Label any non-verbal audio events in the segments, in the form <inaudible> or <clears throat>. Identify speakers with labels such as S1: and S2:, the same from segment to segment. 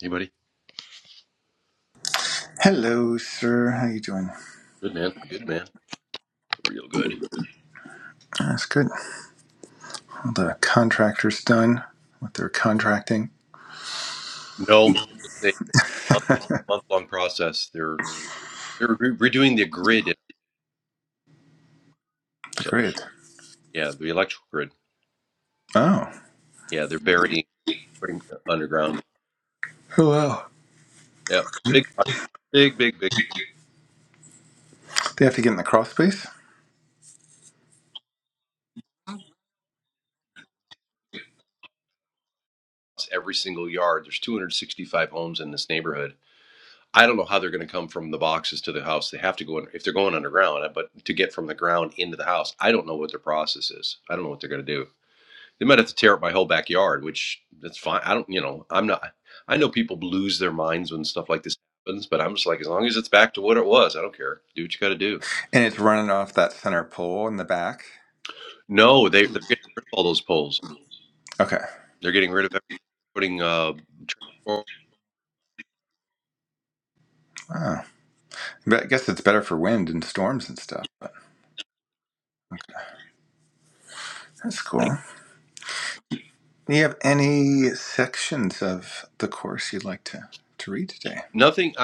S1: Hey, buddy.
S2: Hello, sir. How you doing?
S1: Good man. Good man. Real good.
S2: That's good. All the contractors done with their contracting.
S1: No, it's a month long process. They're they're re- redoing the grid.
S2: The
S1: So
S2: grid.
S1: yeah, the electrical grid.
S2: Oh.
S1: Yeah, they're burying, putting underground.
S2: Oh wow.
S1: Yeah, big project. Big big big.
S2: They have to get in the crawl space,
S1: It's Every single yard. There's 265 homes in this neighborhood. I don't know how they're going to come from the boxes to the house. They have to go in, if they're going underground. But to get from the ground into the house, I don't know what their process is. I don't know what they're going to do. They might have to tear up my whole backyard, which that's fine. I don't, you know, I'm not. I know people lose their minds when stuff like this happens, but I'm just like, as long as it's back to what it was, I don't care. Do what you got to do.
S2: and it's running off that center pole in the back.
S1: No, they they're getting rid of all those poles.
S2: Okay.
S1: They're getting rid of everything. Putting uh, transforming
S2: Oh. But I guess it's better for wind and storms and stuff. But that's cool. Do you have any sections of the course you'd like to to read today?
S1: nothing.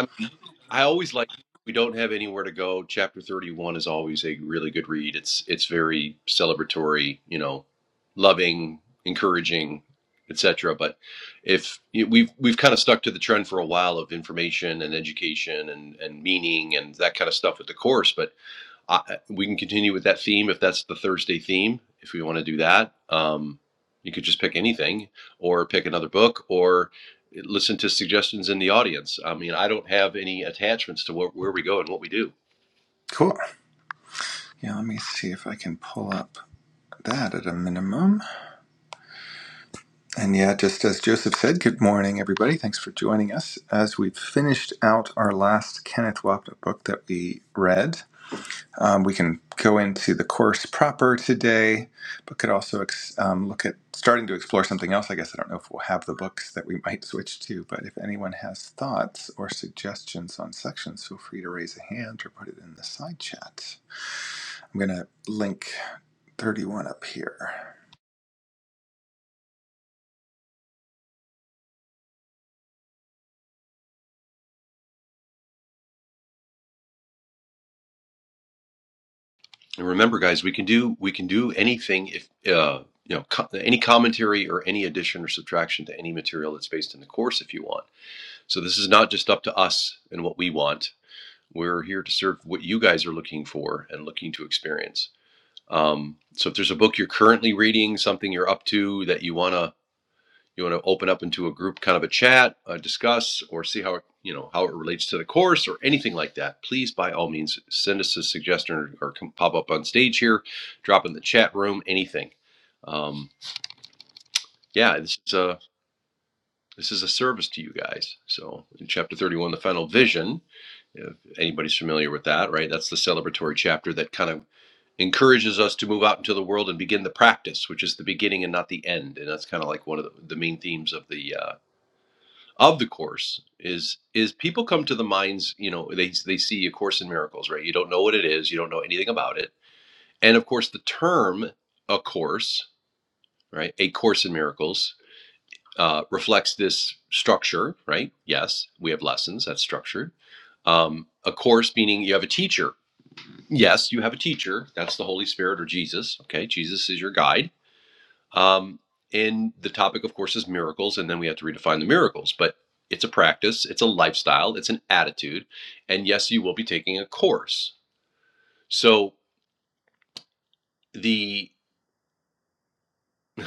S1: I always like we don't have anywhere to go. Chapter 31 is always a really good read. It's it's very celebratory, you know, loving, encouraging, etc. But if you know, we've we've kind of stuck to the trend for a while of information and education and and meaning and that kind of stuff with the course, but I, we can continue with that theme if that's the Thursday theme, if we want to do that. Um, you could just pick anything or pick another book or listen to suggestions in the audience. I mean, I don't have any attachments to where, where we go and what we do.
S2: Cool. Yeah. Let me see if I can pull up that at a minimum. And yeah, just as Joseph said, good morning, everybody. Thanks for joining us. As we've finished out our last Kenneth Wapnick book that we read, um, we can go into the course proper today, but could also ex- um, look at starting to explore something else. I guess I don't know if we'll have the books that we might switch to, but if anyone has thoughts or suggestions on sections, feel free to raise a hand or put it in the side chat. I'm going to link 31 up here.
S1: And remember, guys, we can do we can do anything if uh, you know co- any commentary or any addition or subtraction to any material that's based in the course if you want. So this is not just up to us and what we want. We're here to serve what you guys are looking for and looking to experience. Um, so if there's a book you're currently reading, something you're up to that you wanna you wanna open up into a group kind of a chat, uh, discuss, or see how it you know how it relates to the course or anything like that, please by all means send us a suggestion or, or come pop up on stage here, drop in the chat room, anything. Um, yeah, this is a this is a service to you guys. So in chapter 31, the final vision If anybody's familiar with that, right? That's the celebratory chapter that kind of encourages us to move out into the world and begin the practice, which is the beginning and not the end. And that's kind of like one of the, the main themes of the uh, of the course is is people come to the minds, you know, they they see a course in miracles, right? You don't know what it is, you don't know anything about it, and of course the term a course, right? A course in miracles uh, reflects this structure, right? Yes, we have lessons that's structured. Um, a course meaning you have a teacher, yes, you have a teacher. That's the Holy Spirit or Jesus. Okay, Jesus is your guide. Um, and the topic, of course, is miracles. And then we have to redefine the miracles. But it's a practice, it's a lifestyle, it's an attitude. And yes, you will be taking a course. So the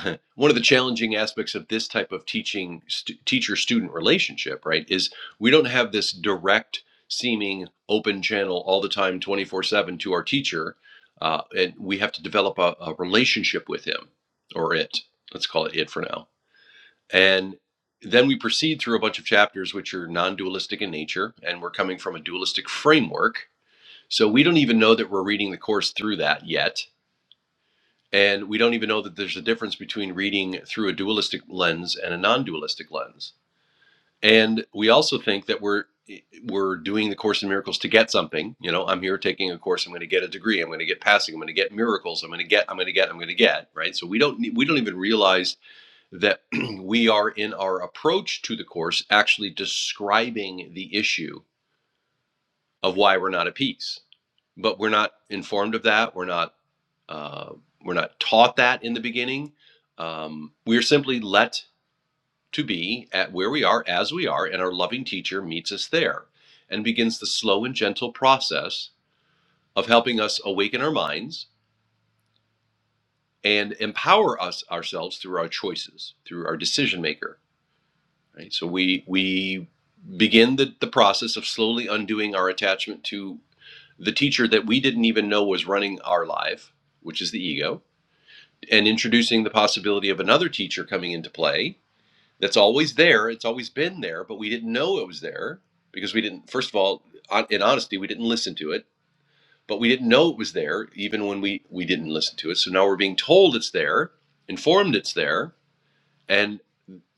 S1: <clears throat> <laughs> one of the challenging aspects of this type of teaching st- teacher student relationship right is we don't have this direct seeming open channel all the time 24 7 to our teacher uh, and we have to develop a, a relationship with him or it let's call it it for now and then we proceed through a bunch of chapters which are non-dualistic in nature and we're coming from a dualistic framework so we don't even know that we're reading the course through that yet and we don't even know that there's a difference between reading through a dualistic lens and a non dualistic lens. And we also think that we're we're doing the course in miracles to get something you know i'm here taking a course i'm going to get a degree i'm going to get passing i'm going to get miracles i'm going to get i'm going to get i'm going to get right so we don't we don't even realize that <clears throat> we are in our approach to the course actually describing the issue of why we're not at peace but we're not informed of that. We're not uh, we're not taught that in the beginning. Um, we are simply let to be at where we are as we are, and our loving teacher meets us there and begins the slow and gentle process of helping us awaken our minds and empower us ourselves through our choices, through our decision maker. Right. So we we begin the, the process of slowly undoing our attachment to the teacher that we didn't even know was running our life, which is the ego and introducing the possibility of another teacher coming into play that's always there it's always been there but we didn't know it was there because we didn't first of all in honesty we didn't listen to it but we didn't know it was there even when we we didn't listen to it so now we're being told it's there informed it's there and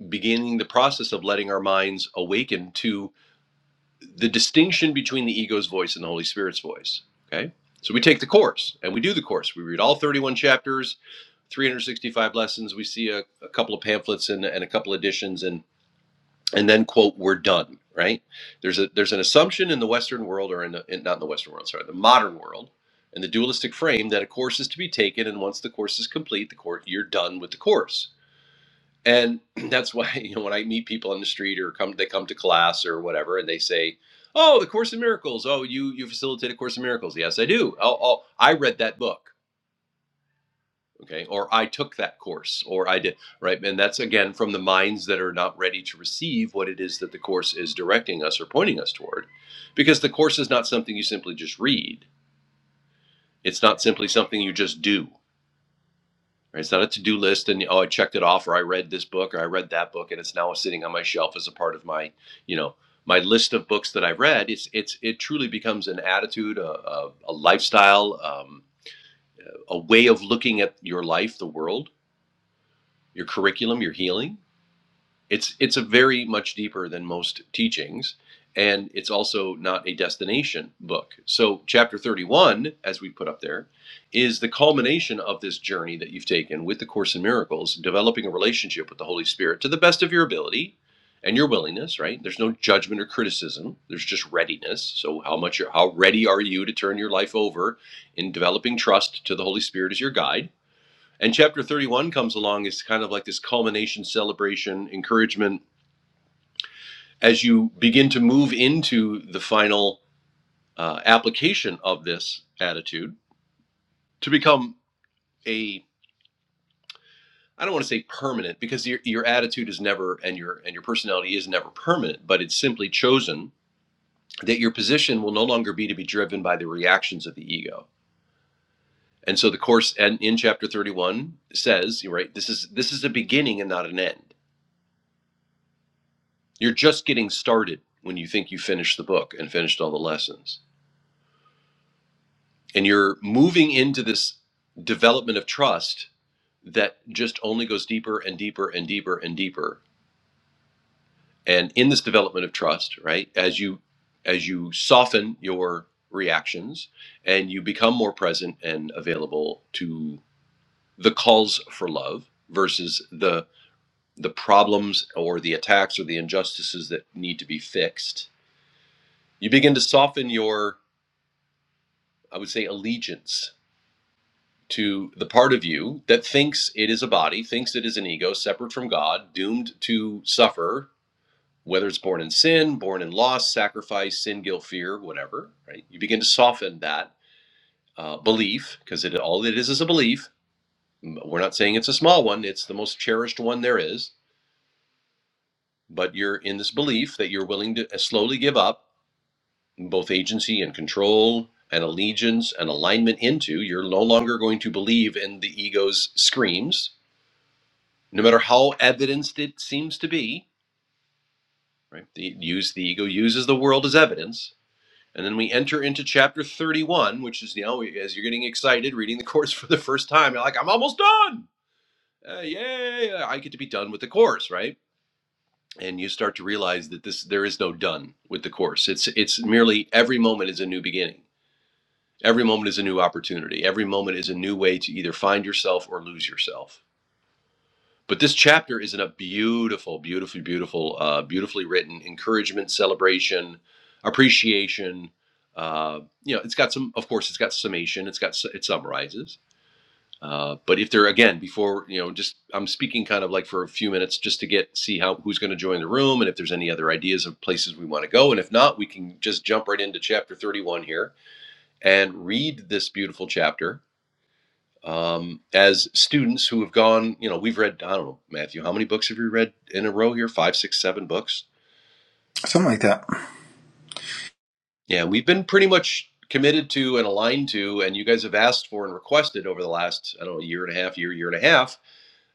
S1: beginning the process of letting our minds awaken to the distinction between the ego's voice and the holy spirit's voice okay so we take the course and we do the course we read all 31 chapters 365 lessons. We see a, a couple of pamphlets and, and a couple editions, and and then quote, "We're done." Right? There's a there's an assumption in the Western world, or in, the, in not in the Western world, sorry, the modern world, and the dualistic frame that a course is to be taken, and once the course is complete, the course you're done with the course. And <clears throat> that's why you know when I meet people on the street or come they come to class or whatever, and they say. Oh, the Course in Miracles. Oh, you you facilitate a Course in Miracles. Yes, I do. Oh, oh I read that book okay or i took that course or i did right and that's again from the minds that are not ready to receive what it is that the course is directing us or pointing us toward because the course is not something you simply just read it's not simply something you just do right? it's not a to-do list and oh i checked it off or i read this book or i read that book and it's now sitting on my shelf as a part of my you know my list of books that i've read it's it's it truly becomes an attitude a, a, a lifestyle um, a way of looking at your life the world your curriculum your healing it's it's a very much deeper than most teachings and it's also not a destination book so chapter 31 as we put up there is the culmination of this journey that you've taken with the course in miracles developing a relationship with the holy spirit to the best of your ability and your willingness right there's no judgment or criticism there's just readiness so how much how ready are you to turn your life over in developing trust to the holy spirit as your guide and chapter 31 comes along as kind of like this culmination, celebration, encouragement as you begin to move into the final uh, application of this attitude to become a I don't want to say permanent because your, your attitude is never and your and your personality is never permanent, but it's simply chosen that your position will no longer be to be driven by the reactions of the ego. And so the course and in chapter 31 says, right, this is this is a beginning and not an end. You're just getting started when you think you finished the book and finished all the lessons. And you're moving into this development of trust that just only goes deeper and deeper and deeper and deeper. And in this development of trust, right, as you as you soften your reactions and you become more present and available to the calls for love versus the the problems or the attacks or the injustices that need to be fixed, you begin to soften your I would say, allegiance to the part of you that thinks it is a body, thinks it is an ego separate from God, doomed to suffer, whether it's born in sin, born in loss, sacrifice, sin, guilt, fear, whatever, right? You begin to soften that uh, belief because it, all it is is a belief. We're not saying it's a small one, it's the most cherished one there is, but you're in this belief that you're willing to uh, slowly give up both agency and control and allegiance and alignment into, you're no longer going to believe in the ego's screams, no matter how evidenced it seems to be. Right? The, use the ego uses the world as evidence, and then we enter into chapter 31, which is you know as you're getting excited reading the course <laughs> for the first time, you're like, I'm almost done. Uh, yay! uh, I get to be done with the course, right? And you start to realize that this there is no done with the course. It's it's merely every moment is a new beginning Every moment is a new opportunity. Every moment is a new way to either find yourself or lose yourself. But this chapter is in a beautiful, beautifully, beautiful, uh, beautifully written encouragement, celebration, appreciation. Uh, you know, it's got some. Of course, it's got summation. It's got it summarizes. Uh, but if there again, before you know, just I'm speaking kind of like for a few minutes just to get see how who's going to join the room and if there's any other ideas of places we want to go, and if not, we can just jump right into chapter 31 here and read this beautiful chapter um, as students who have gone, you know, we've read, I don't know, Matthew, how many books have you read in a row here? Five, six, seven books.
S2: Something like that.
S1: Yeah, we've been pretty much committed to and aligned to, and you guys have asked for and requested over the last, I don't know, year and a half, year, year and a half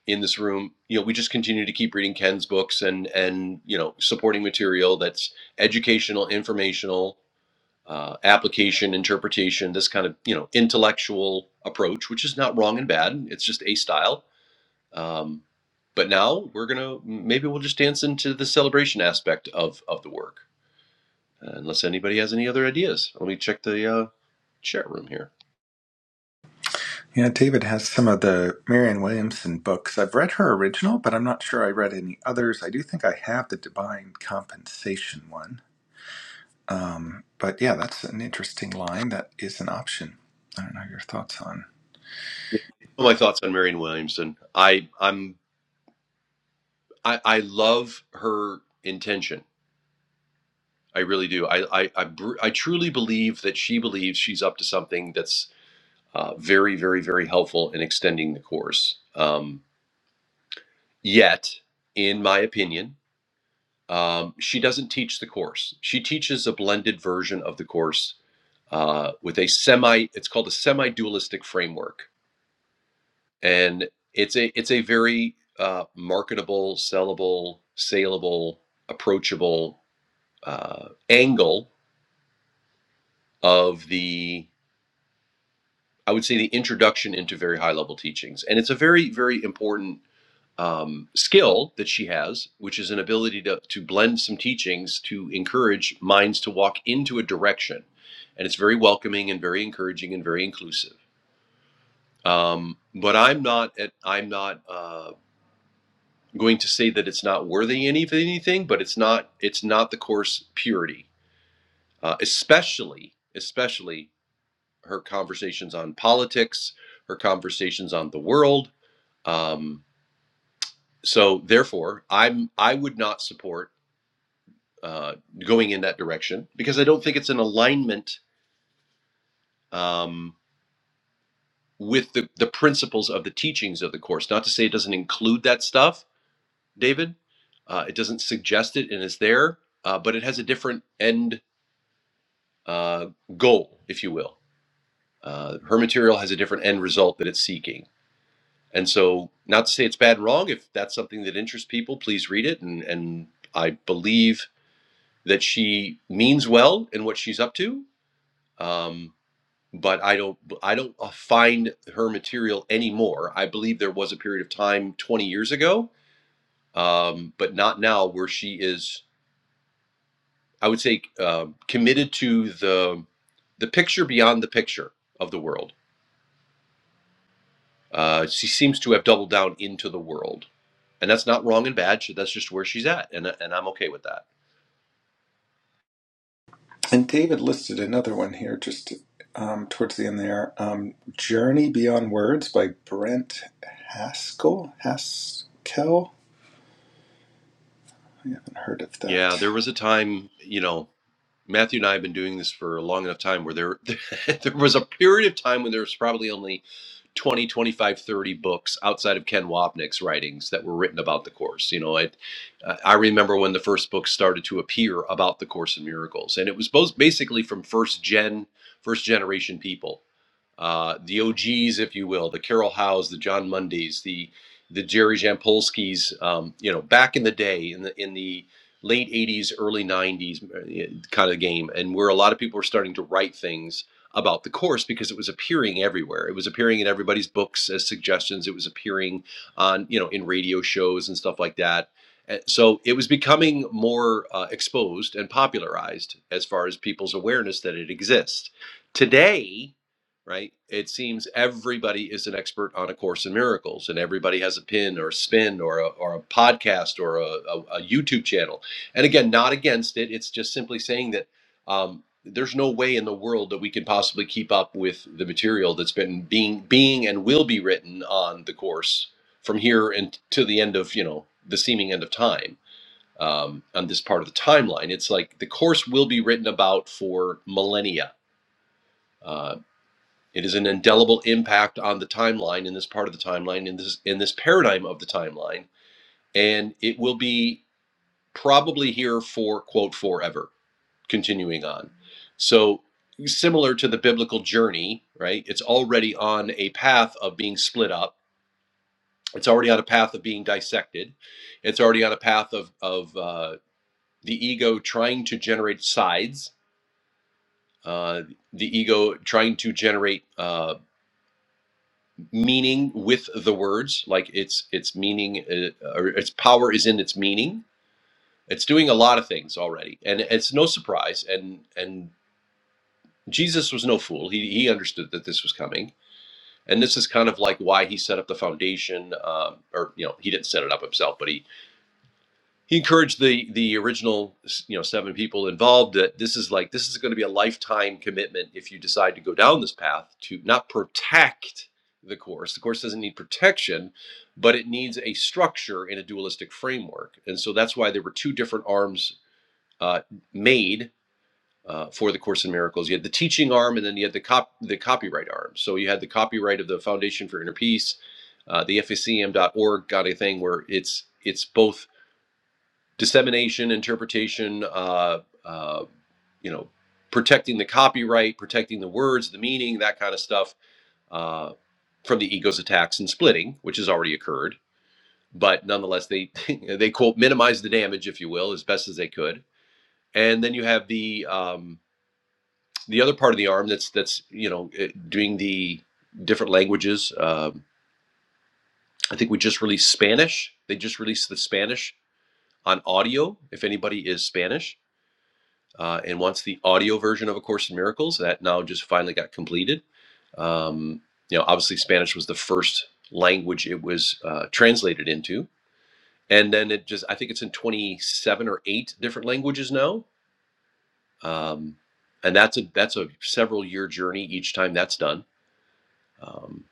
S1: in this room. You know, we just continue to keep reading Ken's books and and you know, supporting material that's educational, informational, uh, application, interpretation, this kind of you know, intellectual approach, which is not wrong and bad. It's just a style Um, but now we're gonna maybe we'll just dance into the celebration aspect of of the work. Uh, unless anybody has any other ideas, let me check the uh, chat room here.
S2: Yeah, David has some of the Marianne Williamson books. I've read her original, but I'm not sure I read any others. I do think I have the Divine Compensation one. Um, but yeah, that's an interesting line. That is an option. I don't know your thoughts on.
S1: My thoughts on Marion Williamson. I I'm I, I love her intention. I really do. I I I, br- I truly believe that she believes she's up to something that's uh, very very very helpful in extending the course. Um, yet, in my opinion, Um, she doesn't teach the course. She teaches a blended version of the course uh, with a semi. It's called a semi-dualistic framework, and it's a it's a very uh, marketable, sellable, saleable, approachable uh, angle of the I would say the introduction into very high level teachings. And it's a very, very important um, skill that she has, which is an ability to, to blend some teachings to encourage minds to walk into a direction. And it's very welcoming and very encouraging and very inclusive. Um, but I'm not at, I'm not uh, going to say that it's not worthy any of anything, but it's not it's not the course purity, uh, especially especially her conversations on politics, her conversations on the world, Um, so therefore, I'm I would not support uh, going in that direction because I don't think it's in alignment um, with the the principles of the teachings of the course. Not to say it doesn't include that stuff, David. Uh, it doesn't suggest it, and it's there, uh, but it has a different end uh, goal, if you will. Uh, her material has a different end result that it's seeking. And so, not to say it's bad and wrong. If that's something that interests people, please read it. And, and I believe that she means well in what she's up to. Um, but I don't, I don't uh, find her material anymore. I believe there was a period of time 20 years ago, um, but not now, where she is, I would say, uh, committed to the the picture beyond the picture of the world Uh, she seems to have doubled down into the world, and that's not wrong and bad. she- That's just where she's at, and and I'm okay with that.
S2: And David listed another one here just um, towards the end there um, Journey Beyond Words by Brent Haskell. Haskell? I haven't heard of
S1: Yeah,
S2: that.
S1: there was a time, you know, Matthew and I have been doing this for a long enough time where there <laughs> there was a period of time when there was probably only 20, 25, 30 books outside of Ken Wapnick's writings that were written about the course. You know, I, uh, I remember when the first books started to appear about the course in miracles and it was both basically from first gen first generation people uh, the OGs, if you will, the Carol Howes, the John Mundys, the the Jerry Jampolskys, um, you know, back in the day in the in the late '80s, early '90s kind of game, and where a lot of people were starting to write things about the course because it was appearing everywhere. It was appearing in everybody's books as suggestions. It was appearing on you know in radio shows and stuff like that. And So it was becoming more uh, exposed and popularized as far as people's awareness that it exists. Today, right? It seems everybody is an expert on A Course in Miracles, and everybody has a pin or a spin or a, or a podcast or a, a, a YouTube channel. And again, not against it. It's just simply saying that um, there's no way in the world that we can possibly keep up with the material that's been being being and will be written on the course from here and to the end of you know the seeming end of time. Um, on this part of the timeline, it's like the course will be written about for millennia Uh, it is an indelible impact on the timeline in this part of the timeline in this in this paradigm of the timeline, and it will be probably here for quote forever, continuing on. So similar to the biblical journey, right? It's already on a path of being split up. It's already on a path of being dissected. It's already on a path of of uh, the ego trying to generate sides, uh, the ego trying to generate. Uh, meaning with the words like it's its meaning uh, or its power is in its meaning it's doing a lot of things already and it's no surprise and and jesus was no fool he he understood that this was coming and this is kind of like why he set up the foundation um, or you know he didn't set it up himself but he he encouraged the the original you know seven people involved that this is like this is going to be a lifetime commitment if you decide to go down this path to not protect the course the course doesn't need protection but it needs a structure in a dualistic framework and so that's why there were two different arms uh, made uh, for the course in miracles you had the teaching arm and then you had the cop the copyright arm so you had the copyright of the foundation for inner peace uh, the facm.org got a thing where it's it's both dissemination, interpretation, uh, uh, you know, protecting the copyright, protecting the words, the meaning, that kind of stuff uh, from the ego's attacks and splitting, which has already occurred. But nonetheless, they <laughs> they quote minimize the damage, if you will, as best as they could. And then you have the um, the other part of the arm that's that's you know eh, doing the different languages. Um, I think we just released Spanish. They just released the Spanish on audio. If anybody is Spanish, uh, and once the audio version of A Course in Miracles. That now just finally got completed. Um, you know, obviously Spanish was the first language it was uh, translated into, and then it just I think it's in 27 or eight different languages now, um, and that's a that's a several year journey each time that's done. Um,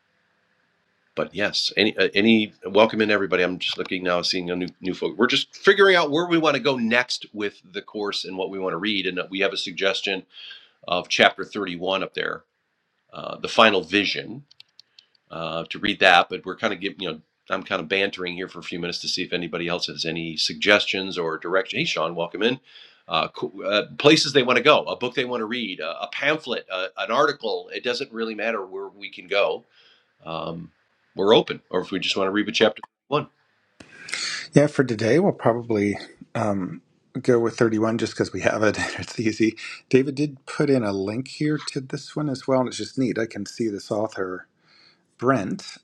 S1: but yes, any uh, any welcome in everybody. I'm just looking now, seeing a new new folk. We're just figuring out where we want to go next with the course and what we want to read, and we have a suggestion of chapter 31 up there, uh, the final vision, uh, to read that. But we're kind of giving, you know, I'm kind of bantering here for a few minutes to see if anybody else has any suggestions or direction. Hey, Sean, welcome in. Uh, co- uh, places they want to go, a book they want to read, a, a pamphlet, a, an article. It doesn't really matter where we can go. Um, we're open, or if we just want to read with chapter one,
S2: Yeah, for today, we'll probably um, go with 31 just because we have it. <laughs> It's easy. David did put in a link here to this one as well, and it's just neat. I can see this author, Brent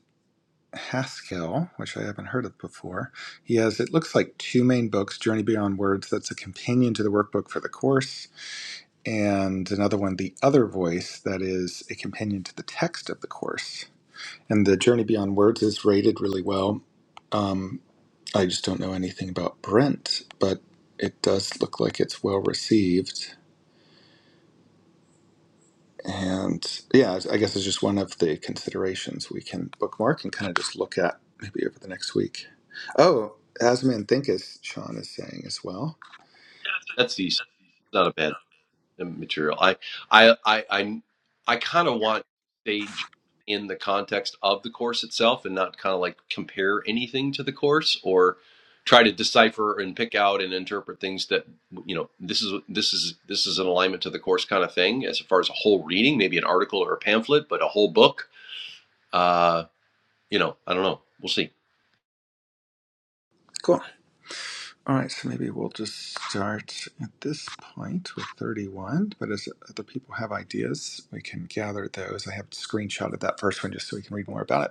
S2: Haskell, which I haven't heard of before. He has, it looks like, two main books Journey Beyond Words, that's a companion to the workbook for the course, and another one, The Other Voice, that is a companion to the text of the course. And the Journey Beyond Words is rated really well Um, I just don't know anything about Brent, but it does look like it's well received. And yeah, I guess it's just one of the considerations we can bookmark and kind of just look at maybe over the next week. Oh, Asman Thinkis, Sean is saying as well.
S1: that's decent. It's not a bad the material. I I I I, I kind of want to stay just in the context of the course itself and not kind of like compare anything to the course or try to decipher and pick out and interpret things that you know this is this is this is an alignment to the course kind of thing as far as a whole reading maybe an article or a pamphlet but a whole book uh you know i don't know we'll see
S2: Cool. All right, so maybe we'll just start at this point with 31. But as other people have ideas, we can gather those. I have a screenshot of that first one just so we can read more about it.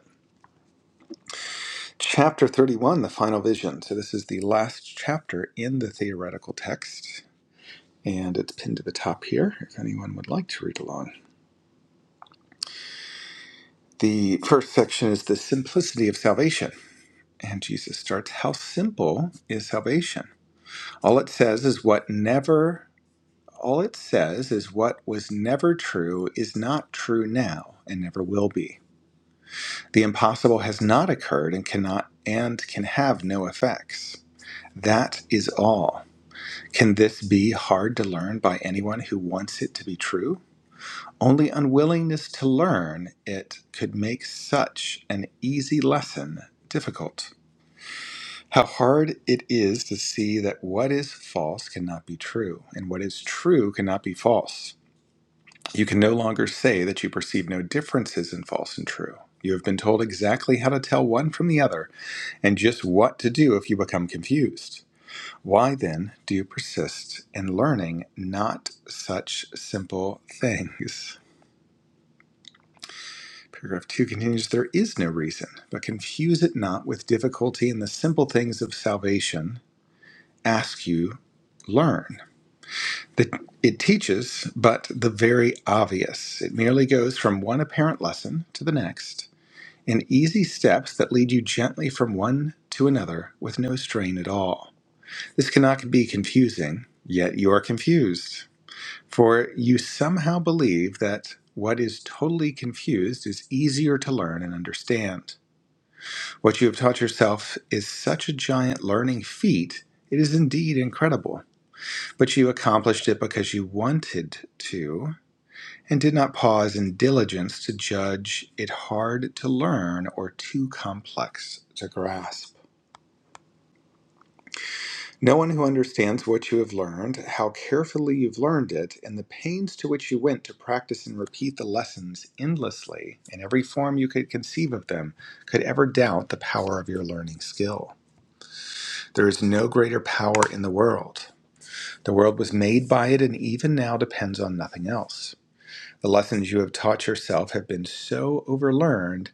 S2: Chapter 31, the final vision. So, this is the last chapter in the theoretical text, and it's pinned to the top here if anyone would like to read along. The first section is the simplicity of salvation, and Jesus starts, How simple is salvation? All it says is what never, all it says is what was never true is not true now and never will be. The impossible has not occurred and cannot and can have no effects. That is all. Can this be hard to learn by anyone who wants it to be true? Only unwillingness to learn it could make such an easy lesson difficult. How hard it is to see that what is false cannot be true, and what is true cannot be false. You can no longer say that you perceive no differences in false and true. You have been told exactly how to tell one from the other, and just what to do if you become confused. Why then do you persist in learning not such simple things? <laughs> Paragraph 2 continues There is no reason, but confuse it not with difficulty in the simple things of salvation. Ask you, learn. The, it teaches but the very obvious. It merely goes from one apparent lesson to the next in easy steps that lead you gently from one to another with no strain at all. This cannot be confusing, yet you are confused. For you somehow believe that what is totally confused is easier to learn and understand. What you have taught yourself is such a giant learning feat, it is indeed incredible. But you accomplished it because you wanted to and did not pause in diligence to judge it hard to learn or too complex to grasp. No one who understands what you have learned, how carefully you've learned it, and the pains to which you went to practice and repeat the lessons endlessly in every form you could conceive of them, could ever doubt the power of your learning skill. There is no greater power in the world. The world was made by it and even now depends on nothing else. The lessons you have taught yourself have been so overlearned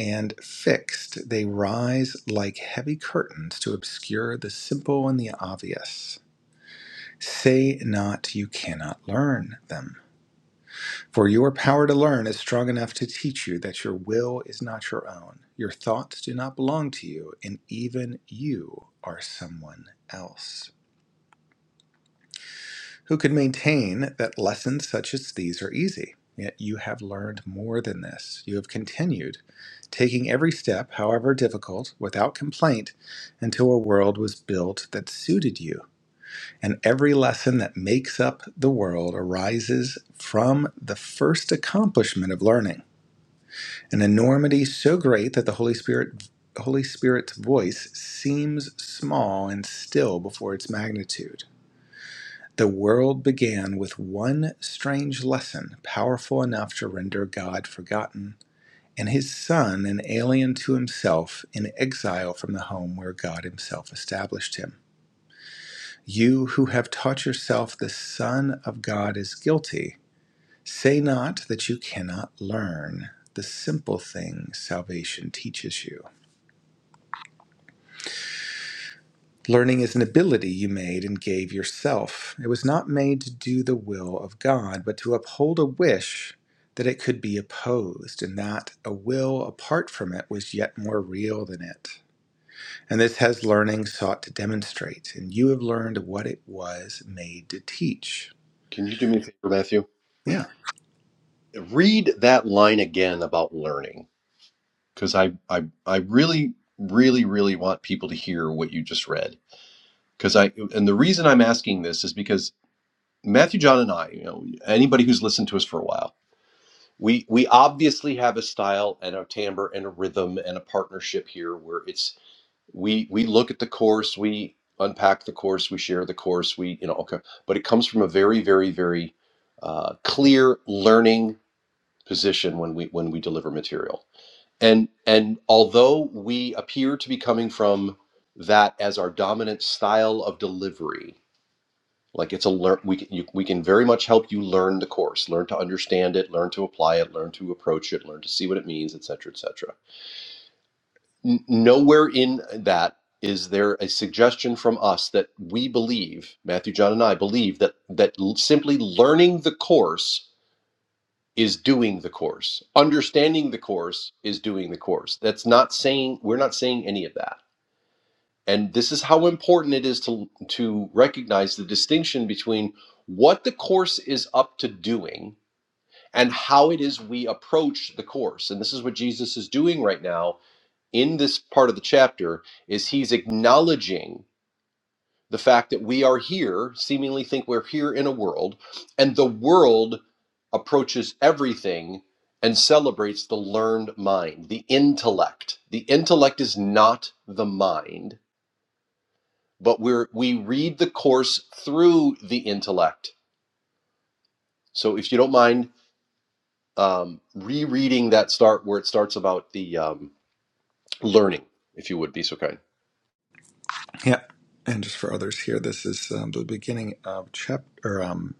S2: and fixed, they rise like heavy curtains to obscure the simple and the obvious. Say not you cannot learn them. For your power to learn is strong enough to teach you that your will is not your own, your thoughts do not belong to you, and even you are someone else. Who could maintain that lessons such as these are easy? Yet you have learned more than this. You have continued, taking every step, however difficult, without complaint, until a world was built that suited you And every lesson that makes up the world arises from the first accomplishment of learning, an enormity so great that the Holy Spirit Holy Spirit's voice seems small and still before its magnitude. The world began with one strange lesson, powerful enough to render God forgotten, and his son an alien to himself in exile from the home where God himself established him. You who have taught yourself the Son of God is guilty, say not that you cannot learn the simple things salvation teaches you. Learning is an ability you made and gave yourself. It was not made to do the will of God, but to uphold a wish that it could be opposed, and that a will apart from it was yet more real than it. And this has learning sought to demonstrate, and you have learned what it was made to teach.
S1: Can you do me a favor, Matthew?
S2: Yeah.
S1: Read that line again about learning. because I, I I really really really want people to hear what you just read because I and the reason I'm asking this is because Matthew John and I you know anybody who's listened to us for a while we we obviously have a style and a timbre and a rhythm and a partnership here where it's we we look at the course we unpack the course we share the course we you know okay but it comes from a very very very uh, clear learning position when we when we deliver material and and although we appear to be coming from that as our dominant style of delivery, like it's a learn we can you, we can very much help you learn the course, learn to understand it, learn to apply it, learn to approach it, learn to see what it means, etc., etc. N- nowhere in that is there a suggestion from us that we believe Matthew, John, and I believe that that l- simply learning the course is doing the course. Understanding the course is doing the course. That's not saying we're not saying any of that. And this is how important it is to to recognize the distinction between what the course is up to doing and how it is we approach the course. And this is what Jesus is doing right now in this part of the chapter is he's acknowledging the fact that we are here, seemingly think we're here in a world, and the world approaches everything and celebrates the learned mind, the intellect. The intellect is not the mind, but we're we read the course through the intellect. So if you don't mind um, rereading that start where it starts about the um, learning, if you would be so kind.
S2: Yeah. And just for others here, this is um, the beginning of chapter, um,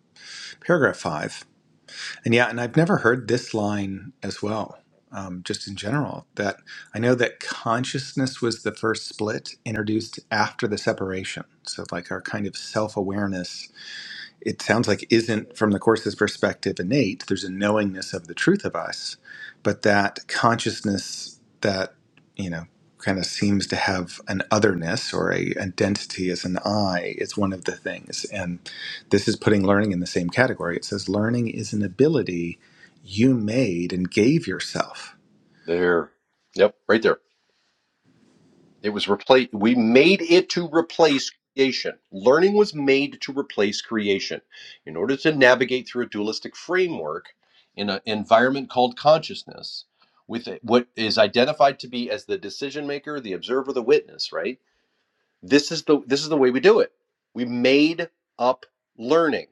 S2: paragraph five. And yeah, and I've never heard this line as well, um, just in general. That I know that consciousness was the first split introduced after the separation. So, like our kind of self awareness it sounds like isn't from the course's perspective innate there's a knowingness of the truth of us but that consciousness that you know kind of seems to have an otherness or a identity as an i is one of the things and this is putting learning in the same category it says learning is an ability you made and gave yourself
S1: There. Yep, right there. It was replaced. We made it to replace creation. Learning was made to replace creation. In order to navigate through a dualistic framework in an environment called consciousness, with it- what is identified to be as the decision maker, the observer, the witness, right? This is the this is the way we do it. We made up learning,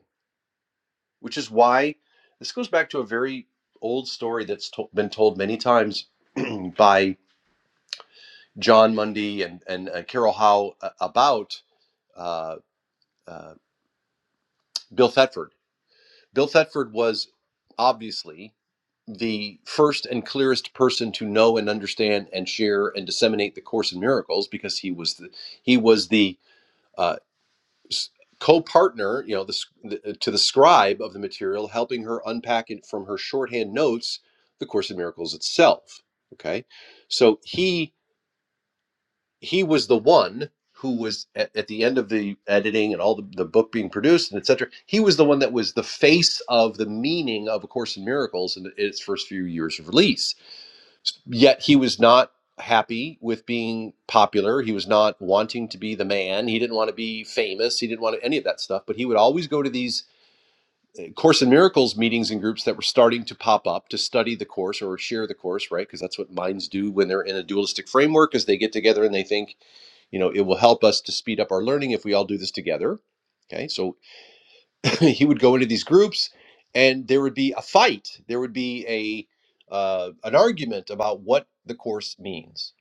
S1: which is why this goes back to a very old story that's to- been told many times <clears throat> by John Mundy and and uh, Carol Howe uh, about uh, uh, Bill Thetford. Bill Thetford was obviously the first and clearest person to know and understand and share and disseminate the Course in Miracles because he was the he was the uh, co-partner, you know, the, the, to the scribe of the material, helping her unpack it from her shorthand notes, the Course in Miracles itself. Okay, so he he was the one who was at, at the end of the editing and all the, the book being produced and etc he was the one that was the face of the meaning of a course in miracles in its first few years of release yet he was not happy with being popular he was not wanting to be the man he didn't want to be famous he didn't want any of that stuff but he would always go to these eh, course in miracles meetings and groups that were starting to pop up to study the course or share the course right because that's what minds do when they're in a dualistic framework is they get together and they think you know it will help us to speed up our learning if we all do this together okay so <laughs> he would go into these groups and there would be a fight there would be a uh, an argument about what the course means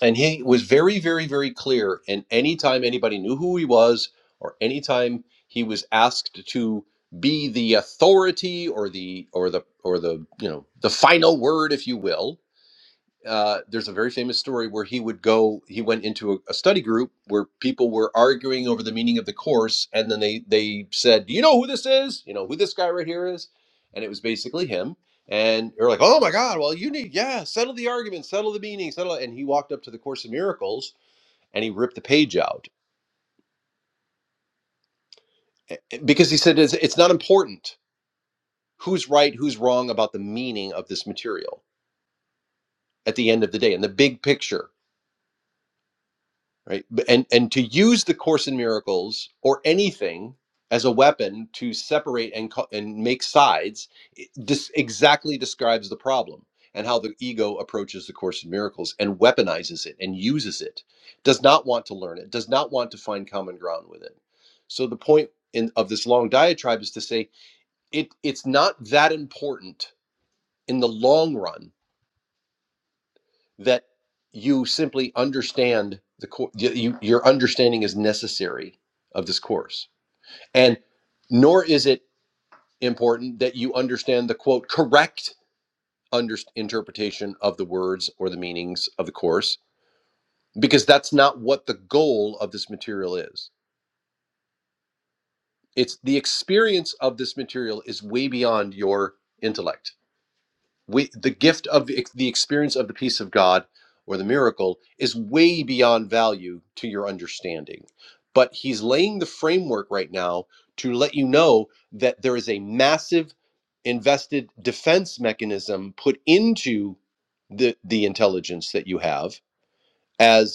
S1: and he was very very very clear and anytime anybody knew who he was or anytime he was asked to be the authority or the or the or the you know the final word if you will uh, there's a very famous story where he would go he went into a, a study group where people were arguing over the meaning of the course and then they they said do you know who this is you know who this guy right here is and it was basically him and they are like oh my god well you need yeah settle the argument settle the meaning settle it." and he walked up to the course in miracles and he ripped the page out eh, eh, because he said it's, it's not important who's right who's wrong about the meaning of this material at the end of the day and the big picture right and and to use the course in miracles or anything as a weapon to separate and co- and make sides it dis- exactly describes the problem and how the ego approaches the course in miracles and weaponizes it and uses it does not want to learn it does not want to find common ground with it so the point in, of this long diatribe is to say it it's not that important in the long run that you simply understand the course. You, your understanding is necessary of this course, and nor is it important that you understand the quote correct under- interpretation of the words or the meanings of the course, because that's not what the goal of this material is. It's the experience of this material is way beyond your intellect we the gift of the experience of the peace of God or the miracle is way beyond value to your understanding. But he's laying the framework right now to let you know that there is a massive invested defense mechanism put into the the intelligence that you have as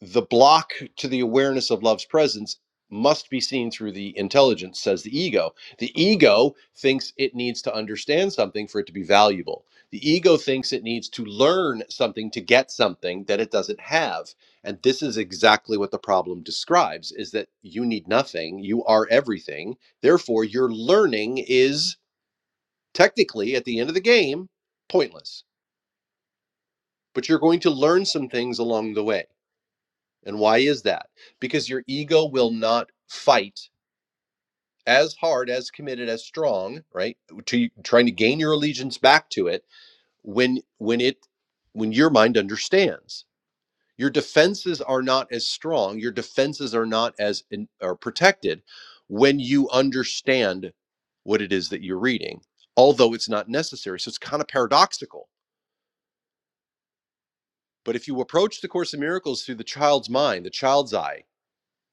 S1: the block to the awareness of love's presence must be seen through the intelligence, says the ego. The ego thinks it needs to understand something for it to be valuable. The ego thinks it needs to learn something to get something that it doesn't have. And this is exactly what the problem describes is that you need nothing, you are everything. Therefore, your learning is technically at the end of the game pointless. But you're going to learn some things along the way and why is that? Because your ego will not fight as hard, as committed, as strong, right? To trying to gain your allegiance back to it when when it when your mind understands. Your defenses are not as strong, your defenses are not as in, are protected when you understand what it is that you're reading, although it's not necessary. So it's kind of paradoxical. But if you approach the course of miracles through the child's mind, the child's eye,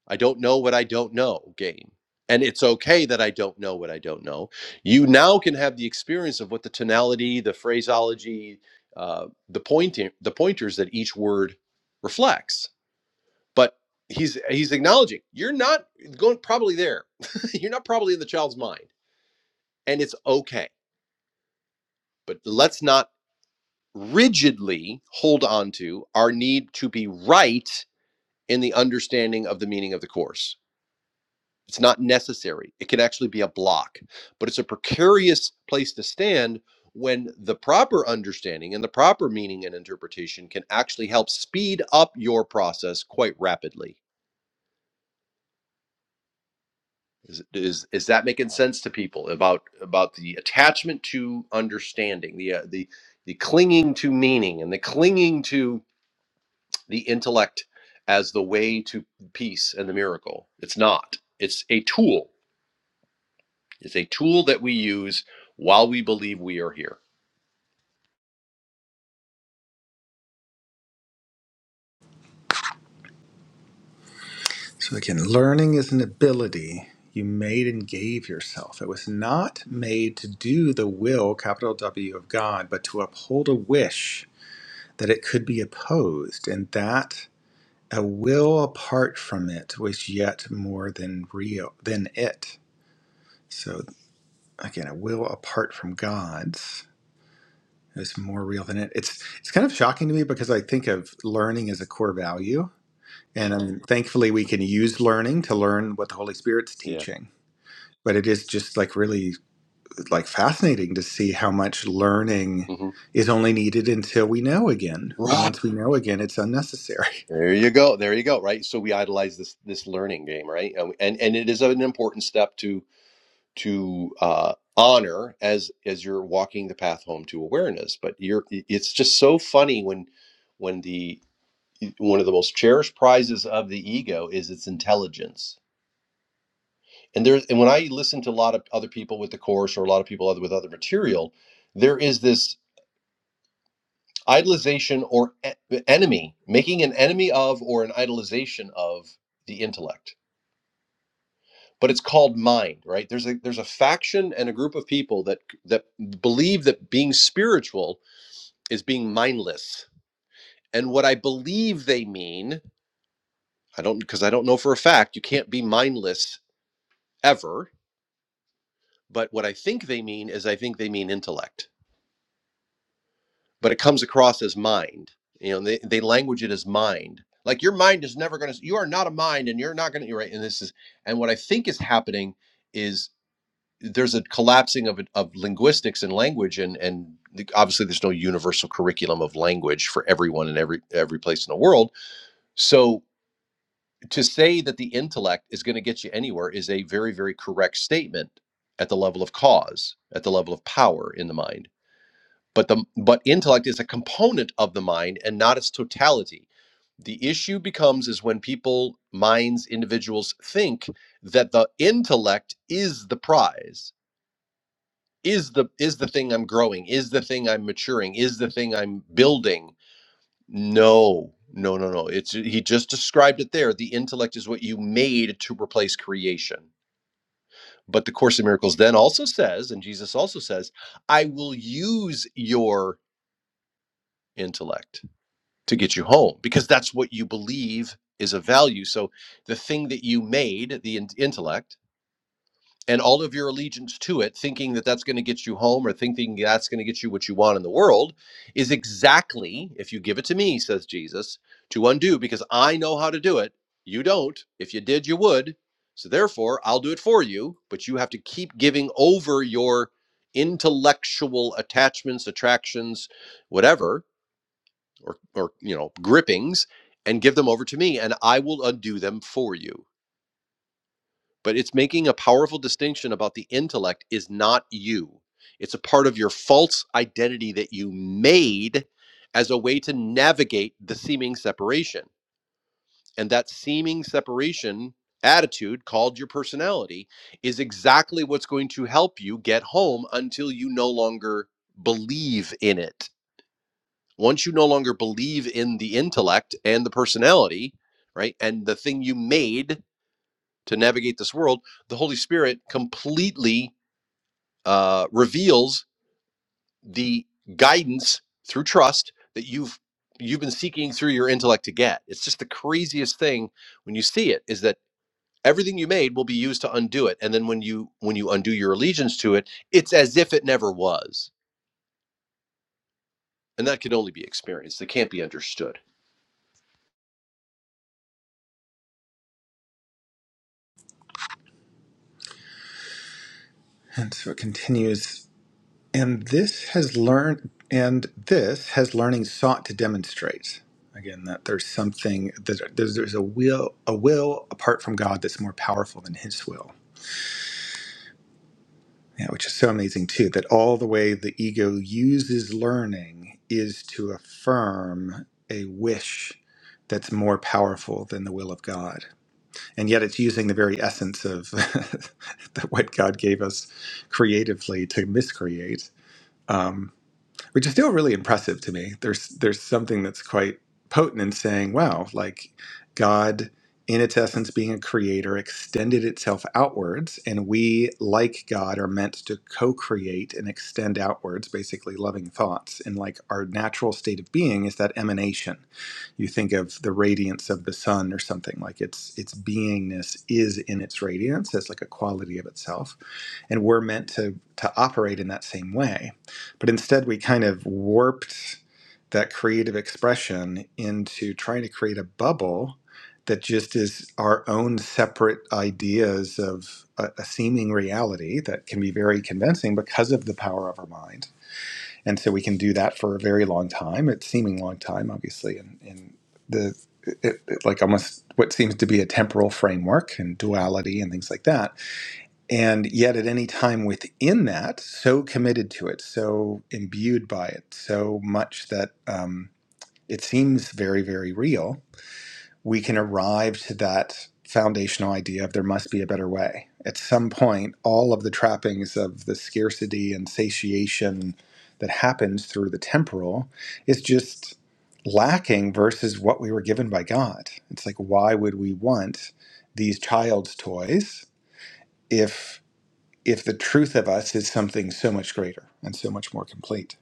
S1: I don't know what I don't know game. And it's okay that I don't know what I don't know. You now can have the experience of what the tonality, the phraseology, uh, the pointing, the pointers that each word reflects. But he's he's acknowledging you're not going probably there. <laughs> you're not probably in the child's mind, and it's okay. But let's not rigidly hold on to our need to be right in the understanding of the meaning of the course It's not necessary. It can actually be a block, but it's a precarious place to stand when the proper understanding and the proper meaning and interpretation can actually help speed up your process quite rapidly. Is, is, is that making sense to people about about the attachment to understanding, the uh, the the clinging to meaning and the clinging to the intellect as the way to peace and the miracle? It's not. It's a tool It's a tool that we use while we believe we are here.
S2: So, again, learning is an ability you made and gave yourself. It was not made to do the will, capital W, of God, but to uphold a wish that it could be opposed, and that a will apart from it was yet more than real than it. So, again, a will apart from God's is more real than it. It's it's kind of shocking to me because I think of learning as a core value. And I mean, thankfully, we can use learning to learn what the Holy Spirit's
S1: Yeah.
S2: teaching but it is just like really like fascinating to see how much learning
S1: hmm
S2: is only needed until we know again and
S1: Right.
S2: once we know again it's unnecessary
S1: There you go. There you go. Right. So we idolize this this learning game, right? And and, and it is an important step to to uh, honor as as you're walking the path home to awareness. But you're it's just so funny when when the one of the most cherished prizes of the ego is its intelligence. And there. and when I listen to a lot of other people with the course or a lot of people other with other material, there is this idolization or e- enemy, making an enemy of or an idolization of the intellect. But it's called mind, right? There's a there's a faction and a group of people that that believe that being spiritual is being mindless. And what I believe they mean, I don't because I don't know for a fact, you can't be mindless ever, but what I think they mean is I think they mean intellect but it comes across as mind. You know, they, they language it as mind. Like your mind is never going to, you are not a mind and you're not going to, You're right. And this is, and what I think is happening is there's a collapsing of, of linguistics and language and, and obviously there's no universal curriculum of language for everyone in every, every place in the world. So to say that the intellect is going to get you anywhere is a very, very correct statement at the level of cause, at the level of power in the mind but the but intellect is a component of the mind and not its totality the issue becomes is when people minds individuals think that the intellect is the prize is the is the thing i'm growing is the thing i'm maturing is the thing i'm building no no no no it's he just described it there the intellect is what you made to replace creation but the course in miracles then also says and jesus also says i will use your intellect to get you home because that's what you believe is of value. So the thing that you made, the in- intellect, and all of your allegiance to it, thinking that that's going to get you home or thinking that's going to get you what you want in the world, is exactly, if you give it to me, says Jesus, to undo because I know how to do it. You don't. If you did, you would. So therefore, I'll do it for you, but you have to keep giving over your intellectual attachments, attractions, whatever, or or you know grippings and give them over to me and i will undo them for you but it's making a powerful distinction about the intellect is not you it's a part of your false identity that you made as a way to navigate the seeming separation and that seeming separation attitude called your personality is exactly what's going to help you get home until you no longer believe in it Once you no longer believe in the intellect and the personality, right, and the thing you made to navigate this world, the Holy Spirit completely uh, reveals the guidance through trust that you've you've been seeking through your intellect to get. It's just the craziest thing when you see it is that everything you made will be used to undo it, and then when you when you undo your allegiance to it, it's as if it never was, and that can only be experienced. It can't be understood.
S2: <laughs> and so it continues and this has learned and this has learning sought to demonstrate again that there's something that there's, there's a will a will apart from god that's more powerful than his will Yeah, which is so amazing too, that all the way the ego uses learning is to affirm a wish that's more powerful than the will of God. And yet it's using the very essence of <laughs> the, what God gave us creatively to miscreate. Um, which is still really impressive to me. There's there's something that's quite potent in saying, wow, like God in its essence being a creator extended itself outwards and we like God are meant to co-create and extend outwards basically loving thoughts and like our natural state of being is that emanation. You think of the radiance of the sun or something like its its beingness is in its radiance as like a quality of itself and we're meant to to operate in that same way but instead we kind of warped that creative expression into trying to create a bubble that just is our own separate ideas of a, a seeming reality that can be very convincing because of the power of our mind and so we can do that for a very long time it's seeming long time obviously in, in the it, it, like almost what seems to be a temporal framework and duality and things like that and yet at any time within that, so committed to it, so imbued by it, so much that um, it seems very, very real, we can arrive to that foundational idea of there must be a better way. At some point, all of the trappings of the scarcity and satiation that happens through the temporal is just lacking versus what we were given by God. It's like, why would we want these child's toys? if? if the truth of us is something so much greater and so much more complete.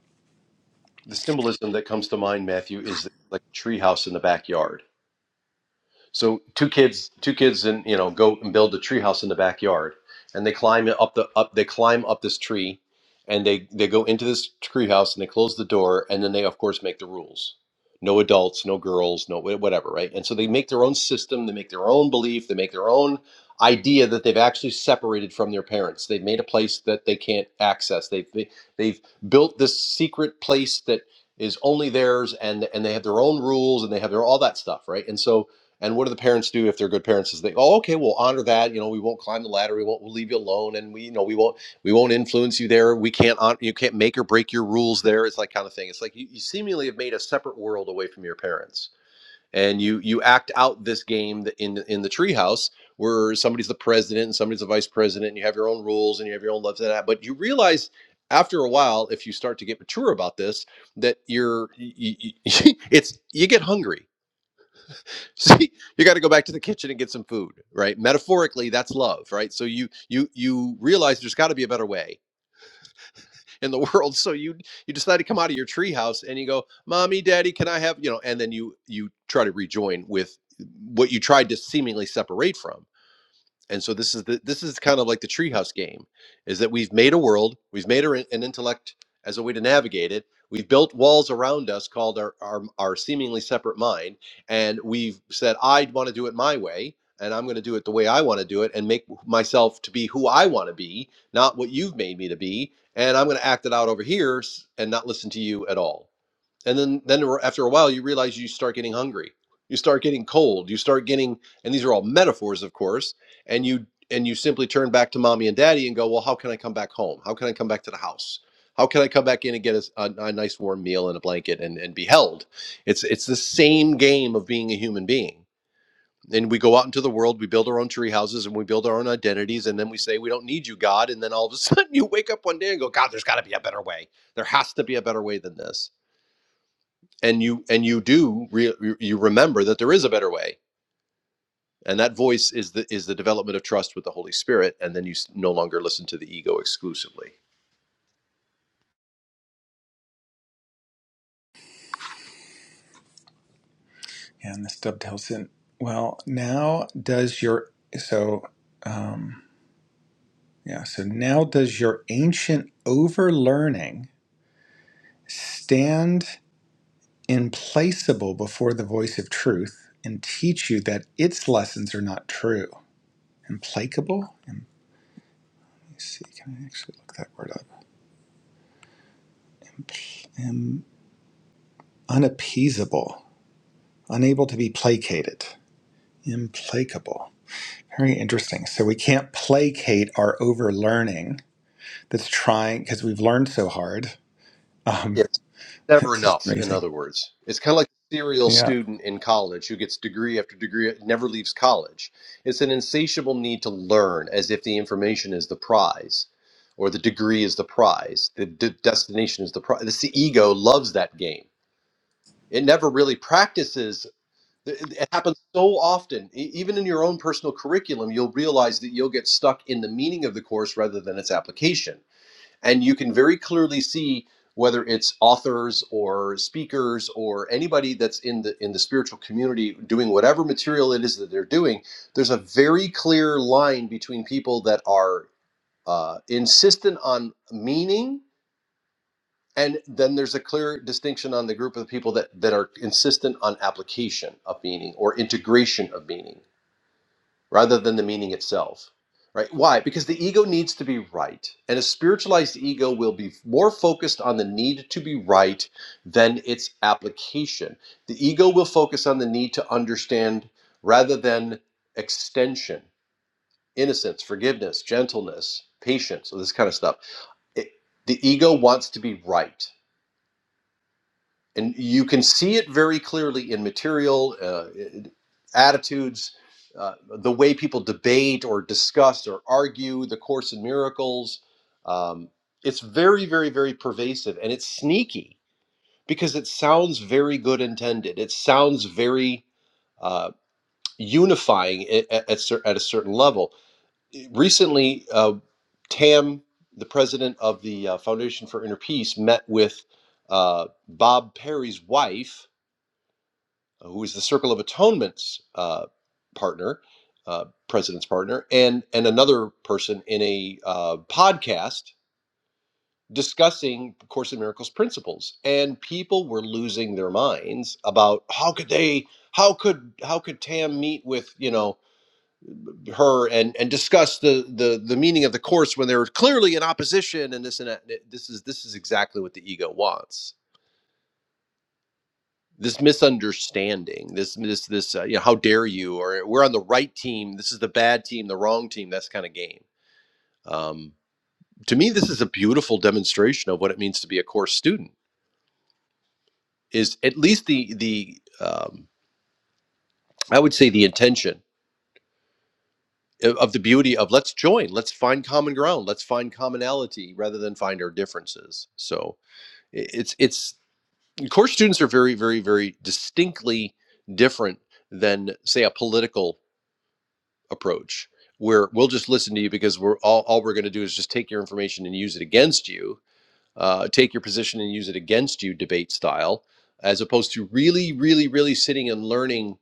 S1: The symbolism that comes to mind, Matthew, is like a treehouse in the backyard. So two kids, two kids, and you know, go and build a treehouse in the backyard, and they climb up the up. They climb up this tree, and they they go into this treehouse and they close the door, and then they of course make the rules. No adults, no girls, no wh- whatever, right? And so they make their own system, they make their own belief, they make their own idea that they've actually separated from their parents. They've made a place that they can't access. They've they, they've built this secret place that is only theirs, and and they have their own rules, and they have their all that stuff, right? And so and what do the parents do if they're good parents? Is they, oh, okay, we'll honor that. You know, we won't climb the ladder. We won't. We'll leave you alone, and we, you know, we won't. We won't influence you there. We can't. hon- You can't make or break your rules there. It's like kind of thing. It's like you, you seemingly have made a separate world away from your parents, and you you act out this game in in the treehouse where somebody's the president and somebody's the vice president, and you have your own rules and you have your own loves and that. But you realize after a while, if you start to get mature about this, that you're y y <laughs> it's you get hungry See, you got to go back to the kitchen and get some food, right? Metaphorically, that's love, right? So you you you realize there's got to be a better way in the <laughs> world. So you you decide to come out of your treehouse and you go, "Mommy, Daddy, can I have you know?" And then you you try to rejoin with what you tried to seemingly separate from and so this is the this is kind of like the treehouse game is that we've made a world we've made our, an intellect as a way to navigate it we've built walls around us called our our, our seemingly separate mind and we've said i want to do it my way and i'm going to do it the way i want to do it and make myself to be who i want to be not what you've made me to be and i'm going to act it out over here s- and not listen to you at all and then then after a while you realize you start getting hungry you start getting cold you start getting and these are all metaphors of course and you and you simply turn back to mommy and daddy and go well how can i come back home how can i come back to the house how can i come back in and get a a, a nice warm meal and a blanket and, and be held it's it's the same game of being a human being and we go out into the world we build our own tree houses and we build our own identities and then we say we don't need you god and then all of a <laughs> sudden you wake up one day and go god there's got to be a better way there has to be a better way than this and you and you do re, you remember that there is a better way and that voice is the is the development of trust with the holy spirit and then you s- no longer listen to the ego exclusively
S2: And this dovetails in. Well, now does your so yeah, so now does your ancient overlearning stand implacable before the voice of truth and teach you that its lessons are not true. Implacable? Um, Let me see, can I actually look that word up? um, unappeasable, unable to be placated, implacable. Very interesting. So we can't placate our overlearning that's trying because we've learned so hard. Um,
S1: it's
S2: <laughs>
S1: never
S2: it's just
S1: enough in
S2: amazing.
S1: other words it's kind of like a serial
S2: Yeah.
S1: student in college who gets degree after degree never leaves college it's an insatiable need to learn as if the information is the prize or the degree is the prize the d- destination is the prize This, the ego loves that game it never really practices It it happens so often, E- even in your own personal curriculum, you'll realize that you'll get stuck in the meaning of the course rather than its application. And you can very clearly see whether it's authors or speakers or anybody that's in the in the spiritual community doing whatever material it is that they're doing, there's a very clear line between people that are uh, insistent on meaning and then there's a clear distinction on the group of people that, that are insistent on application of meaning or integration of meaning rather than the meaning itself. Right? Why? Because the ego needs to be right. And a spiritualized ego will be more focused on the need to be right than its application. The ego will focus on the need to understand rather than extension, innocence, forgiveness, gentleness, patience, all this kind of stuff. It, the ego wants to be right and you can see it very clearly in material uh, attitudes uh, the way people debate or discuss or argue the course in miracles um, it's very very very pervasive and it's sneaky because it sounds very good intended it sounds very uh, unifying at, at, cer- at a certain level recently uh, tam the president of the uh, foundation for inner peace met with uh, bob perry's wife who is the Circle of Atonement's uh, partner, uh, president's partner, and and another person in a uh, podcast discussing Course in Miracles principles, and people were losing their minds about how could they. How could how could Tam meet with you know her and and discuss the the the meaning of the course when they were clearly in opposition and this and that? This is this is exactly what the ego wants this misunderstanding this this this uh, you know how dare you or we're on the right team this is the bad team the wrong team that's kind of game um, to me this is a beautiful demonstration of what it means to be a course student is at least the the um, i would say the intention o- of the beauty of let's join let's find common ground let's find commonality rather than find our differences so i- it's it's course students are very very very distinctly different than say a political approach where we'll just listen to you because we're all, all we're going to do is just take your information and use it against you uh, take your position and use it against you debate style as opposed to really really really sitting and learning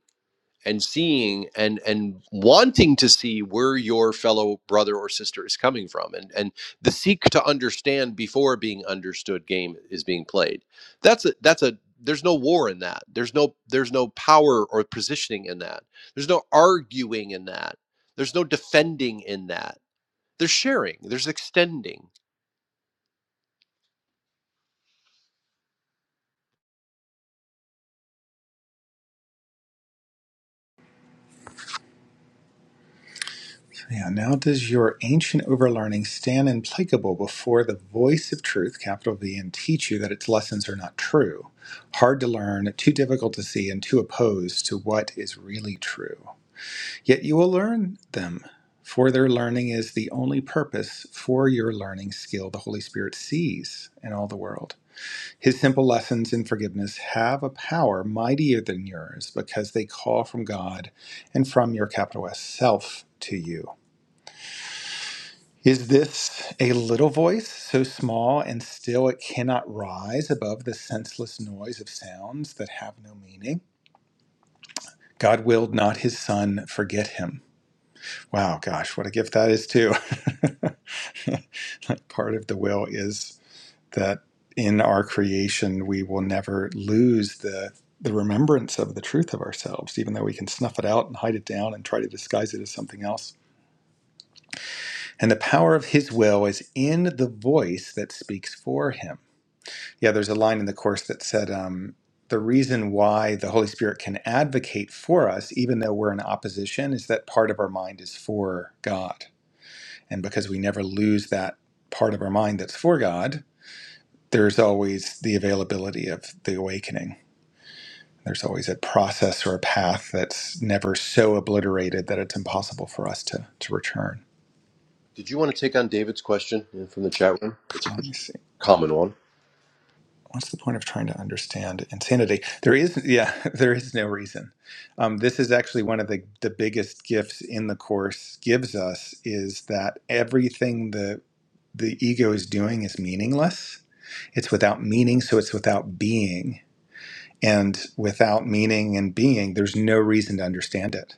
S1: and seeing and and wanting to see where your fellow brother or sister is coming from and and the seek to understand before being understood game is being played that's a that's a there's no war in that there's no there's no power or positioning in that there's no arguing in that there's no defending in that there's sharing there's extending
S2: Yeah. Now does your ancient overlearning stand implacable before the voice of truth, capital V, and teach you that its lessons are not true? Hard to learn, too difficult to see, and too opposed to what is really true. Yet you will learn them, for their learning is the only purpose for your learning skill the Holy Spirit sees in all the world. His simple lessons in forgiveness have a power mightier than yours because they call from God and from your capital S self to you. Is this a little voice, so small and still it cannot rise above the senseless noise of sounds that have no meaning? God willed not his son forget him. Wow, gosh, what a gift that is, too. <laughs> like part of the will is. that in our creation we will never lose the the remembrance of the truth of ourselves, even though we can snuff it out and hide it down and try to disguise it as something else. And the power of his will is in the voice that speaks for him. Yeah, there's a line in the Course that said, um, the reason why the Holy Spirit can advocate for us, even though we're in opposition, is that part of our mind is for God. And because we never lose that part of our mind that's for God, there's always the availability of the awakening. There's always a process or a path that's never so obliterated that it's impossible for us to to return.
S1: did you want to take on david's question uh, from the chat room it's a
S2: Let
S1: pretty
S2: me see.
S1: common one
S2: What's the point of trying to understand insanity? There is, yeah, <laughs> there is no reason. Um, this is actually one of the the biggest gifts in the course gives us is that everything the the ego is doing is meaningless. It's without meaning, so it's without being and without meaning and being, there's no reason to understand it.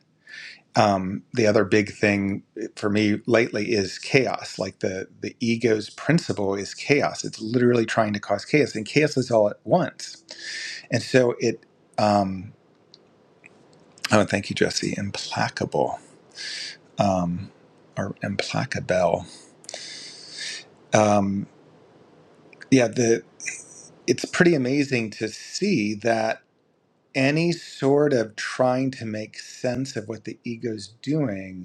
S2: Um, the other big thing for me lately is chaos. Like the the ego's principle is chaos. It's literally trying to cause chaos, and chaos is all at once. And so it. Um, oh, thank you, Jesse. Implacable um, or implacable. Um, yeah, the it's pretty amazing to see that any sort of trying to make sense of what the ego's doing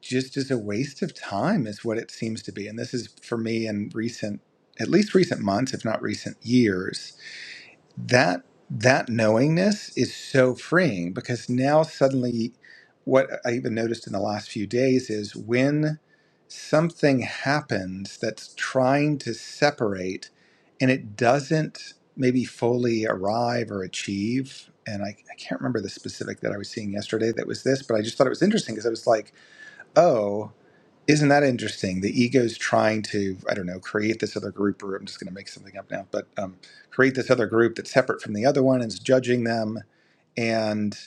S2: just is a waste of time is what it seems to be and this is for me in recent at least recent months if not recent years that that knowingness is so freeing because now suddenly what i even noticed in the last few days is when something happens that's trying to separate and it doesn't maybe fully arrive or achieve and I, I can't remember the specific that i was seeing yesterday that was this but i just thought it was interesting because i was like oh isn't that interesting? The ego's trying to, I don't know, create this other group, or I'm just going to make something up now, but um, create this other group that's separate from the other one and is judging them, and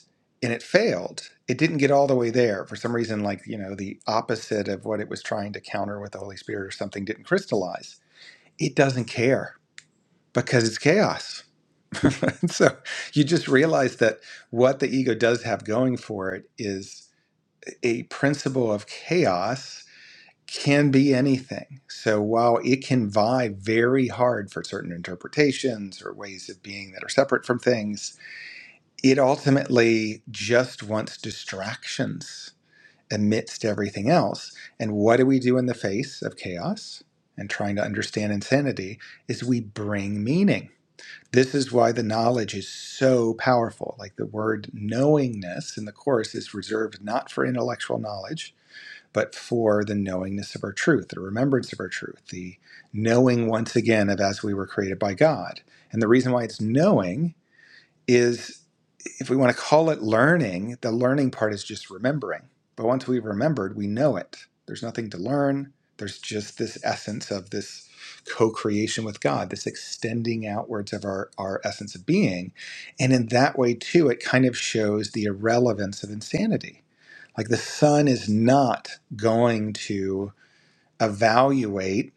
S2: and it failed. It didn't get all the way there for some reason. Like you know, the opposite of what it was trying to counter with the Holy Spirit or something didn't crystallize. It doesn't care because it's chaos. <laughs> And so you just realize that what the ego does have going for it is a principle of chaos can be anything. So while it can vie very hard for certain interpretations or ways of being that are separate from things, it ultimately just wants distractions amidst everything else. And what do we do in the face of chaos and trying to understand insanity is we bring meaning. This is why the knowledge is so powerful. Like the word knowingness in the course is reserved not for intellectual knowledge, but for the knowingness of our truth, the remembrance of our truth, the knowing once again of as we were created by God. And the reason why it's knowing is if we want to call it learning, the learning part is just remembering. But once we've remembered, we know it. There's nothing to learn. There's just this essence of this co creation with God, this extending outwards of our, our essence of being. And in that way, too, it kind of shows the irrelevance of insanity like the sun is not going to evaluate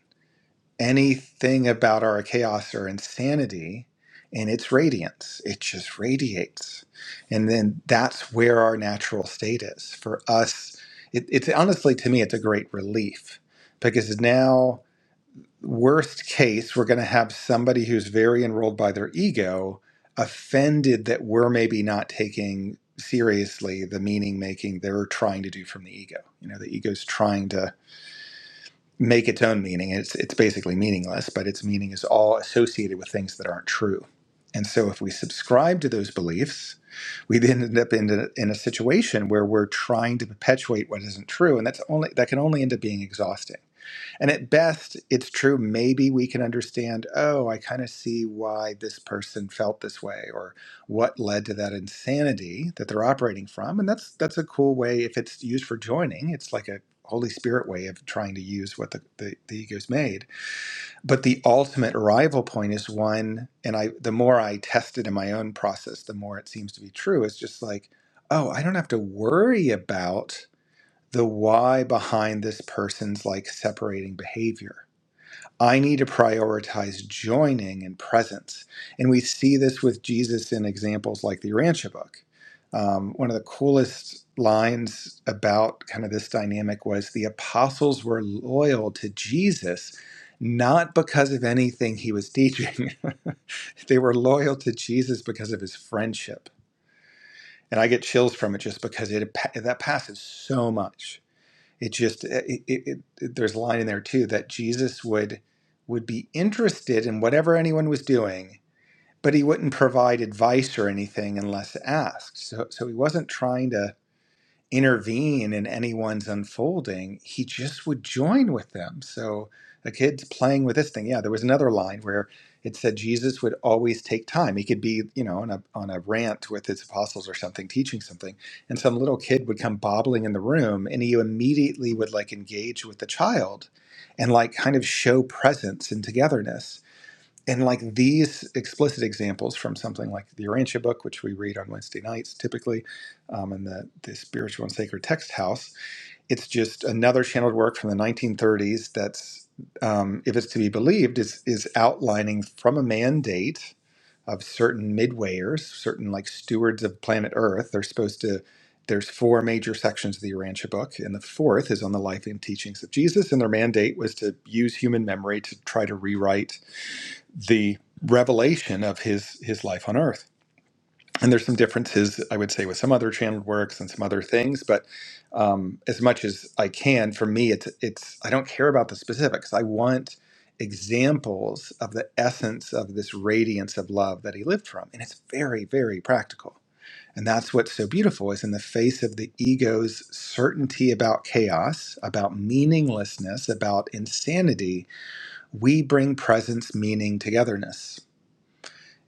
S2: anything about our chaos or insanity in its radiance. It just radiates. And then that's where our natural state is. For us, it, it's honestly, to me, it's a great relief because now worst case, we're going to have somebody who's very enrolled by their ego offended that we're maybe not taking seriously the meaning making they're trying to do from the ego. You know, the ego's trying to make its own meaning. It's it's basically meaningless, but its meaning is all associated with things that aren't true. And so if we subscribe to those beliefs, we then end up in a, in a situation where we're trying to perpetuate what isn't true and that's only that can only end up being exhausting and at best, it's true, maybe we can understand, oh, I kind of see why this person felt this way or what led to that insanity that they're operating from. And that's that's a cool way if it's used for joining, it's like a Holy Spirit way of trying to use what the, the, the ego's made. But the ultimate arrival point is one, and I the more I test it in my own process, the more it seems to be true. It's just like, oh, I don't have to worry about the why behind this person's like separating behavior I need to prioritize joining and presence. And we see this with Jesus in examples like the Urantia book. Um, one of the coolest lines about kind of this dynamic was the apostles were loyal to Jesus, not because of anything he was teaching. <laughs> they were loyal to Jesus because of his friendship. And I get chills from it just because it that passes so much it just eh, it, it, it, there's a line in there too that Jesus would would be interested in whatever anyone was doing, but he wouldn't provide advice or anything unless asked. So so he wasn't trying to intervene in anyone's unfolding, he just would join with them. So a kid's playing with this thing. Yeah, there was another line where it said Jesus would always take time. He could be, you know, on a on a rant with his apostles or something, teaching something, and some little kid would come bobbling in the room, and he immediately would like engage with the child, and like kind of show presence and togetherness and like these explicit examples from something like the Urantia book, which we read on Wednesday nights typically, um, and the, the Spiritual and Sacred Text House, it's just another channeled work from the 1930s that's, um, if it's to be believed, is, is outlining from a mandate of certain midwayers, certain like stewards of planet Earth. They're supposed to, there's four major sections of the Urantia book, and the fourth is on the life and teachings of Jesus, and their mandate was to use human memory to try to rewrite the revelation of his his life on earth. And there's some differences, I would say, with some other channeled works and some other things, but um, as much as I can, for me, it's it's I don't care about the specifics. I want examples of the essence of this radiance of love that he lived from, and it's very, very practical. And that's what's so beautiful is in the face of the ego's certainty about chaos, about meaninglessness, about insanity, we bring presence, meaning, togetherness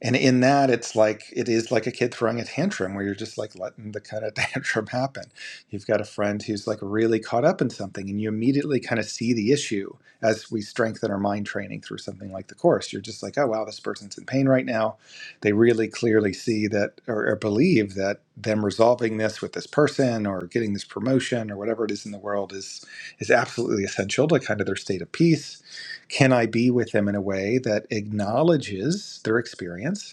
S2: and in that, it's like it is like a kid throwing a tantrum where you're just like letting the kind of <laughs> tantrum happen. You've got a friend who's like really caught up in something, and you immediately kind of see the issue as we strengthen our mind training through something like the course. You're just like, oh, wow, this person's in pain right now. They really clearly see that or, or believe that them resolving this with this person or getting this promotion or whatever it is in the world is is absolutely essential to kind of their state of peace can I be with them in a way that acknowledges their experience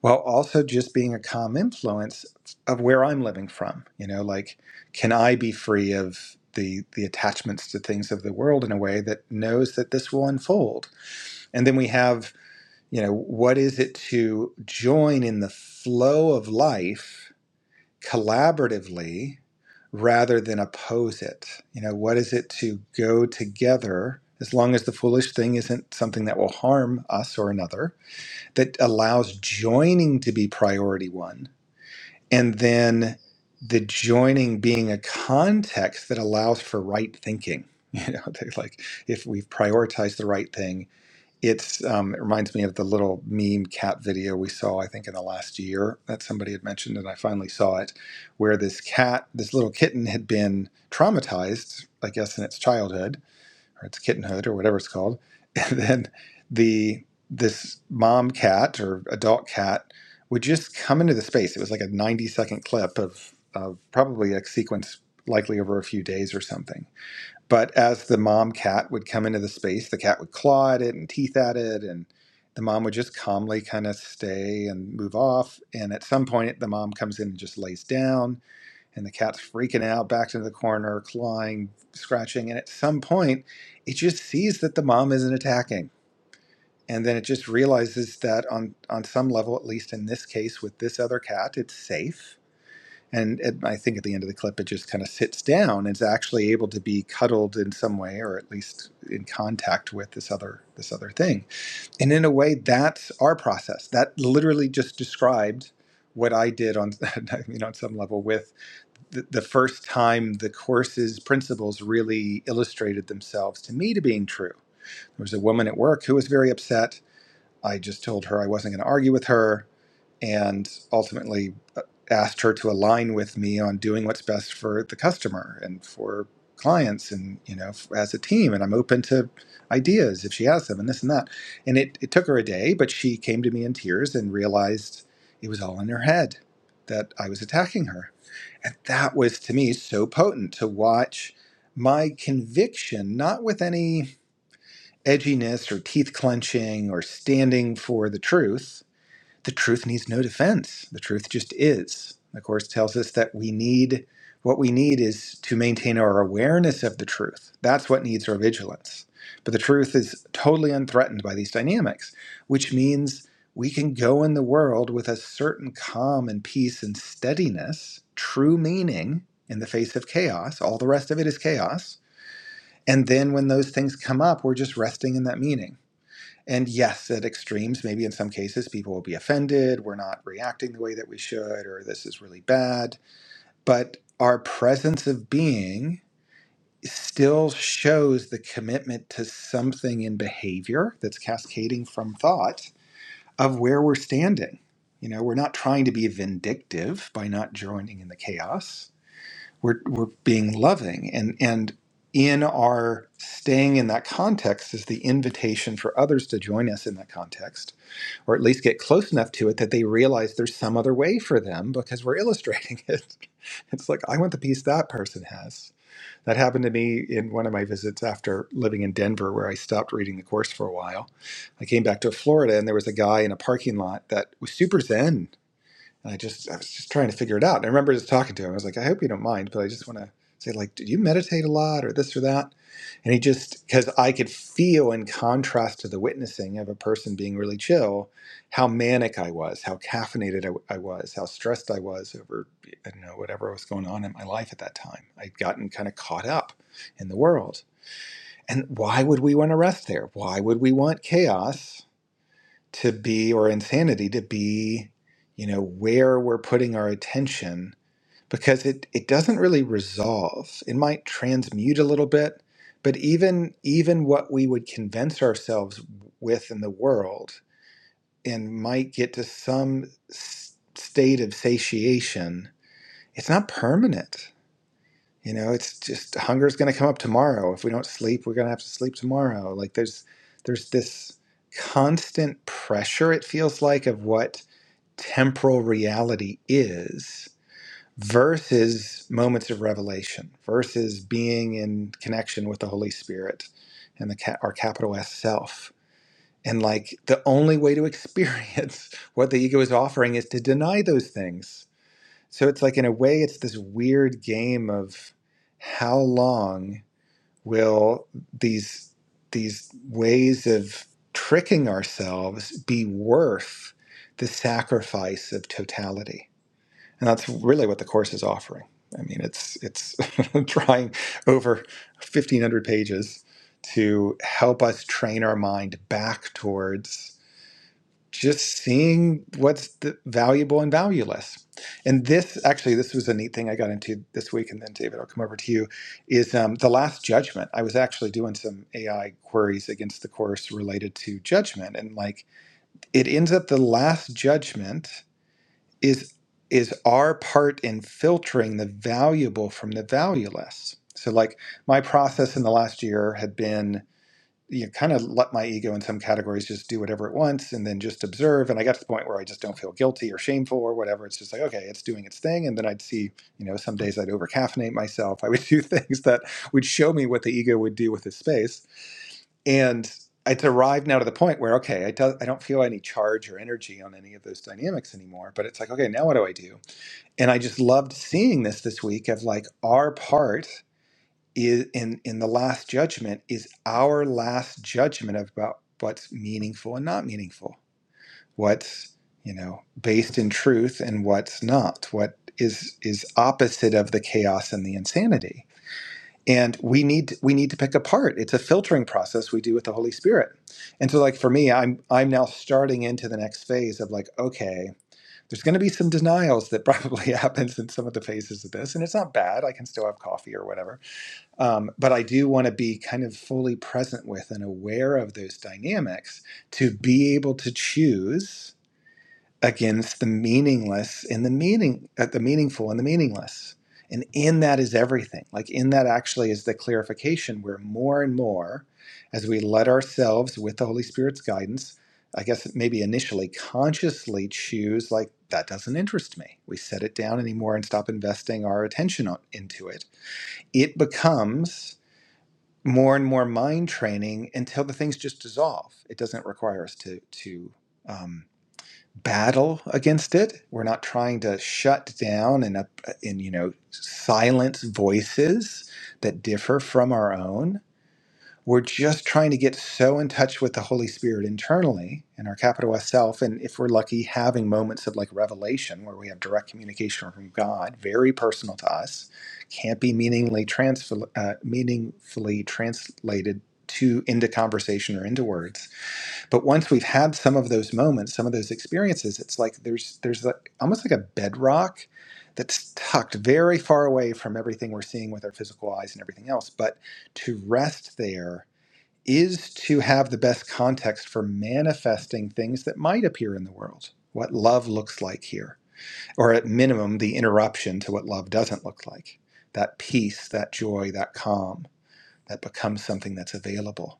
S2: while also just being a calm influence of where I'm living from. You know, like can I be free of the the attachments to things of the world in a way that knows that this will unfold? And then we have, you know, what is it to join in the flow of life collaboratively rather than oppose it? You know, what is it to go together as long as the foolish thing isn't something that will harm us or another? that allows joining to be priority one and then the joining being a context that allows for right thinking <laughs> you know they're like if we've prioritized the right thing it's um, it reminds me of the little meme cat video we saw i think in the last year that somebody had mentioned and i finally saw it where this cat this little kitten had been traumatized i guess in its childhood or it's kittenhood or whatever it's called. <laughs> And then the this mom cat or adult cat would just come into the space. It was like a 90 second clip of, of probably a sequence likely over a few days or something. But as the mom cat would come into the space, the cat would claw at it and teeth at it and the mom would just calmly kind of stay and move off. And at some point the mom comes in and just lays down and the cat's freaking out, backed into the corner, clawing, scratching, and at some point, it just sees that the mom isn't attacking, and then it just realizes that on on some level, at least in this case with this other cat, it's safe. And it, I think at the end of the clip, it just kind of sits down. and It's actually able to be cuddled in some way, or at least in contact with this other this other thing. And in a way, that's our process. That literally just described what I did on <laughs> you know on some level with the, the first time the course's principles really illustrated themselves to me to being true. There was a woman at work who was very upset. I just told her I wasn't going to argue with her and ultimately uh, asked her to align with me on doing what's best for the customer and for clients and you know as a team and I'm open to ideas if she has them and this and that and it, it took her a day but she came to me in tears and realized it was all in her head that I was attacking her and that was to me so potent to watch my conviction, not with any edginess or teeth clenching or standing for the truth, the truth needs no defense. The truth just is. The Course tells us that we need what we need is to maintain our awareness of the truth. That's what needs our vigilance. But the truth is totally unthreatened by these dynamics, which means we can go in the world with a certain calm and peace and steadiness, true meaning in the face of chaos. All the rest of it is chaos. And then when those things come up, we're just resting in that meaning and yes, at extremes, maybe in some cases, people will be offended. We're not reacting the way that we should, or this is really bad. But our presence of being still shows the commitment to something in behavior that's cascading from thought of where we're standing. You know, we're not trying to be vindictive by not joining in the chaos. We're, we're being loving. And, and in our staying in that context is the invitation for others to join us in that context or at least get close enough to it that they realize there's some other way for them because we're illustrating it. <laughs> It's like, I want the piece that person has. That happened to me in one of my visits after living in Denver, where I stopped reading the course for a while. I came back to Florida, and there was a guy in a parking lot that was super zen and I just, I was just trying to figure it out. And I remember just talking to him. I was like, I hope you don't mind, but I just want to say, like, do you meditate a lot or this or that? And he just, because I could feel in contrast to the witnessing of a person being really chill, how manic I was, how caffeinated I, I was, how stressed I was over, I don't know, whatever was going on in my life at that time. I'd gotten kind of caught up in the world. And why would we want to rest there? Why would we want chaos? to be or insanity to be you know where we're putting our attention because it it doesn't really resolve it might transmute a little bit but even even what we would convince ourselves with in the world and might get to some s- state of satiation it's not permanent you know it's just hunger's going to come up tomorrow if we don't sleep we're going to have to sleep tomorrow like there's there's this constant pressure it feels like of what temporal reality is versus moments of revelation versus being in connection with the holy spirit and the ca- our capital s self and like the only way to experience <laughs> what the ego is offering is to deny those things so it's like in a way it's this weird game of how long will these these ways of tricking ourselves be worth the sacrifice of totality and that's really what the course is offering. I mean, it's it's <laughs> trying over 1500 pages to help us train our mind back towards just seeing what's the valuable and valueless. And this actually, this was a neat thing I got into this week. And then David, I'll come over to you. Is um, the last judgment? I was actually doing some AI queries against the course related to judgment, and like it ends up the last judgment is is our part in filtering the valuable from the valueless so like my process in the last year had been you know, kind of let my ego in some categories just do whatever it wants and then just observe and i got to the point where i just don't feel guilty or shameful or whatever it's just like okay it's doing its thing and then i'd see you know some days i'd over caffeinate myself i would <laughs> do things that would show me what the ego would do with its space and it's arrived now to the point where okay I, do, I don't feel any charge or energy on any of those dynamics anymore but it's like okay now what do i do and I just loved seeing this this week of like our part is in in the last judgment is our last judgment about what's meaningful and not meaningful, what's you know based in truth and what's not, what is is opposite of the chaos and the insanity. And we need we need to pick apart. It's a filtering process we do with the Holy Spirit. And so like for me, I'm I'm now starting into the next phase of like okay, there's going to be some denials that probably <laughs> happens in some of the phases of this and it's not bad i can still have coffee or whatever um, but i do want to be kind of fully present with and aware of those dynamics to be able to choose against the meaningless and the meaning at the meaningful and the meaningless and in that is everything like in that actually is the clarification where more and more as we let ourselves with the holy spirit's guidance i guess maybe initially consciously choose like that doesn't interest me we set it down anymore and stop investing our attention on, into it it becomes more and more mind training until the things just dissolve it doesn't require us to to um, battle against it. We're not trying to shut down and up and you know silence voices that differ from our own. We're just trying to get so in touch with the Holy Spirit internally and our capital S self, and if we're lucky, having moments of like revelation where we have direct communication from God, very personal to us, can't be meaningly transfer, uh, meaningfully translated to into conversation or into words but once we've had some of those moments some of those experiences it's like there's there's like almost like a bedrock that's tucked very far away from everything we're seeing with our physical eyes and everything else but to rest there is to have the best context for manifesting things that might appear in the world what love looks like here or at minimum the interruption to what love doesn't look like that peace that joy that calm that becomes something that's available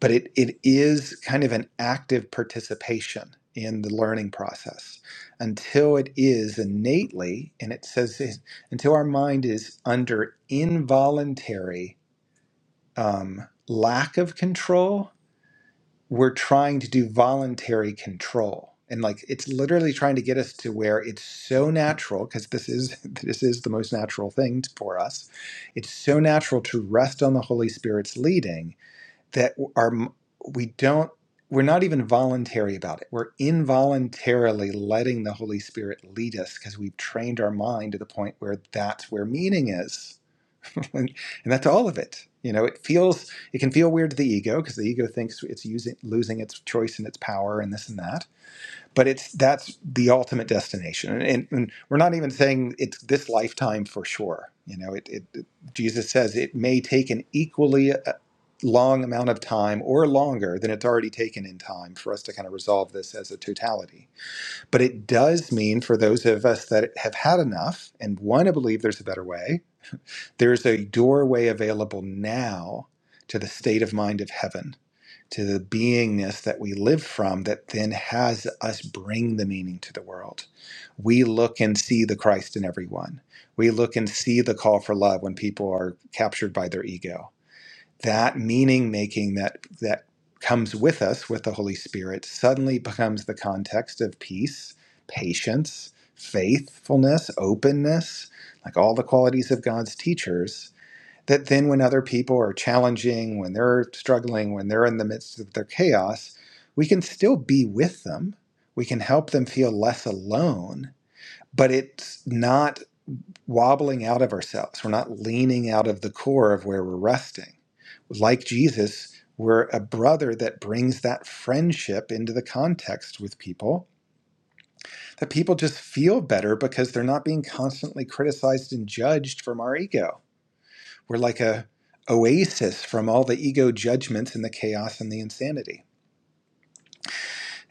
S2: but it, it is kind of an active participation in the learning process until it is innately, and it says this, until our mind is under involuntary um, lack of control, we're trying to do voluntary control. And like it's literally trying to get us to where it's so natural because this is <laughs> this is the most natural thing for us. It's so natural to rest on the Holy Spirit's leading that are we don't we're not even voluntary about it. We're involuntarily letting the Holy Spirit lead us because we've trained our mind to the point where that's where meaning is, <laughs> and that's all of it. You know, it feels it can feel weird to the ego because the ego thinks it's using losing its choice and its power and this and that but it's that's the ultimate destination and, and, and we're not even saying it's this lifetime for sure you know it, it, it- jesus says it may take an equally uh, long amount of time or longer than it's already taken in time for us to kind of resolve this as a totality but it does mean for those of us that have had enough and want to believe there's a better way there's a doorway available now to the state of mind of heaven to the beingness that we live from that then has us bring the meaning to the world. We look and see the Christ in everyone. We look and see the call for love when people are captured by their ego. That meaning making that that comes with us with the Holy Spirit suddenly becomes the context of peace, patience, faithfulness, openness, like all the qualities of God's teachers that then when other people are challenging, when they're struggling, when they're in the midst of their chaos, we can still be with them. We can help them feel less alone, but it's not wobbling out of ourselves. We're not leaning out of the core of where we're resting. Like Jesus, we're a brother that brings that friendship into the context with people, that people just feel better because they're not being constantly criticized and judged from our ego we're like a oasis from all the ego judgments and the chaos and the insanity.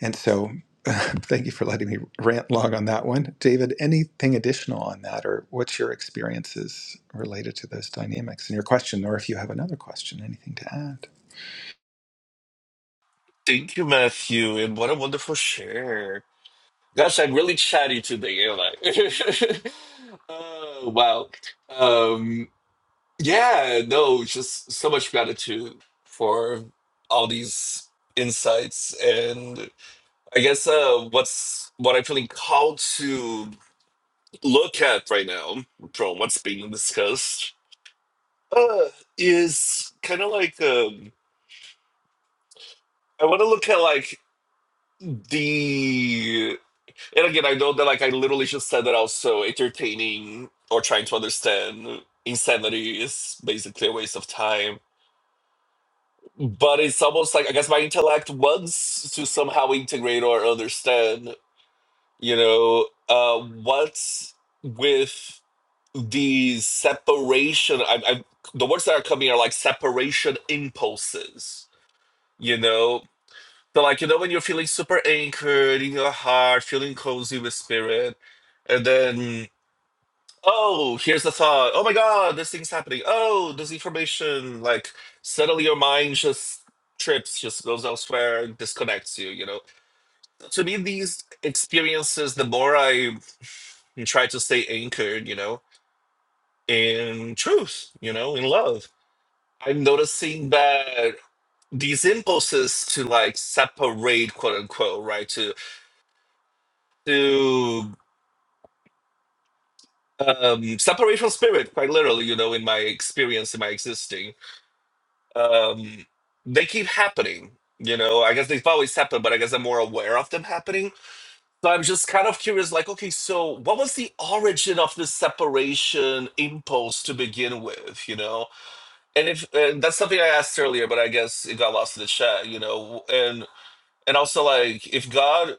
S2: And so, <laughs> thank you for letting me rant long on that one. David, anything additional on that, or what's your experiences related to those dynamics and your question, or if you have another question, anything to add?
S3: Thank you, Matthew, and what a wonderful share. Gosh, I'm really chatty today, am I? <laughs> oh, wow. Um, yeah, no, just so much gratitude for all these insights. And I guess uh, what's what I'm feeling called to look at right now from what's being discussed uh, is kind of like um, I want to look at like the And again, I know that like I literally just said that also entertaining or trying to understand insanity is basically a waste of time. But it's almost like I guess my intellect wants to somehow integrate or understand, you know, uh, what's with the separation. I, I the words that are coming are like separation impulses, you know. So like you know when you're feeling super anchored in your heart, feeling cozy with spirit, and then Oh, here's the thought. Oh my God, this thing's happening. Oh, this information. Like suddenly your mind just trips, just goes elsewhere, and disconnects you, you know. To me, these experiences, the more I try to stay anchored, you know, in truth, you know, in love, I'm noticing that these impulses to like separate, quote unquote, right? To to um separate from spirit, quite literally, you know, in my experience, in my existing. um, they keep happening. You know, I guess they've always happened, but I guess I'm more aware of them happening. So I'm just kind of curious, like, okay, so what was the origin of this separation impulse to begin with? You know, and if and that's something I asked earlier, but I guess it got lost in the chat. You know, and and also like if God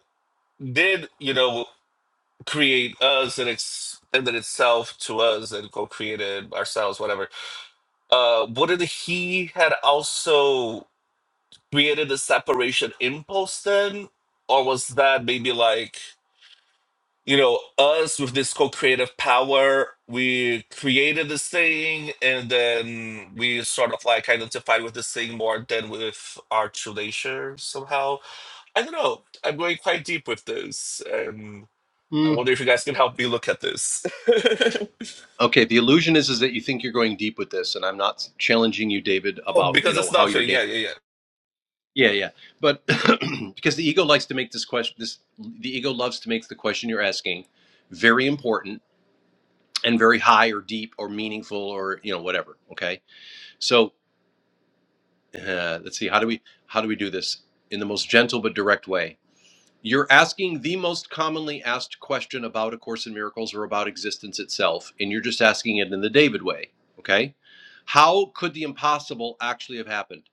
S3: did, you know, create us and extended itself to us and co-created ourselves, whatever. Uh, wouldn't He had also? created a separation impulse then? Or was that maybe like, you know, us with this co creative power, we created this thing and then we sort of like identified with this thing more than with our true nature somehow? I don't know. I'm going quite deep with this and I wonder if you guys can help me look at this. <laughs>
S1: Okay, the illusion is is that you think you're going deep with this, and I'm not challenging you, David,
S3: oh,
S1: about you
S3: because
S1: know
S3: it's
S1: how you're
S3: nothing.
S1: dancing.
S3: Yeah, yeah, yeah.
S1: Yeah, yeah, but <clears throat> because the ego likes to make this question, this the ego loves to make the question you're asking very important and very high or deep or meaningful or you know whatever. Okay, so uh, let's see how do we how do we do this in the most gentle but direct way. You're asking the most commonly asked question about A Course in Miracles or about existence itself, and you're just asking it in the David way. Okay. How could the impossible actually have happened?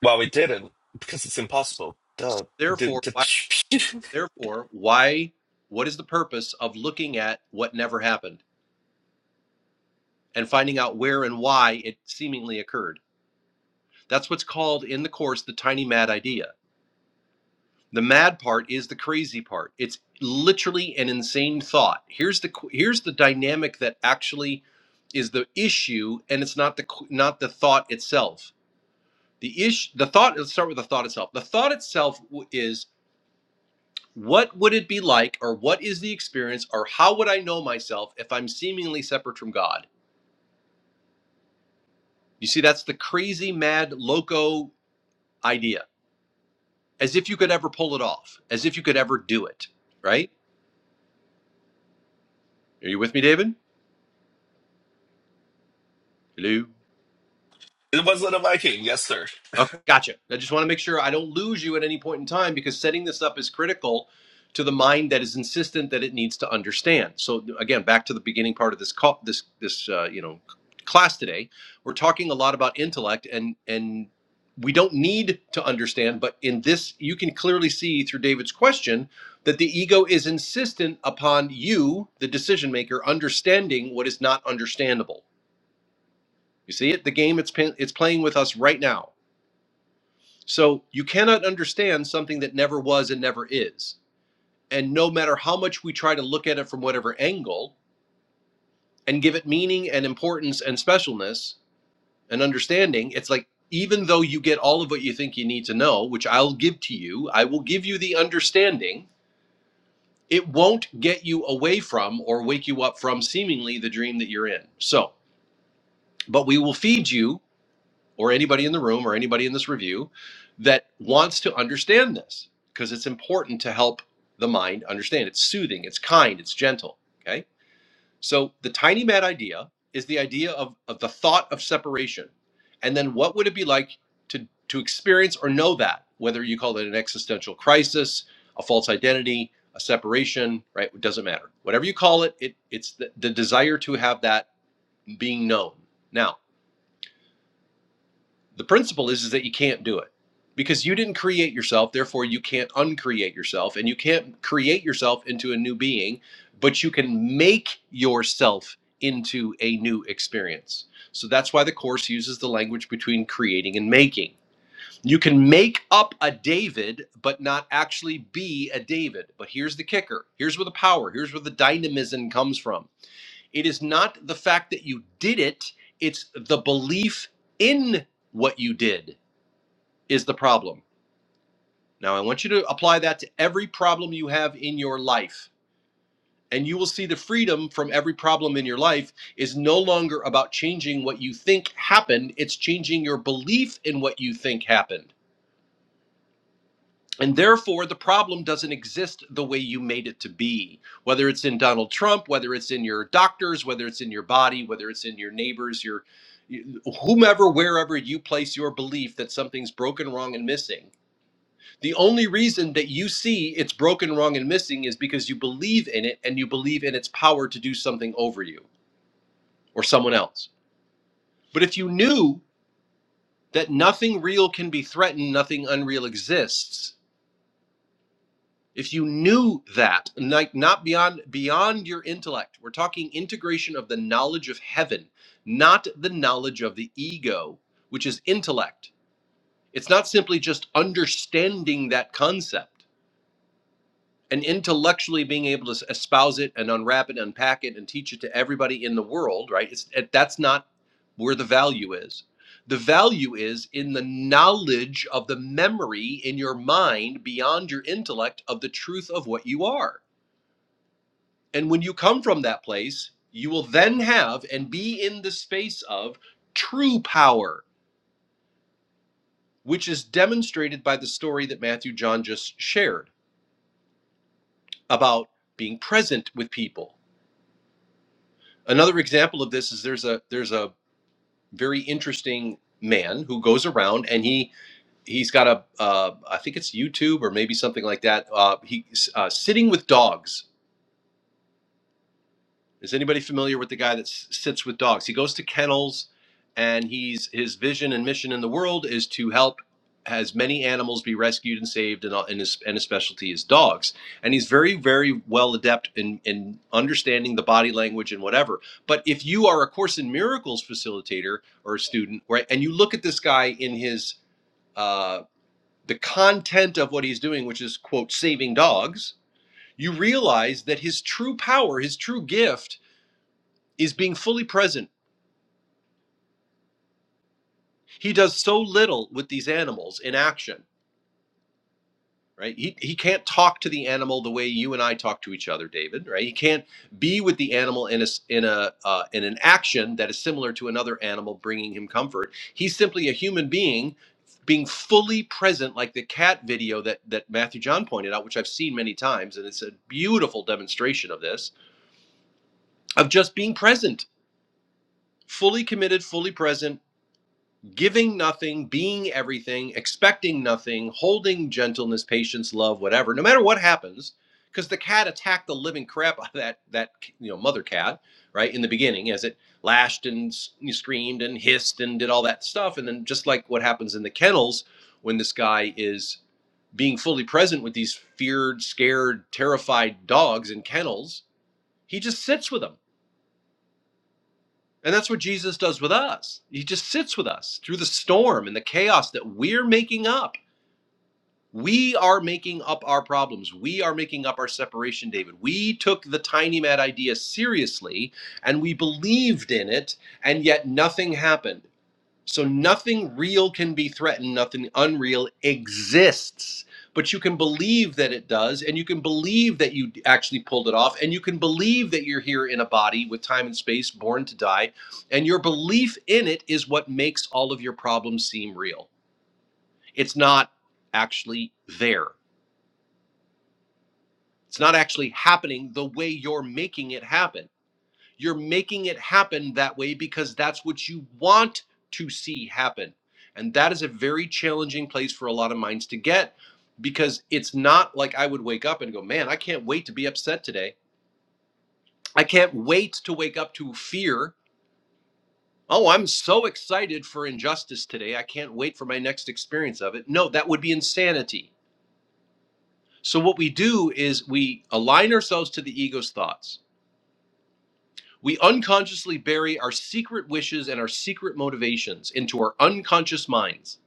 S3: Well, we didn't because it's impossible. Duh.
S1: So
S3: The,
S1: therefore, why
S3: the, <laughs>
S1: therefore, why what is the purpose of looking at what never happened and finding out where and why it seemingly occurred? That's what's called in the course the tiny mad idea. The mad part is the crazy part. It's literally an insane thought. Here's the here's the dynamic that actually is the issue, and it's not the not the thought itself. The issue, the thought. Let's start with the thought itself. The thought itself is what would it be like, or what is the experience, or how would I know myself if I'm seemingly separate from God? You see, that's the crazy, mad, loco idea. As if you could ever pull it off. As if you could ever do it. Right? Are you with me, David? Hello.
S3: it was not a Viking, yes, sir.
S1: Okay, gotcha. I just want to make sure I don't lose you at any point in time because setting this up is critical to the mind that is insistent that it needs to understand. So again, back to the beginning part of this call, this this uh, you know class today, we're talking a lot about intellect and and we don't need to understand, but in this you can clearly see through David's question that the ego is insistent upon you, the decision maker, understanding what is not understandable. You see it? The game it's pin- it's playing with us right now so you cannot understand something that never was and never is. And no matter how much we try to look at it from whatever angle and give it meaning and importance and specialness and understanding, it's like even though you get all of what you think you need to know, which I'll give to you, I will give you the understanding, it won't get you away from or wake you up from seemingly the dream that you're in. So, but we will feed you or anybody in the room or anybody in this review that wants to understand this because it's important to help the mind understand. It's soothing, it's kind, it's gentle. Okay. So the tiny mad idea is the idea of, of the thought of separation. And then what would it be like to, to experience or know that, whether you call it an existential crisis, a false identity, a separation, right? It doesn't matter. Whatever you call it, it it's the, the desire to have that being known. Now, the principle is, is that you can't do it because you didn't create yourself. Therefore, you can't uncreate yourself and you can't create yourself into a new being, but you can make yourself into a new experience. So that's why the Course uses the language between creating and making. You can make up a David, but not actually be a David. But here's the kicker here's where the power, here's where the dynamism comes from. It is not the fact that you did it, it's the belief in what you did is the problem. Now, I want you to apply that to every problem you have in your life. And you will see the freedom from every problem in your life is no longer about changing what you think happened, it's changing your belief in what you think happened. And therefore, the problem doesn't exist the way you made it to be, whether it's in Donald Trump, whether it's in your doctors, whether it's in your body, whether it's in your neighbors, your whomever, wherever you place your belief that something's broken, wrong, and missing The only reason that you see it's broken, wrong, and missing is because you believe in it and you believe in its power to do something over you or someone else. But if you knew that nothing real can be threatened, nothing unreal exists, if you knew that, like not beyond beyond your intellect, we're talking integration of the knowledge of heaven, not the knowledge of the ego, which is intellect. It's not simply just understanding that concept. and intellectually being able to espouse it and unwrap it, unpack it, and teach it to everybody in the world, right? It's, it, that's not where the value is. The value is in the knowledge of the memory in your mind beyond your intellect of the truth of what you are. And when you come from that place, you will then have and be in the space of true power, which is demonstrated by the story that Matthew John just shared about being present with people another example of this is there's a there's a very interesting man who goes around and he he's got a uh, I think it's YouTube or maybe something like that. Uh, he uh, sitting with dogs Is anybody familiar with the guy that s- sits with dogs? He goes to kennels, and he's his vision and mission in the world is to help as many animals be rescued and saved, and, all- and his and his specialty is dogs. And he's very very well adept in in understanding the body language and whatever. But if you are a Course in Miracles facilitator or a student, right, and you look at this guy in his uh, the content of what he's doing, which is quote saving dogs, you realize that his true power, his true gift is being fully present. He does so little with these animals in action, right? He, he can't talk to the animal the way you and I talk to each other, David, right? He can't be with the animal in a in a uh, in an action that is similar to another animal bringing him comfort. He's simply a human being being fully present like the cat video that that Matthew John pointed out which I've seen many times and it's a beautiful demonstration of this of just being present fully committed fully present giving nothing, being everything, expecting nothing, holding gentleness, patience, love, whatever, no matter what happens, because the cat attacked the living crap <laughs> out of that that you know mother cat right in the beginning as it lashed and screamed and hissed and did all that stuff, and then just like what happens in the kennels when this guy is being fully present with these feared, scared, terrified dogs in kennels, he just sits with them and that's what Jesus does with us. He just sits with us through the storm and the chaos that we're making up. We are making up our problems. We are making up our separation, David. We took the tiny mad idea seriously and we believed in it, and yet nothing happened. So nothing real can be threatened, nothing unreal exists. But you can believe that it does, and you can believe that you actually pulled it off, and you can believe that you're here in a body with time and space, born to die. And your belief in it is what makes all of your problems seem real. It's not actually there, it's not actually happening the way you're making it happen. You're making it happen that way because that's what you want to see happen. And that is a very challenging place for a lot of minds to get because it's not like I would wake up and go, man, I can't wait to be upset today. I can't wait to wake up to fear. Oh, I'm so excited for injustice today. I can't wait for my next experience of it. No, that would be insanity. So, what we do is we align ourselves to the ego's thoughts We unconsciously bury our secret wishes and our secret motivations into our unconscious minds.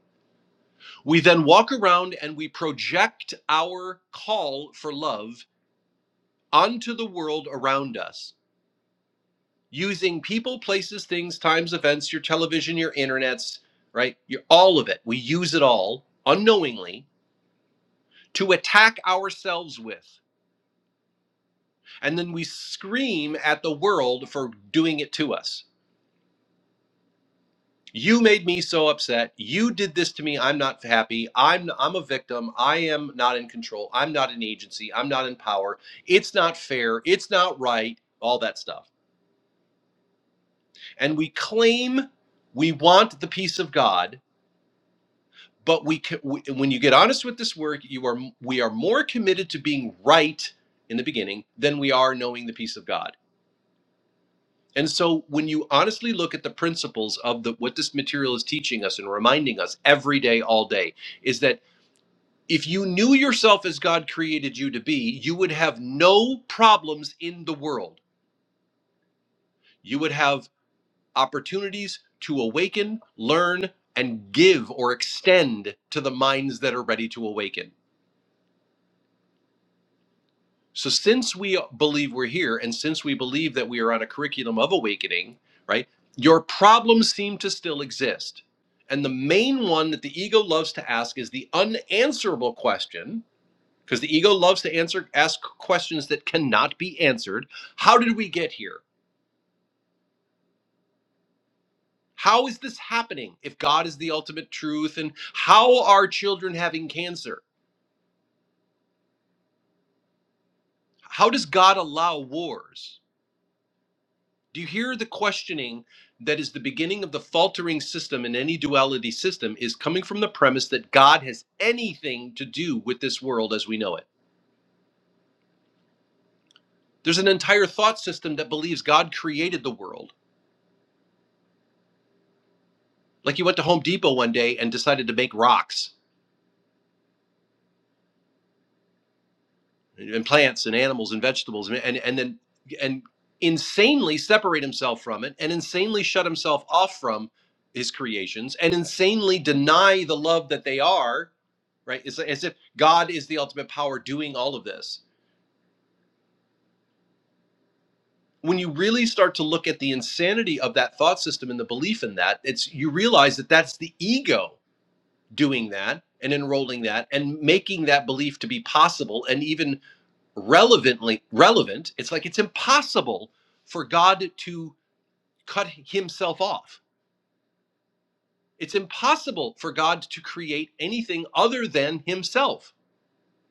S1: We then walk around and we project our call for love onto the world around us using people, places, things, times, events, your television, your internets, right? Your, all of it. We use it all unknowingly to attack ourselves with. And then we scream at the world for doing it to us you made me so upset you did this to me i'm not happy i'm i'm a victim i am not in control i'm not an agency i'm not in power it's not fair it's not right all that stuff and we claim we want the peace of god but we, ca- we when you get honest with this work you are we are more committed to being right in the beginning than we are knowing the peace of god and so when you honestly look at the principles of the what this material is teaching us and reminding us every day all day is that If you knew yourself as God created you to be, you would have no problems in the world. You would have opportunities to awaken, learn, and give or extend to the minds that are ready to awaken. So, since we believe we're here and since we believe that we are on a curriculum of awakening, right, your problems seem to still exist. And the main one that the ego loves to ask is the unanswerable question because the ego loves to answer ask questions that cannot be answered how did we get here how is this happening if god is the ultimate truth and how are children having cancer how does god allow wars do you hear the questioning that is the beginning of the faltering system in any duality system is coming from the premise that god has anything to do with this world as we know it there's an entire thought system that believes god created the world like he went to home depot one day and decided to make rocks and plants and animals and vegetables and and, and then and insanely separate himself from it and insanely shut himself off from his creations and insanely deny the love that they are right it's like, as if god is the ultimate power doing all of this when you really start to look at the insanity of that thought system and the belief in that it's you realize that that's the ego doing that and enrolling that and making that belief to be possible and even relevantly relevant it's like it's impossible for god to cut himself off it's impossible for god to create anything other than himself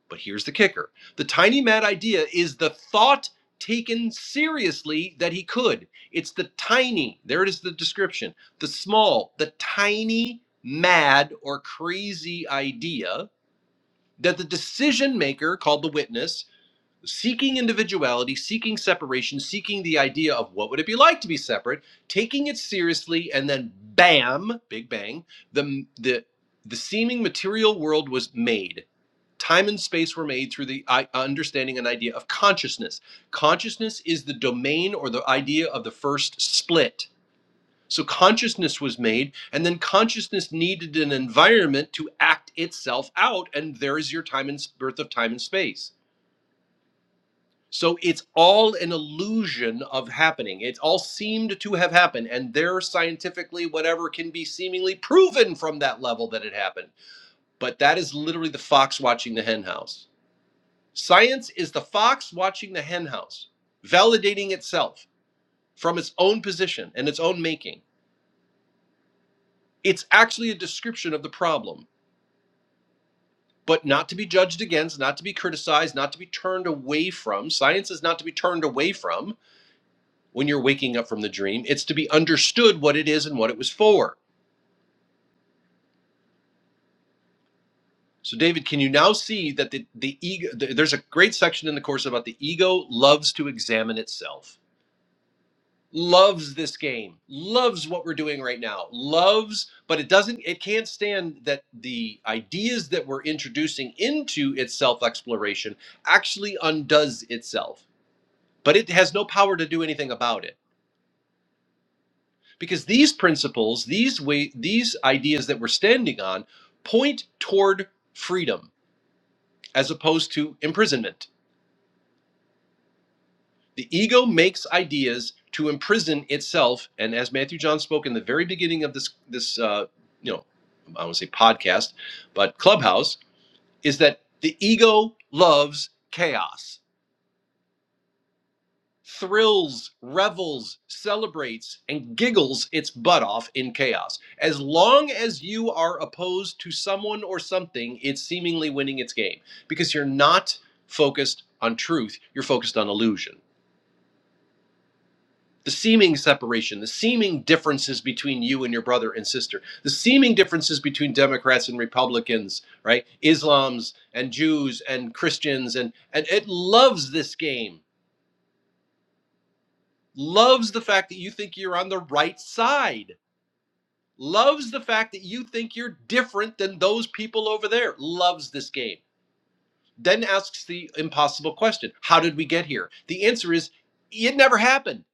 S1: but here's the kicker the tiny mad idea is the thought taken seriously that he could it's the tiny there it is the description the small the tiny mad or crazy idea that the decision maker called the witness seeking individuality, seeking separation, seeking the idea of what would it be like to be separate, taking it seriously, and then bam, big bang, the the the seeming material world was made. Time and space were made through the I, understanding and idea of consciousness. Consciousness is the domain or the idea of the first split. So consciousness was made, and then consciousness needed an environment to act itself out, and there is your time and birth of time and space so it's all an illusion of happening. It all seemed to have happened, and there scientifically whatever can be seemingly proven from that level that it happened. But that is literally the fox watching the hen house. Science is the fox watching the hen house, validating itself from its own position and its own making. It's actually a description of the problem, but not to be judged against, not to be criticized, not to be turned away from. Science is not to be turned away from when you're waking up from the dream. It's to be understood what it is and what it was for. So, David, can you now see that the, the ego? th- there's a great section in the course about the ego loves to examine itself, loves this game, loves what we're doing right now, loves, but it doesn't, it can't stand that the ideas that we're introducing into its self exploration actually undoes itself, but it has no power to do anything about it. because these principles these way these ideas that we're standing on point toward freedom as opposed to imprisonment the ego makes ideas to imprison itself and as matthew john spoke in the very beginning of this this uh, you know i want to say podcast but clubhouse is that the ego loves chaos thrills, revels, celebrates, and giggles its butt off in chaos. As long as you are opposed to someone or something, it's seemingly winning its game because you're not focused on truth, you're focused on illusion. The seeming separation, the seeming differences between you and your brother and sister, the seeming differences between Democrats and Republicans, right? Islams and Jews and Christians, and, and it loves this game loves the fact that you think you're on the right side, loves the fact that you think you're different than those people over there, loves this game. Then asks the impossible question How did we get here? The answer is it never happened.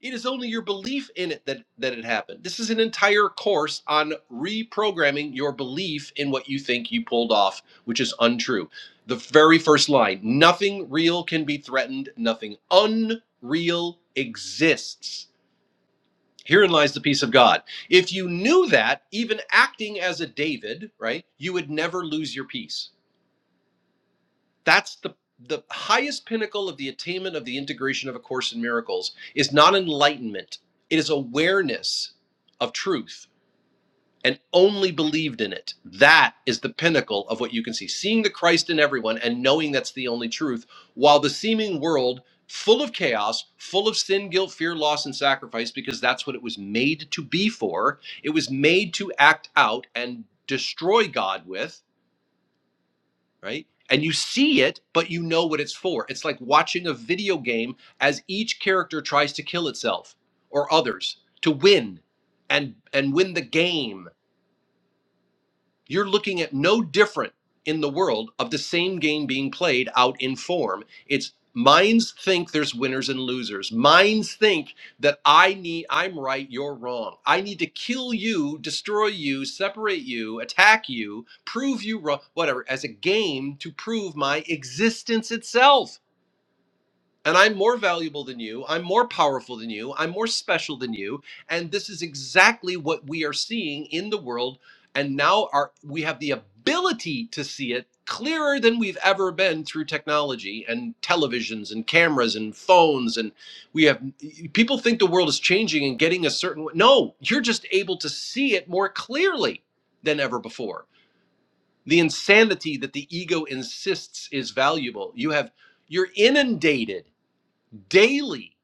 S1: It is only your belief in it that, that it happened. This is an entire course on reprogramming your belief in what you think you pulled off, which is untrue. The very first line nothing real can be threatened, nothing unreal exists Herein lies the peace of God. If you knew that, even acting as a David, right, you would never lose your peace. That's the the highest pinnacle of the attainment of the integration of a course in miracles is not enlightenment. It is awareness of truth and only believed in it. That is the pinnacle of what you can see. Seeing the Christ in everyone and knowing that's the only truth, while the seeming world full of chaos, full of sin, guilt, fear, loss, and sacrifice, because that's what it was made to be for. It was made to act out and destroy God with, right? And you see it, but you know what it's for. It's like watching a video game as each character tries to kill itself or others to win and and win the game you're looking at no different in the world of the same game being played out in form. It's minds think there's winners and losers. Minds think that I need I'm right, you're wrong. I need to kill you, destroy you, separate you, attack you, prove you wrong, whatever, as a game to prove my existence itself. And I'm more valuable than you. I'm more powerful than you. I'm more special than you. And this is exactly what we are seeing in the world. And now our, we have the ability to see it clearer than we've ever been through technology and televisions and cameras and phones. And we have people think the world is changing and getting a certain way. No, you're just able to see it more clearly than ever before. The insanity that the ego insists is valuable. You have you're inundated daily,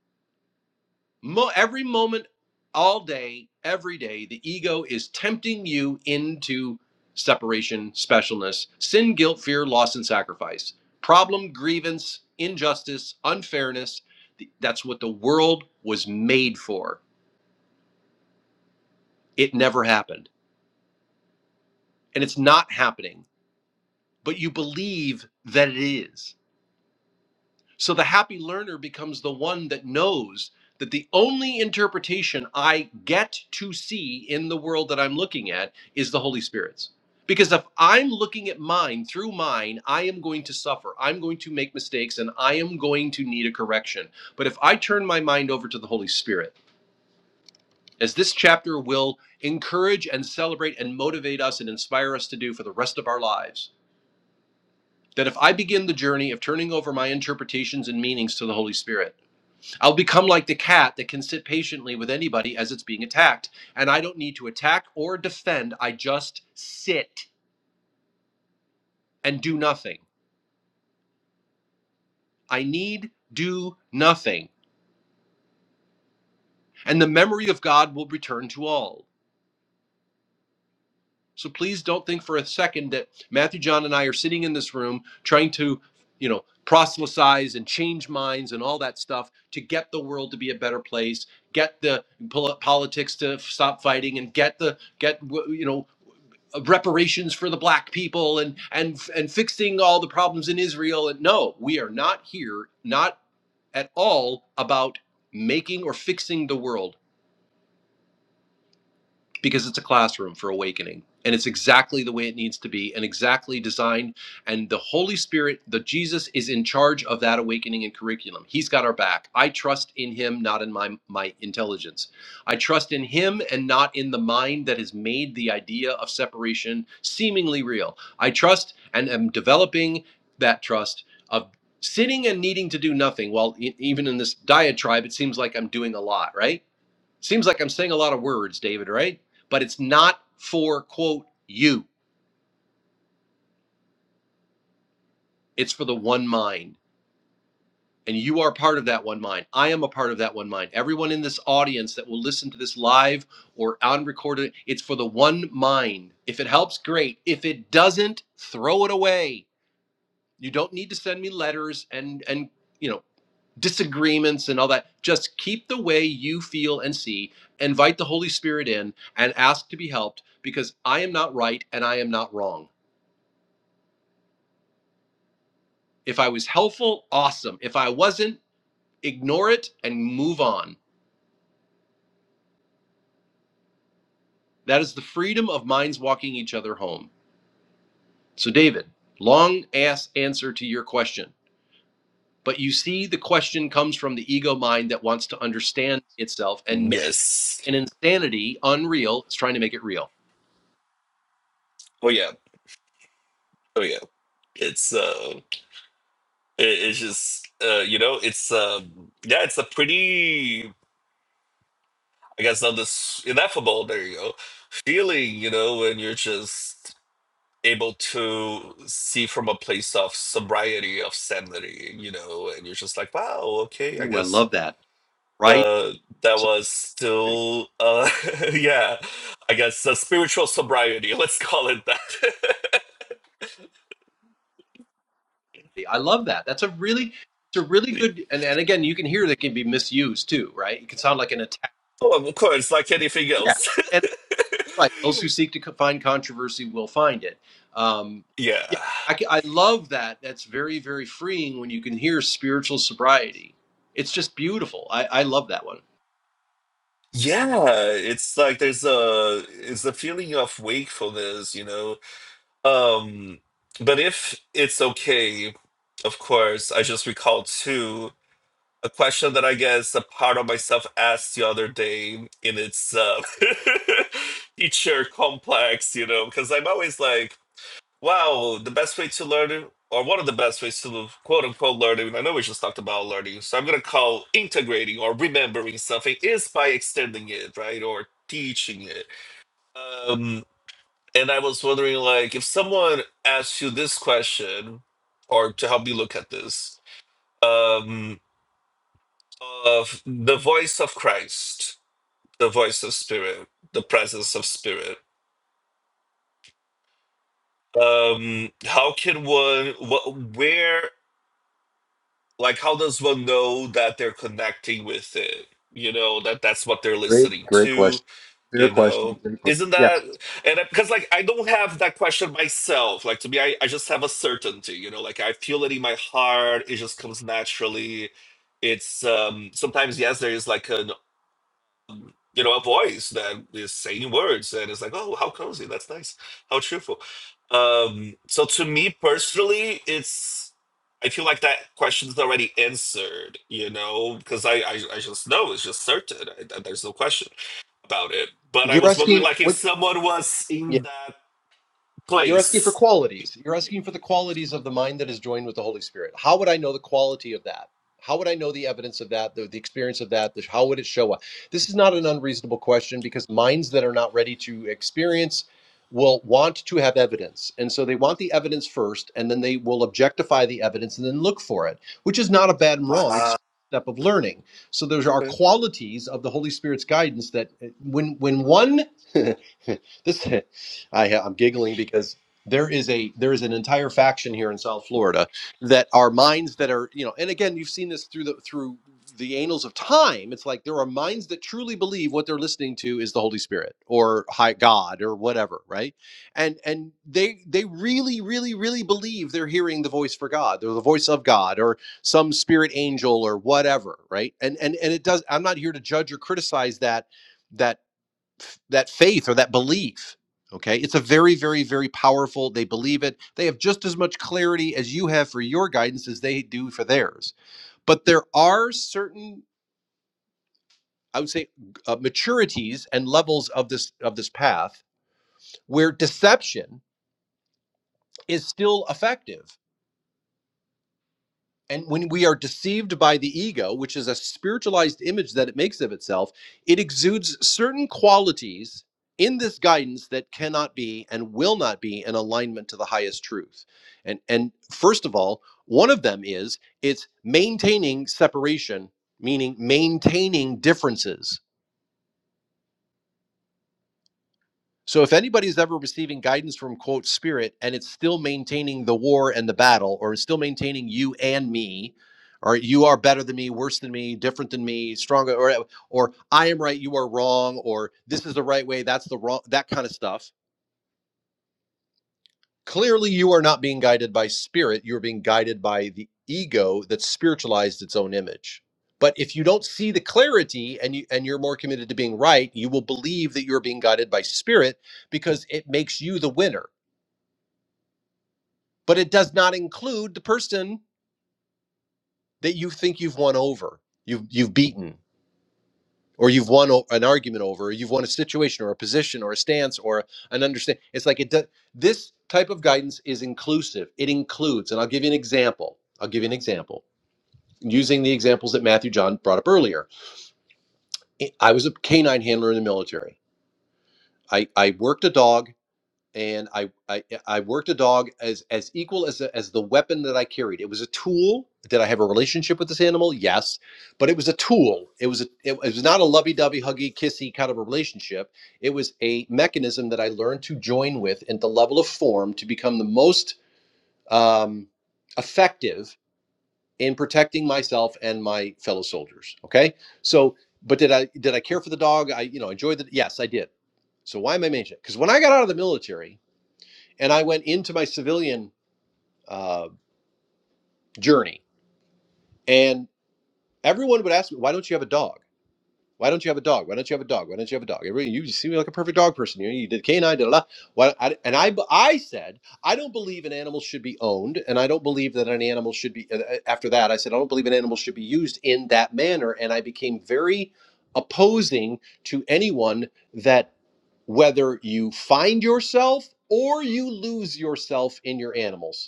S1: mo- every moment, all day, every day, the ego is tempting you into separation, specialness, sin, guilt, fear, loss, and sacrifice, problem, grievance, injustice, unfairness. Th- That's what the world was made for. It never happened, and it's not happening, but you believe that it is. So the happy learner becomes the one that knows that the only interpretation I get to see in the world that I'm looking at is the Holy Spirit's. Because if I'm looking at mine through mine, I am going to suffer. I'm going to make mistakes and I am going to need a correction. But if I turn my mind over to the Holy Spirit, as this chapter will encourage and celebrate and motivate us and inspire us to do for the rest of our lives, that if I begin the journey of turning over my interpretations and meanings to the Holy Spirit, I'll become like the cat that can sit patiently with anybody as it's being attacked, and I don't need to attack or defend. I just sit and do nothing. I need do nothing, and the memory of God will return to all. So please don't think for a second that Matthew John and I are sitting in this room trying to, you know, proselytize and change minds and all that stuff to get the world to be a better place, get the pol- politics to stop fighting and get the get you know reparations for the black people and and and fixing all the problems in Israel and no we are not here not at all about making or fixing the world because it's a classroom for awakening and it's exactly the way it needs to be and exactly designed and the holy spirit the jesus is in charge of that awakening and curriculum he's got our back i trust in him not in my my intelligence i trust in him and not in the mind that has made the idea of separation seemingly real i trust and am developing that trust of sitting and needing to do nothing Well, e- even in this diatribe it seems like i'm doing a lot right Seems like I'm saying a lot of words, David, right? But it's not for, quote, you. It's for the one mind. And you are part of that one mind. I am a part of that one mind. Everyone in this audience that will listen to this live or unrecorded, it's for the one mind. If it helps, great. If it doesn't, throw it away. You don't need to send me letters and and you know disagreements and all that. Just keep the way you feel and see. Invite the Holy Spirit in and ask to be helped because I am not right and I am not wrong. If I was helpful, awesome. If I wasn't, ignore it and move on. That is the freedom of minds walking each other home. So, David, long ass answer to your question. But you see, the question comes from the ego mind that wants to understand itself and make
S3: Yes.
S1: an insanity unreal. It's trying to make it real.
S3: Oh yeah. Oh yeah. It's uh it, it's just uh you know, it's um yeah, it's a pretty I guess not this ineffable, there you go, feeling, you know, when you're just able to see from a place of sobriety, of sanity, you know, and you're just like, wow, okay, I
S1: Ooh, I
S3: guess
S1: love that. Right?
S3: uh that
S1: So
S3: was still uh <laughs> yeah, I guess a spiritual sobriety, <laughs> let's call it that.
S1: I love that. That's a really it's a really
S3: <laughs>
S1: good and, and again you can hear that can be misused too, right? It can sound like an attack.
S3: Oh, of course, like anything
S1: Yeah.
S3: else.
S1: And right, those who
S3: <laughs>
S1: seek to co- find controversy will find it. Um, yeah,
S3: yeah.
S1: I, c- I love that. That's very very freeing when you can hear spiritual sobriety. It's just beautiful. I, I love that one.
S3: Yeah, it's like there's a it's a feeling of wakefulness, you know. Um but if it's okay, of course, I just recalled too a question that I guess a part of myself asked the other day in its uh <laughs> teacher complex, you know, because I'm always like Wow, the best way to learn, or one of the best ways to quote unquote learning, I know we just talked about learning, so I'm going to call integrating or remembering something is by extending it, right? Or teaching it. Um, and I was wondering, like, if someone asks you this question, or to help you look at this, um, of the voice of Christ, the voice of Spirit, the presence of Spirit. Um, how can one, what, where? Like, how does one know that they're connecting with it? You know, that that's what they're
S1: Great,
S3: listening
S1: great
S3: to,
S1: question. Fair
S3: you
S1: question.
S3: know?
S1: Great question.
S3: Isn't
S1: Yeah.
S3: that, and because like I don't have that question myself. Like, to me, I, I just have a certainty, you know, like I feel it in my heart, it just comes naturally. It's um sometimes, yes, there is like a you know, a voice that is saying words and it's like, oh, how cozy, that's nice, how cheerful. Um, so to me personally, it's I feel like that question is already answered, you know, because I, I I just know it's just certain. I, there's no question about it. But I
S1: You're
S3: was wondering,
S1: asking
S3: like, if
S1: what?
S3: someone was in that
S1: You're asking for
S3: place,
S1: qualities. You're asking for the qualities of the mind that is joined with the Holy Spirit. How would I know the quality of that? How would I know the evidence of that, the, the experience of that? The, how would it show up? This is not an unreasonable question because minds that are not ready to experience will want to have evidence. And so they want the evidence first, and then they will objectify the evidence and then look for it, which is not a bad and wrong. It's
S3: wow,
S1: a step of learning. So there are qualities of the Holy Spirit's guidance that uh, when when one <laughs> this I ha- I'm giggling because there is a there is an entire faction here in South Florida that are minds that are you know, and again, you've seen this through the through the annals of time. It's like there are minds that truly believe what they're listening to is the Holy Spirit or High God or whatever, right? And and they they really really really believe they're hearing the voice for God, or the voice of God, or some spirit angel or whatever, right? And and and it does. I'm not here to judge or criticize that that that faith or that belief okay it's a very very very powerful they believe it they have just as much clarity as you have for your guidance as they do for theirs but there are certain i would say uh, maturities and levels of this of this path where deception is still effective And when we are deceived by the ego, which is a spiritualized image that it makes of itself, it exudes certain qualities in this guidance that cannot be and will not be in alignment to the highest truth. And and first of all, one of them is it's maintaining separation, meaning maintaining differences So if anybody's ever receiving guidance from quote spirit and it's still maintaining the war and the battle, or it's still maintaining you and me, or you are better than me, worse than me, different than me, stronger, or uh, or I am right, you are wrong, or this is the right way, that's the wrong, that kind of stuff. Clearly, you are not being guided by spirit. You're being guided by the ego that spiritualized its own image. But if you don't see the clarity and you and you're more committed to being right, you will believe that you're being guided by spirit because it makes you the winner but it does not include the person that you think you've won over, you've you've beaten, or you've won o- an argument over, or you've won a situation, or a position, or a stance, or an understand. It's like it does. This type of guidance is inclusive. It includes, and I'll give you an example. I'll give you an example using the examples that Matthew John brought up earlier. I I was a canine handler in the military. I, I worked a dog and I, I I worked a dog as as equal as a, as the weapon that I carried. It was a tool. Did I have a relationship with this animal? Yes, but it was a tool. It was a it was not a lovey-dovey, huggy, kissy kind of a relationship. It was a mechanism that I learned to join with at the level of form to become the most um, effective in protecting myself and my fellow soldiers. Okay, so but did I did I care for the dog? I you know enjoyed it. Yes, I did. So why am I mentioning it? Because when I got out of the military and I went into my civilian uh, journey, and everyone would ask me, "Why don't you have a dog? Why don't you have a dog? Why don't you have a dog? Why don't you have a dog?" Everybody, you seem like a perfect dog person. You, you did canine, da da. da." Why, I, and I, I said, I don't believe an animal should be owned, and I don't believe that an animal should be. uh, uh, After that, I said, I don't believe an animal should be used in that manner, and I became very opposing to anyone that whether you find yourself or you lose yourself in your animals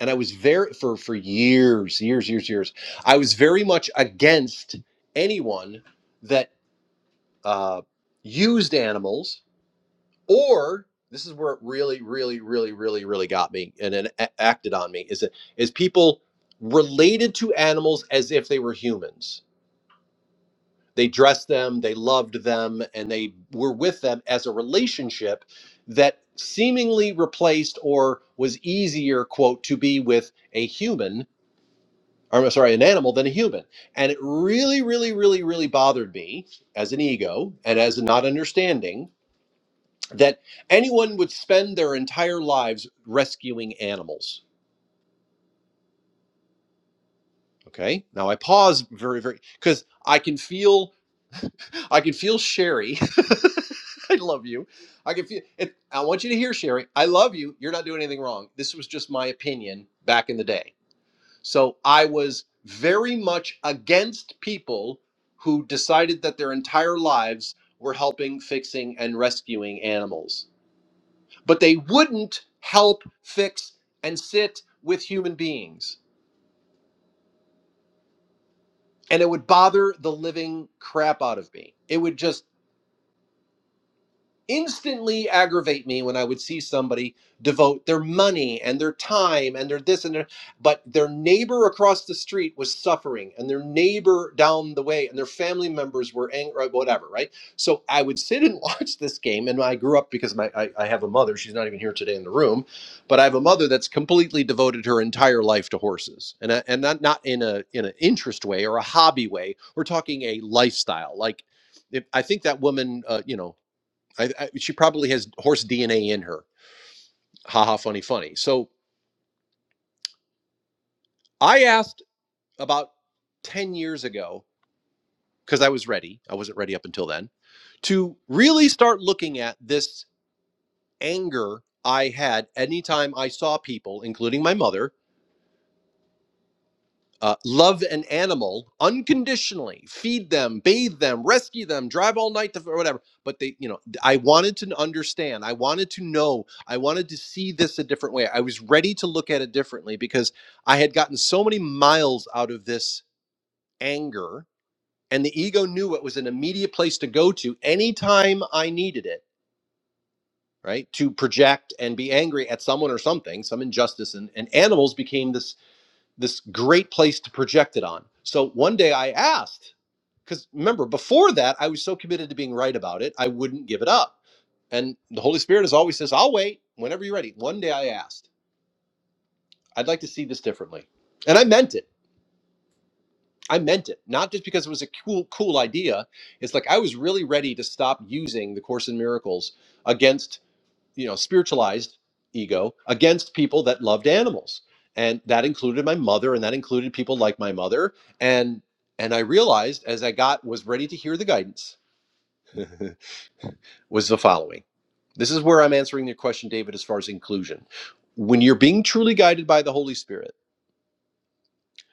S1: and I was very for for years, years, years, years. I was very much against anyone that uh, used animals, or this is where it really, really, really, really, really got me and then a- acted on me is that is people related to animals as if they were humans. They dressed them, they loved them, and they were with them as a relationship that seemingly replaced or was easier, quote, to be with a human I'm sorry, an animal than a human. And it really, really, really, really bothered me as an ego and as a not understanding that anyone would spend their entire lives rescuing animals. Okay. Now I pause very, very because I can feel I can feel Sherry. <laughs> I love you. I can feel it. I want you to hear Sherry. I love you. You're not doing anything wrong. This was just my opinion back in the day So I was very much against people who decided that their entire lives were helping, fixing, and rescuing animals. But they wouldn't help, fix, and sit with human beings. And it would bother the living crap out of me. It would just instantly aggravate me when I would see somebody devote their money and their time and their this and their but their neighbor across the street was suffering and their neighbor down the way and their family members were angry whatever right so I would sit and <laughs> watch this game and I grew up because my I, I have a mother she's not even here today in the room but I have a mother that's completely devoted her entire life to horses and I, and not not in a in an interest way or a hobby way we're talking a lifestyle like if, I think that woman, uh, you know. I, I, she probably has horse DNA in her. Ha ha, funny, funny. So I asked about 10 years ago, because I was ready, I wasn't ready up until then, to really start looking at this anger I had anytime I saw people, including my mother, uh, love an animal unconditionally, feed them, bathe them, rescue them, drive all night to or whatever. But they, you know, I wanted to understand. I wanted to know. I wanted to see this a different way. I was ready to look at it differently because I had gotten so many miles out of this anger, and the ego knew it was an immediate place to go to anytime I needed it. Right to project and be angry at someone or something, some injustice, and, and animals became this this great place to project it on. So one day I asked, because remember, before that, I was so committed to being right about it, I wouldn't give it up. And the Holy Spirit has always says, I'll wait whenever you're ready. One day I asked, I'd like to see this differently. And I meant it. I meant it, not just because it was a cool, cool idea. It's like I was really ready to stop using the Course in Miracles against you know spiritualized ego against people that loved animals and that included my mother and that included people like my mother and and i realized as i got was ready to hear the guidance <laughs> was the following this is where i'm answering your question david as far as inclusion when you're being truly guided by the holy spirit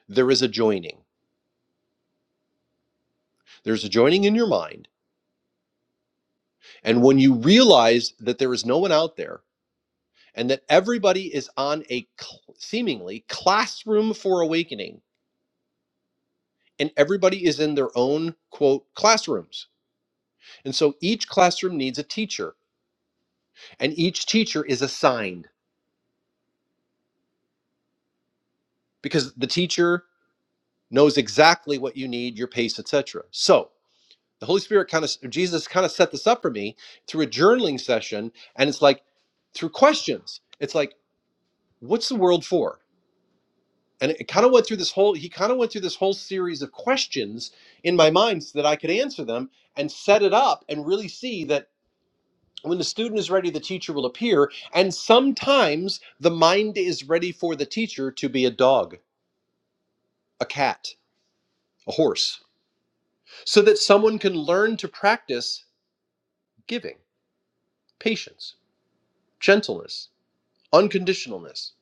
S1: there is a joining there's a joining in your mind and when you realize that there is no one out there and that everybody is on a cl- seemingly classroom for awakening and everybody is in their own quote classrooms. And so each classroom needs a teacher and each teacher is assigned because the teacher knows exactly what you need, your pace, etc. So, the Holy Spirit kind of Jesus kind of set this up for me through a journaling session and it's like through questions. It's like what's the world for? And it kind of went through this whole he kind of went through this whole series of questions in my mind so that I could answer them and set it up and really see that when the student is ready, the teacher will appear. And sometimes the mind is ready for the teacher to be a dog, a cat, a horse, so that someone can learn to practice giving, patience, gentleness, unconditionalness.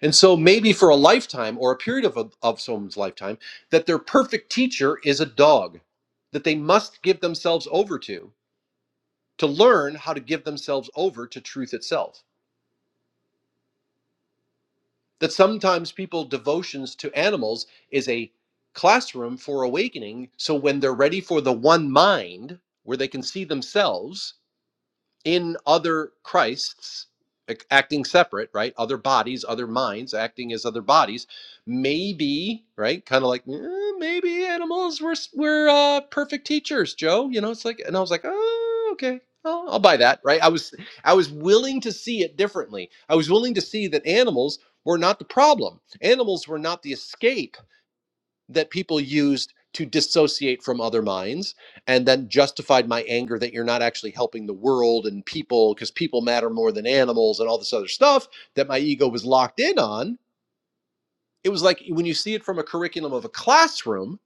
S1: And so maybe for a lifetime or a period of, a, of someone's lifetime, that their perfect teacher is a dog that they must give themselves over to to learn how to give themselves over to truth itself. that sometimes people devotions to animals is a classroom for awakening so when they're ready for the one mind where they can see themselves in other Christs acting separate, right? Other bodies, other minds acting as other bodies. Maybe, right? Kind of like "Eh, maybe animals were were uh, perfect teachers, Joe. You know, it's like, and I was like, oh, okay. I'll I'll buy that, right? I was I was willing to see it differently. I was willing to see that animals were not the problem. Animals were not the escape that people used to dissociate from other minds and then justified my anger that you're not actually helping the world and people because people matter more than animals and all this other stuff that my ego was locked in on. It was like when you see it from a curriculum of a classroom,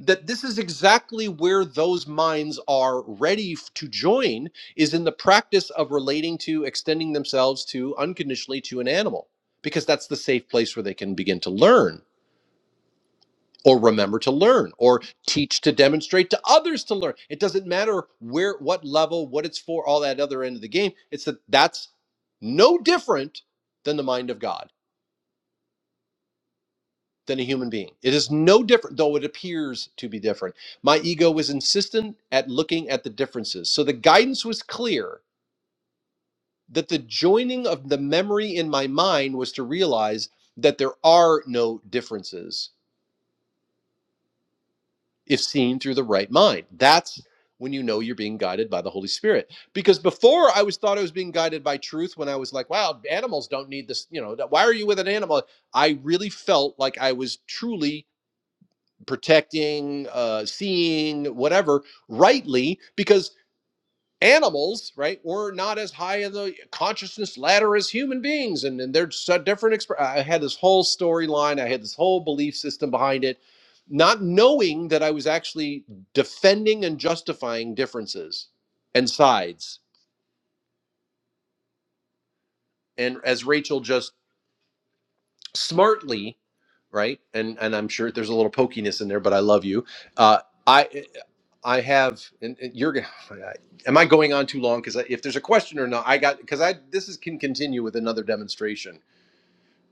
S1: that this is exactly where those minds are ready to join is in the practice of relating to extending themselves to unconditionally to an animal because that's the safe place where they can begin to learn or remember to learn or teach to demonstrate to others to learn it doesn't matter where what level what it's for all that other end of the game it's that that's no different than the mind of god than a human being it is no different though it appears to be different my ego was insistent at looking at the differences so the guidance was clear that the joining of the memory in my mind was to realize that there are no differences if seen through the right mind. That's when you know you're being guided by the Holy Spirit. Because before I was thought I was being guided by truth when I was like, wow, animals don't need this, you know, why are you with an animal? I really felt like I was truly protecting, uh, seeing, whatever, rightly, because animals, right, we're not as high in the consciousness ladder as human beings, and, and they're so different. Exp- I had this whole storyline, I had this whole belief system behind it, not knowing that I was actually defending and justifying differences and sides. And as Rachel just smartly, right, and and I'm sure there's a little pokiness in there, but I love you. Uh, I I have, and, and you're gonna. <laughs> Am I going on too long? Because if there's a question or not, I got because I this is can continue with another demonstration,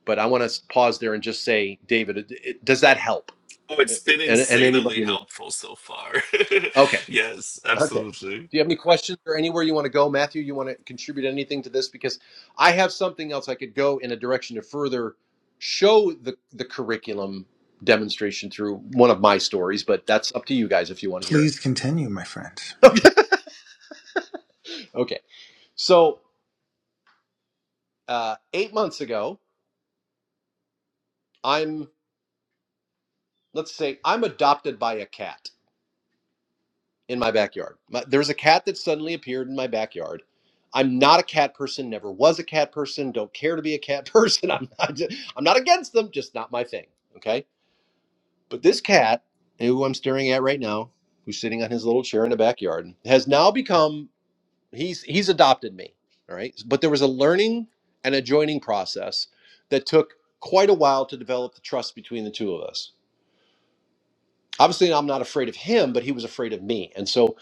S1: but I want to pause there and just say, David, it, it- does that help?
S3: Oh,
S1: Uh,
S3: it's been
S1: And, and anybody
S3: insanely
S1: in here?
S3: helpful so far. <laughs>
S1: Okay.
S3: yes,
S1: Okay.
S3: absolutely.
S1: Do you have any questions or anywhere you want to go, Matthew? You want to contribute anything to this because I have something else I could go in a direction to further show the the curriculum demonstration through one of my stories, but that's up to you guys if you want to hear
S2: Please continue, my friend.
S1: it. <laughs> okay. So. uh, eight months ago, I'm let's say I'm adopted by a cat in my backyard. My, there was a cat that suddenly appeared in my backyard. I'm not a cat person. Never was a cat person. Don't care to be a cat <laughs> person. I'm not. I'm not against them. Just not my thing. Okay. But this cat, who I'm staring at right now, who's sitting on his little chair in the backyard, has now become he's he's adopted me. All right. But there was a learning and a joining process that took quite a while to develop the trust between the two of us Obviously, I'm not afraid of him, but he was afraid of me. And so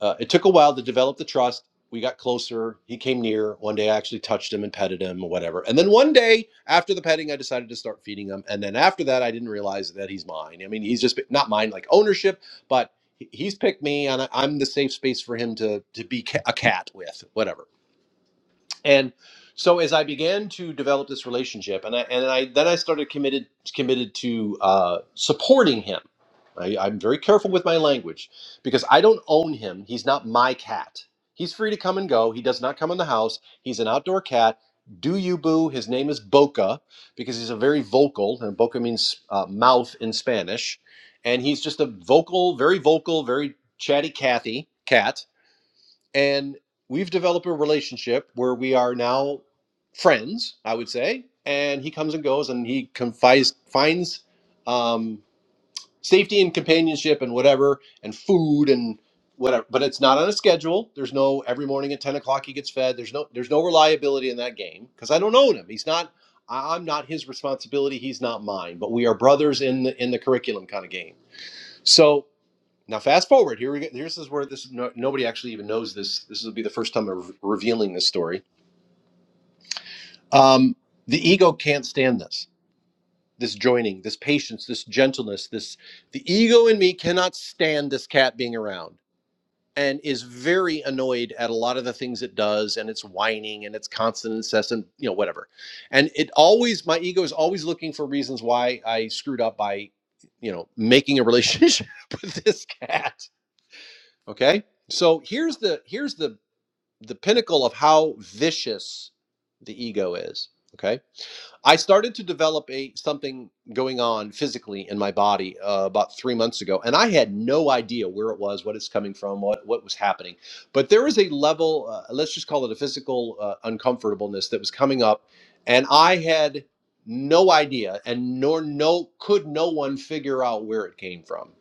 S1: uh, it took a while to develop the trust. We got closer. He came near. One day I actually touched him and petted him or whatever. And then one day after the petting, I decided to start feeding him. And then after that, I didn't realize that he's mine. I mean, he's just not mine, like ownership, but he- he's picked me and I- I'm the safe space for him to, to be ca- a cat with, whatever. And so as I began to develop this relationship, and I and I then I started committed committed to uh, supporting him. I, I'm very careful with my language because I don't own him. He's not my cat. He's free to come and go. He does not come in the house. He's an outdoor cat. Do you boo? His name is Boca because he's a very vocal, and Boca means uh, mouth in Spanish. And he's just a vocal, very vocal, very chatty Cathy cat and we've developed a relationship where we are now friends i would say and he comes and goes and he confides finds um, safety and companionship and whatever and food and whatever but it's not on a schedule there's no every morning at 10 o'clock he gets fed there's no there's no reliability in that game because i don't own him he's not I- i'm not his responsibility he's not mine but we are brothers in the in the curriculum kind of game so now, fast forward. Here we go. Here's is where this no, nobody actually even knows this. This will be the first time I'm re- revealing this story. Um, the ego can't stand this. This joining, this patience, this gentleness, this the ego in me cannot stand this cat being around and is very annoyed at a lot of the things it does and it's whining and it's constant incessant you know whatever and it always my ego is always looking for reasons why i screwed up by you know making a relationship <laughs> with this cat Okay? So here's the here's the the pinnacle of how vicious the ego is. Okay? I started to develop a something going on physically in my body uh, about 3 months ago and I had no idea where it was, what it's coming from, what what was happening. But there was a level uh, let's just call it a physical uh, uncomfortableness that was coming up and I had no idea and nor no could no one figure out where it came from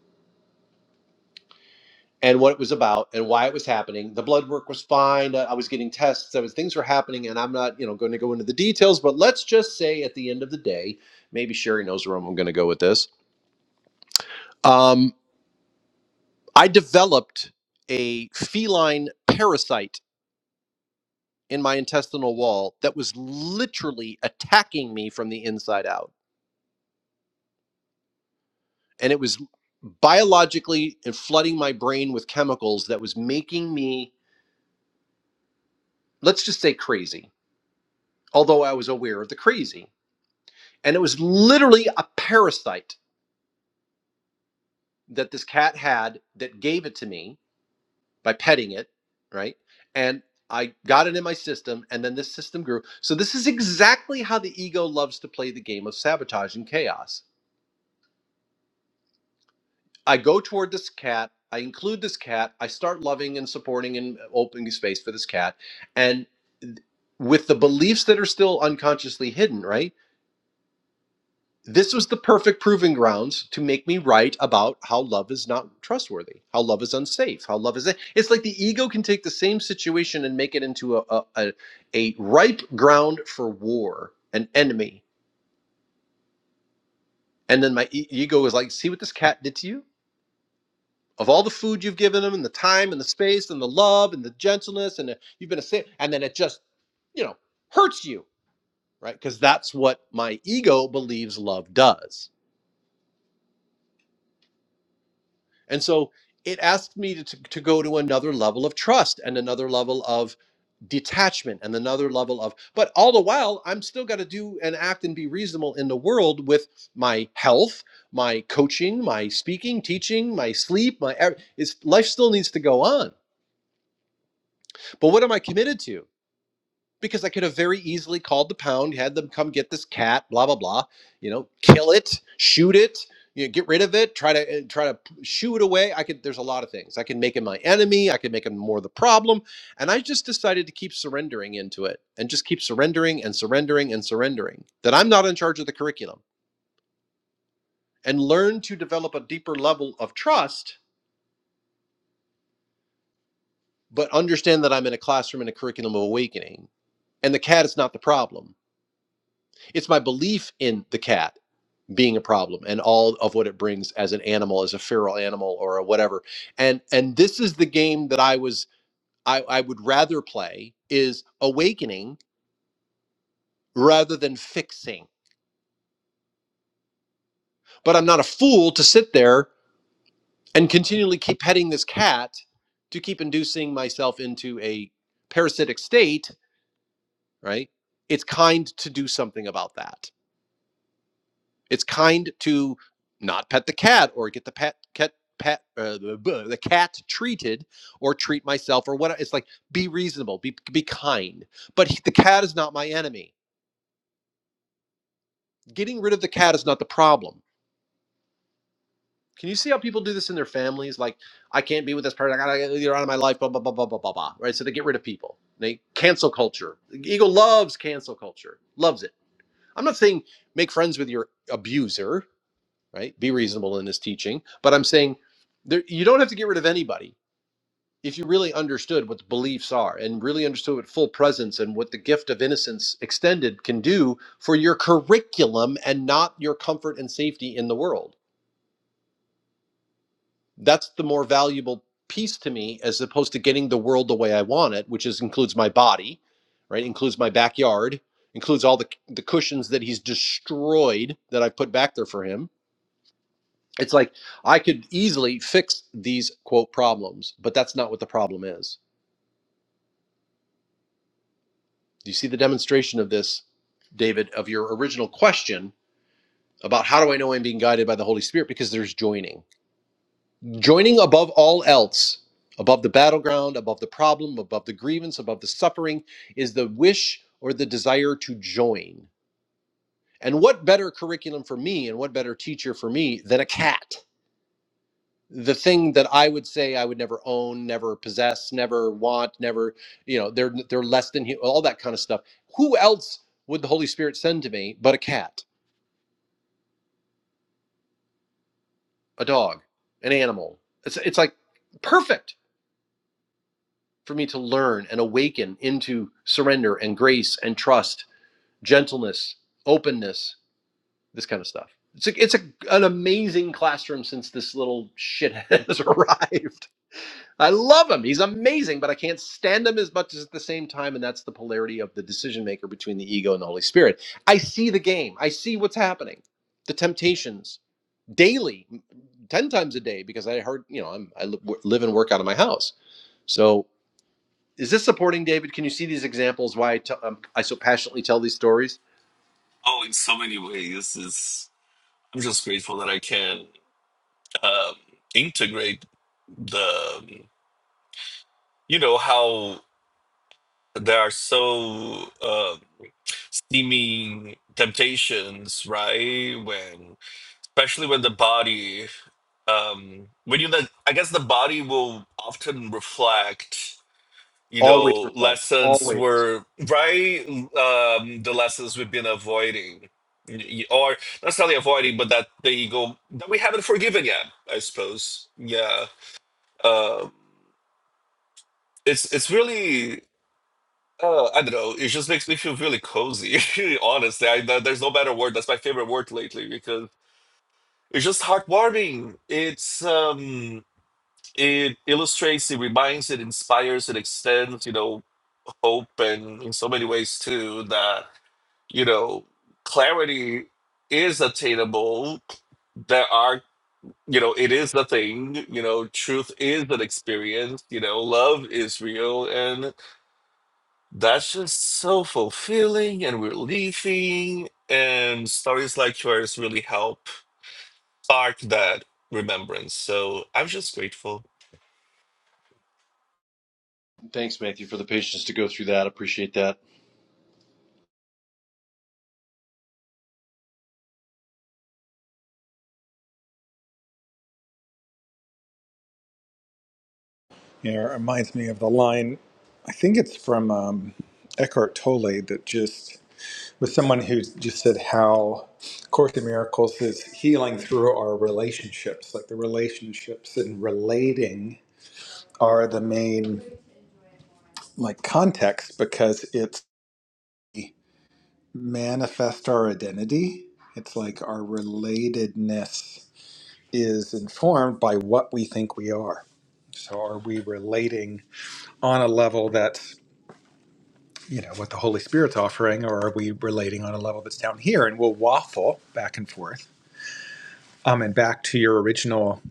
S1: and what it was about and why it was happening. The blood work was fine. I was getting tests. I was things were happening, and I'm not, you know, going to go into the details. But let's just say at the end of the day, maybe Sherry knows where I'm going to go with this. Um, I developed a feline parasite in my intestinal wall that was literally attacking me from the inside out, and it was biologically and flooding my brain with chemicals that was making me, let's just say, crazy. Although I was aware of the crazy And it was literally a parasite that this cat had that gave it to me by petting it, right? And I got it in my system, and then this system grew. So, this is exactly how the ego loves to play the game of sabotage and chaos. I go toward this cat, I include this cat, I start loving and supporting and opening space for this cat. And with the beliefs that are still unconsciously hidden, right? this was the perfect proving grounds to make me write about how love is not trustworthy, how love is unsafe, how love is. It's like the ego can take the same situation and make it into a a, a, a ripe ground for war, an enemy, and then my e- ego is like, see what this cat did to you. Of all the food you've given him, and the time, and the space, and the love, and the gentleness, and the, you've been a saint, and then it just, you know, hurts you, right? Because that's what my ego believes love does And so it asked me to, to, to go to another level of trust and another level of detachment and another level of, but all the while, I'm still got to do and act and be reasonable in the world with my health, my coaching, my speaking, teaching, my sleep, my, ev- it's, life still needs to go on. But what am I committed to? because I could have very easily called the pound, had them come get this cat, blah blah blah. You know, kill it, shoot it, you know, get rid of it, try to uh, try to shoo it away. I could. There's a lot of things I can make him my enemy. I can make him more the problem, and I just decided to keep surrendering into it and just keep surrendering and surrendering and surrendering that I'm not in charge of the curriculum and learn to develop a deeper level of trust, but understand that I'm in a classroom in a curriculum of awakening. And the cat is not the problem. It's my belief in the cat being a problem and all of what it brings as an animal as a feral animal or a whatever and and this is the game that i was i i would rather play is awakening rather than fixing but i'm not a fool to sit there and continually keep petting this cat to keep inducing myself into a parasitic state right it's kind to do something about that It's kind to not pet the cat or get the pet cat pet uh, the the cat treated or treat myself or what it's like be reasonable be be kind but he- the cat is not my enemy getting rid of the cat is not the problem can you see how people do this in their families like i can't be with this person i gotta get out of my life blah blah blah blah blah blah blah right so they get rid of people they cancel culture the ego loves cancel culture loves it i'm not saying make friends with your abuser right? Be reasonable in his teaching. But I'm saying there, you don't have to get rid of anybody if you really understood what the beliefs are and really understood what full presence and what the gift of innocence extended can do for your curriculum and not your comfort and safety in the world. That's the more valuable piece to me as opposed to getting the world the way I want it, which is includes my body, right? Includes my backyard, includes all the the cushions that he's destroyed that I put back there for him It's like I could easily fix these quote problems, but that's not what the problem is. Do you see the demonstration of this, David, of your original question about how do I know I'm being guided by the Holy Spirit? Because there's joining. Joining above all else, above the battleground, above the problem, above the grievance, above the suffering, is the wish or the desire to join. And what better curriculum for me and what better teacher for me than a cat? the thing that I would say I would never own, never possess, never want, never, you know, they're they're less than hu- all that kind of stuff. Who else would the Holy Spirit send to me but a cat, a dog, an animal? It's it's like perfect for me to learn and awaken into surrender and grace and trust, gentleness, openness, this kind of stuff. It's a, it's a, an amazing classroom since this little shithead <laughs> has arrived. I love him. He's amazing, but I can't stand him as much as at the same time. And that's the polarity of the decision maker between the ego and the Holy Spirit. I see the game, I see what's happening, the temptations daily, 10 times a day, because I heard, you know, I'm, I live and work out of my house. So is this supporting David? Can you see these examples why I t- um, I so passionately tell these stories?
S3: Oh, in so many ways, it's, I'm just grateful that I can. um, integrate the you know how there are so uh, seeming temptations right when especially when the body um when you let i guess the body will often reflect you
S1: Always
S3: know
S1: reflect,
S3: lessons
S1: always.
S3: were right um the lessons we've been avoiding Y- or not necessarily avoiding but that the ego that we haven't forgiven yet i suppose yeah Um it's it's really uh, I don't know. It just makes me feel really cozy. <laughs> Honestly, I, there- there's no better word. That's my favorite word lately because it's just heartwarming. It's um, it illustrates, it reminds, it inspires, it extends. You know, hope and in so many ways too that you know clarity is attainable. There are you know it is the thing. You know, truth is an experience. You know, love is real, and. That's just so fulfilling and relieving. And stories like yours really help spark that remembrance. So I'm just grateful.
S1: Thanks, Matthew, for the patience to go through that. Appreciate that.
S2: Yeah, it reminds me of the line, I think it's from um, Eckhart Tolle that just with someone who just said how Course in Miracles is healing through our relationships. Like the relationships and relating are the main like context because it's manifest our identity. It's like our relatedness is informed by what we think we are. So are we relating on a level that's you know what the Holy Spirit's offering, or are we relating on a level that's down here? And we'll waffle back and forth Um, and back to your original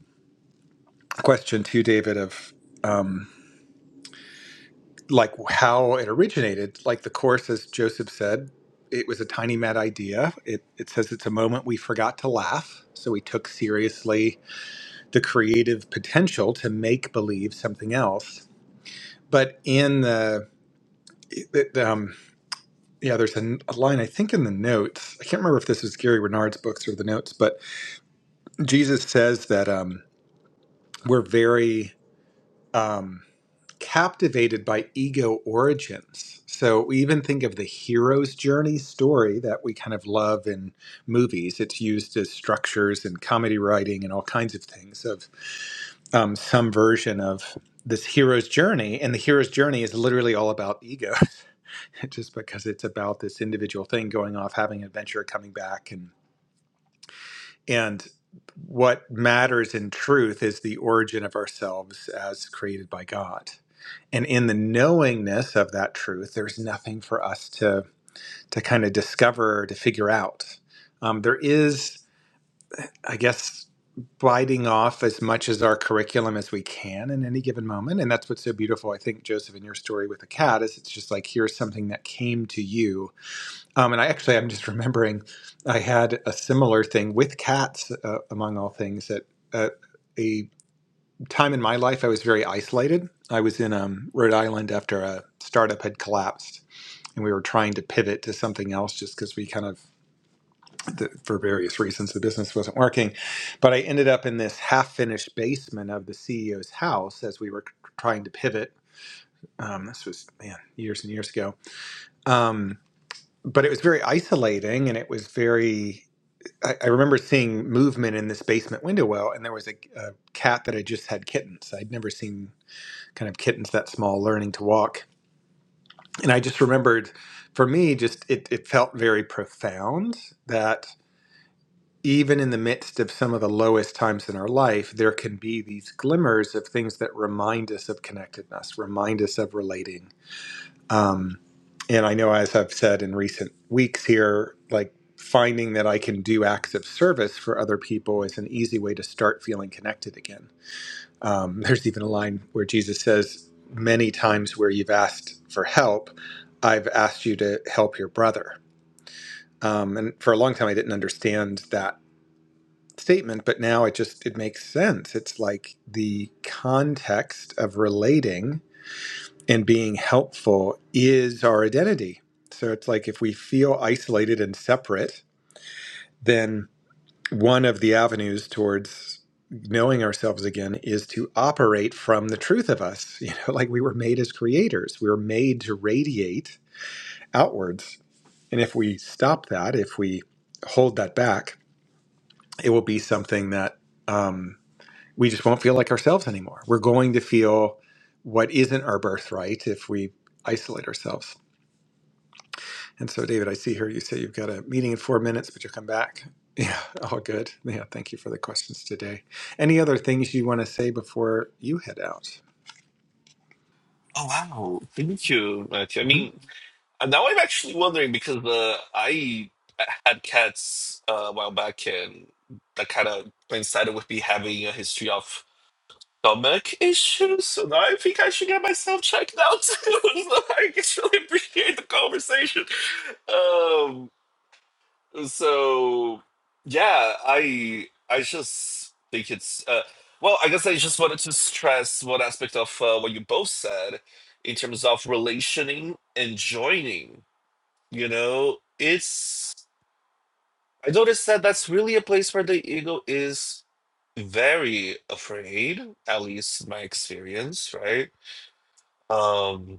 S2: question, too, David, of um, like how it originated. Like the course, as Joseph said, it was a tiny mad idea. It, it says it's a moment we forgot to laugh. So we took seriously the creative potential to make believe something else. But in the, it, um, yeah, there's a, a line, I think, in the notes. I can't remember if this is Gary Renard's books or the notes, but Jesus says that um, we're very. um, captivated by ego origins. So we even think of the hero's journey story that we kind of love in movies. It's used as structures and comedy writing and all kinds of things of um, some version of this hero's journey. And the hero's journey is literally all about ego, <laughs> just because it's about this individual thing going off, having an adventure, coming back, and and what matters in truth is the origin of ourselves as created by God and in the knowingness of that truth there's nothing for us to to kind of discover to figure out um, there is i guess biting off as much as our curriculum as we can in any given moment and that's what's so beautiful i think joseph in your story with the cat is it's just like here's something that came to you um, and i actually i'm just <laughs> remembering i had a similar thing with cats uh, among all things that. a time in my life, I was very isolated. I was in um, Rhode Island after a startup had collapsed, and we were trying to pivot to something else just because we kind of, the, for various reasons, the business wasn't working. But I ended up in this half finished basement of the CEO's house as we were c- trying to pivot. Um, this was, man, years and years ago. Um, but it was very isolating and it was very. I I remember seeing movement in this basement window well, and there was a, a cat that had just had kittens. I'd never seen kind of kittens that small learning to walk and i just remembered for me just it, it felt very profound that even in the midst of some of the lowest times in our life there can be these glimmers of things that remind us of connectedness remind us of relating um, and i know as i've said in recent weeks here like finding that i can do acts of service for other people is an easy way to start feeling connected again um, <laughs> there's even a line where Jesus says, Many times where you've asked for help, I've asked you to help your brother. Um, and for a long time, I didn't understand that statement, but now it just it makes sense. It's like the context of relating and being helpful is our identity. So it's like if we feel isolated and separate, then one of the avenues towards knowing ourselves again is to operate from the truth of us <laughs> you know like we were made as creators we were made to radiate outwards and if we stop that if we hold that back it will be something that um, we just won't feel like ourselves anymore we're going to feel what isn't our birthright if we isolate ourselves And so, David, I see here you say you've got a meeting in four minutes, but you'll come back. <laughs> Yeah, all good. Yeah, thank you for the questions today. Any other things you want to say before you head out?
S3: Oh, wow. Thank you, Matthew. I
S2: hmm
S3: mean, and now I'm actually wondering because uh, I had cats uh, a while back and that kind of coincided with me having a history of stomach issues. So now I think I should get myself checked out <laughs> too. so I just really appreciate the conversation. Um, Uh, So yeah, I I just think it's uh, well, I guess I just wanted to stress one aspect of uh, what you both said in terms of relationing and joining. You know, it's I noticed that that's really a place where the ego is very afraid, at least my experience, right? Um,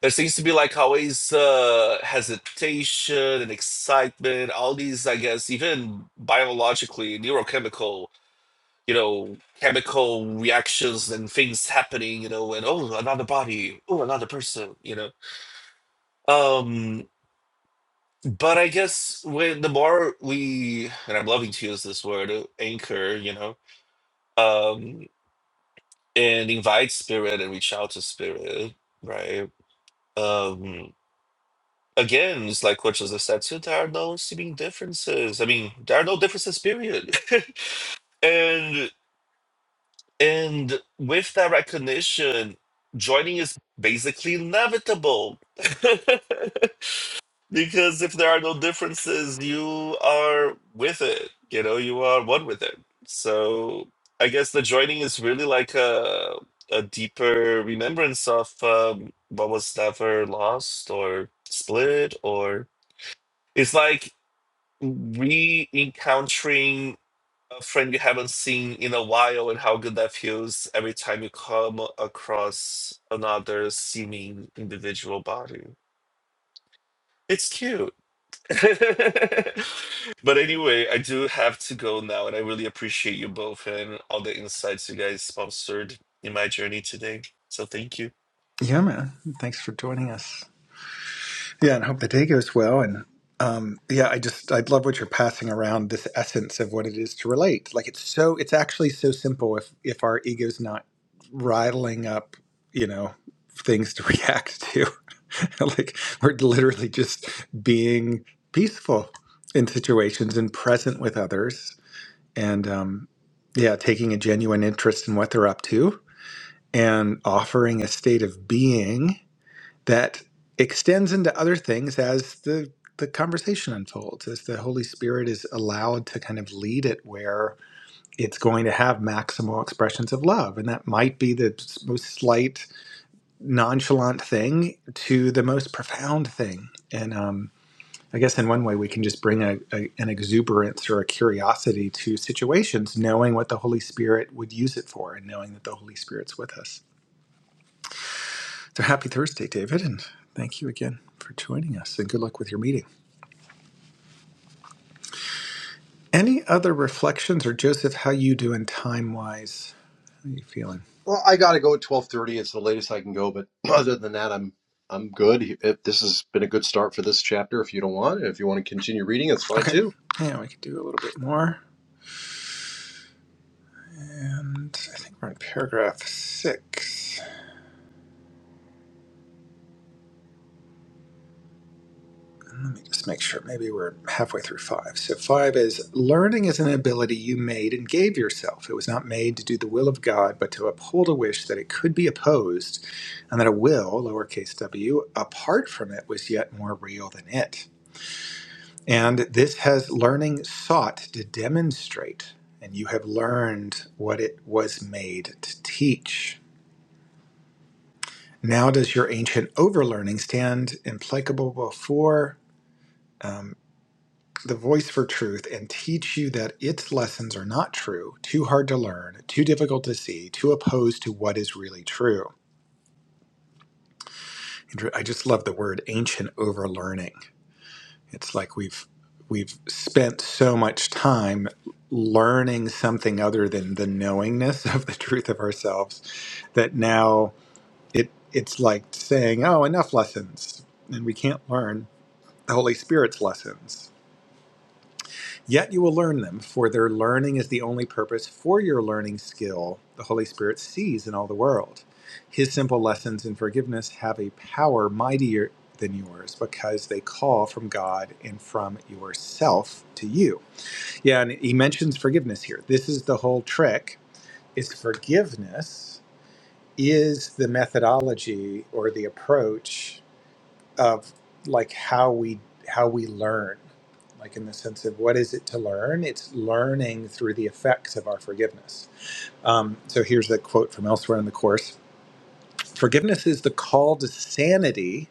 S3: there seems to be like always uh, hesitation and excitement all these i guess even biologically neurochemical you know chemical reactions and things happening you know and oh another body oh another person you know um but i guess when the more we and i'm loving to use this word uh, anchor you know um and invite spirit and reach out to spirit right Um, Again, it's like what Joseph said too, there are no seeming differences. I mean, there are no differences, period. <laughs> and and with that recognition, joining is basically inevitable. <laughs> because if there are no differences, you are with it. You know, you are one with it. So I guess the joining is really like a a deeper remembrance of um, what was never lost or split or it's like re encountering a friend you haven't seen in a while and how good that feels every time you come across another seeming individual body. It's cute. <laughs> but anyway, I do have to go now, and I really appreciate you both and all the insights you guys sponsored in my journey today. So thank you.
S2: Yeah, man. Thanks for joining us. Yeah, and hope the day goes well. And um, yeah, I just I love what you're passing around this essence of what it is to relate. Like it's so it's actually so simple if if our ego's not rattling up, you know, things to <laughs> react to. <laughs> like we're literally just being peaceful in situations and present with others, and um, yeah, taking a genuine interest in what they're up to and offering a state of being that extends into other things as the the conversation unfolds as the holy spirit is allowed to kind of lead it where it's going to have maximal expressions of love and that might be the most slight nonchalant thing to the most profound thing and um I guess in one way we can just bring a, a, an exuberance or a curiosity to situations, knowing what the Holy Spirit would use it for, and knowing that the Holy Spirit's with us. So happy Thursday, David, and thank you again for joining us. And good luck with your meeting. Any other reflections, or Joseph, how you doing time wise? How you feeling?
S1: Well, I gotta go at twelve thirty. It's the latest I can go, but <clears throat> other than that, I'm I'm good. If this has been a good start for this chapter, if you don't want, if you want to continue reading, that's fine
S2: Okay,
S1: too.
S2: yeah, we could do a little bit more. And I think we're in paragraph six. Let me just make sure. Maybe we're halfway through five. So five is learning is an ability you made and gave yourself. It was not made to do the will of God, but to uphold a wish that it could be opposed, and that a will, lowercase w, apart from it, was yet more real than it. And this has learning sought to demonstrate, and you have learned what it was made to teach. Now does your ancient overlearning stand implacable before um, the voice for truth and teach you that its lessons are not true, too hard to learn, too difficult to see, too opposed to what is really true. And I just love the word ancient overlearning It's like we've we've spent so much time learning something other than the knowingness <laughs> of the truth of ourselves that now it it's like saying, "Oh, enough lessons," and we can't learn the Holy Spirit's lessons. Yet you will learn them, for their learning is the only purpose for your learning skill the Holy Spirit sees in all the world. His simple lessons in forgiveness have a power mightier than yours because they call from God and from yourself to you. Yeah, and he mentions forgiveness here. This is the whole trick is forgiveness is the methodology or the approach of like how we how we learn like in the sense of what is it to learn it's learning through the effects of our forgiveness um, so here's a quote from elsewhere in the course forgiveness is the call to sanity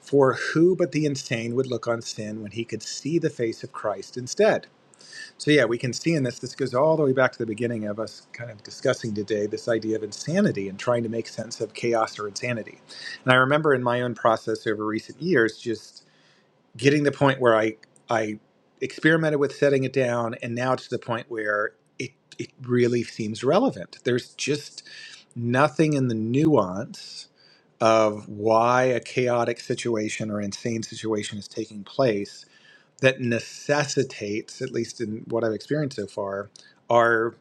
S2: for who but the insane would look on sin when he could see the face of christ instead so yeah we can see in this this goes all the way back to the beginning of us kind of discussing today this idea of insanity and trying to make sense of chaos or insanity and i remember in my own process over recent years just getting the point where I I experimented with setting it down, and now it's to the point where it it really seems relevant. There's just nothing in the nuance of why a chaotic situation or insane situation is taking place that necessitates, at least in what I've experienced so far, our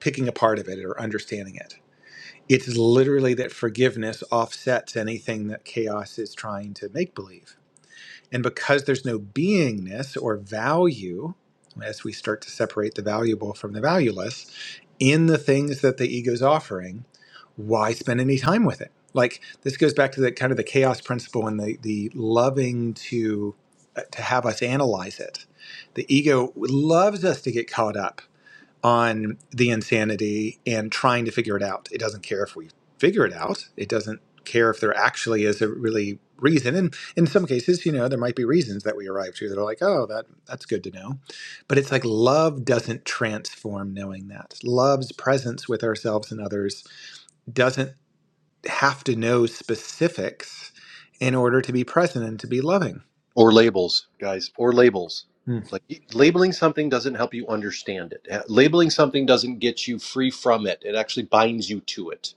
S2: picking apart of it or understanding it. It's literally that forgiveness offsets anything that chaos is trying to make believe and because there's no beingness or value, as we start to separate the valuable from the valueless in the things that the ego's offering, why spend any time with it? Like this goes back to the kind of the chaos principle and the the loving to uh, to have us analyze it. The ego loves us to get caught up on the insanity and trying to figure it out. It doesn't care if we figure it out. It doesn't care if there actually is a really reason. And in some cases, you know, there might be reasons that we arrive to that are like, oh, that that's good to know. But it's like love doesn't transform knowing that. Love's presence with ourselves and others doesn't have to know specifics in order to be present and to be loving.
S1: Or labels, guys, or labels. Like y- labeling something doesn't help you understand it. Uh, Labeling something doesn't get you free from it. It actually binds you to it.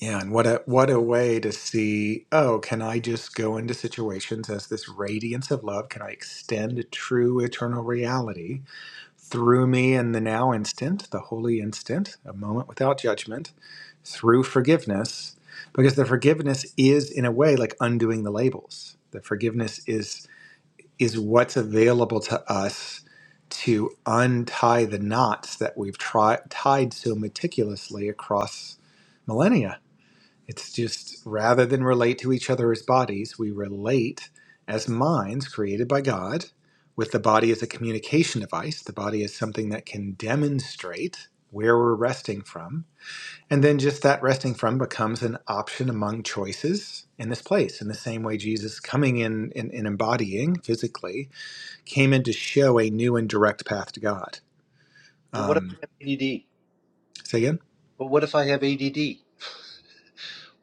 S2: Yeah, and what a what a way to see, oh, can I just go into situations as this radiance of love? Can I extend a true eternal reality through me in the now instant, the holy instant, a moment without judgment, through forgiveness? Because the forgiveness is in a way like undoing the labels. The forgiveness is is what's available to us to untie the knots that we've tried tied so meticulously across millennia it's just rather than relate to each other as bodies, we relate as minds created by God, with the body as a communication device. The body is something that can demonstrate where we're resting from. And then just that resting from becomes an option among choices in this place. In the same way, Jesus coming in and, embodying physically came in to show a new and direct path to God.
S1: Well, what
S2: Um,
S1: about ADD?
S2: say again?
S1: But what if I have ADD?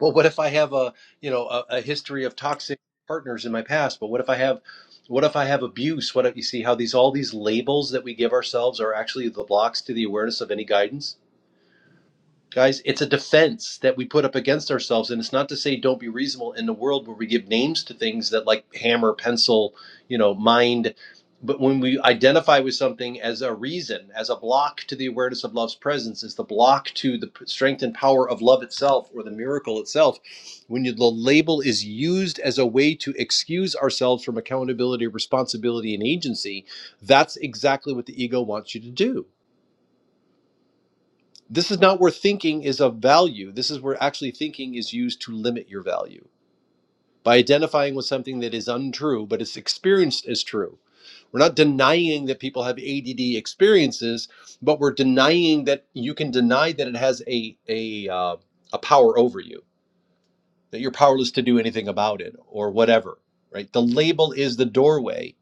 S1: Well, what if I have a you know a, a history of toxic partners in my past? But what if I have what if I have abuse? What if you see how these all these labels that we give ourselves are actually the blocks to the awareness of any guidance? Guys, it's a defense that we put up against ourselves. And it's not to say don't be reasonable in the world where we give names to things that like hammer, pencil, you know, mind. But when we identify with something as a reason, as a block to the awareness of love's presence, as the block to the strength and power of love itself or the miracle itself, when you, the label is used as a way to excuse ourselves from accountability, responsibility, and agency, that's exactly what the ego wants you to do this is not where thinking is of value. This is where actually thinking is used to limit your value by identifying with something that is untrue, but it's experienced as true. We're not denying that people have ADD experiences, but we're denying that you can deny that it has a a uh, a power over you, that you're powerless to do anything about it or whatever. Right? The label is the doorway.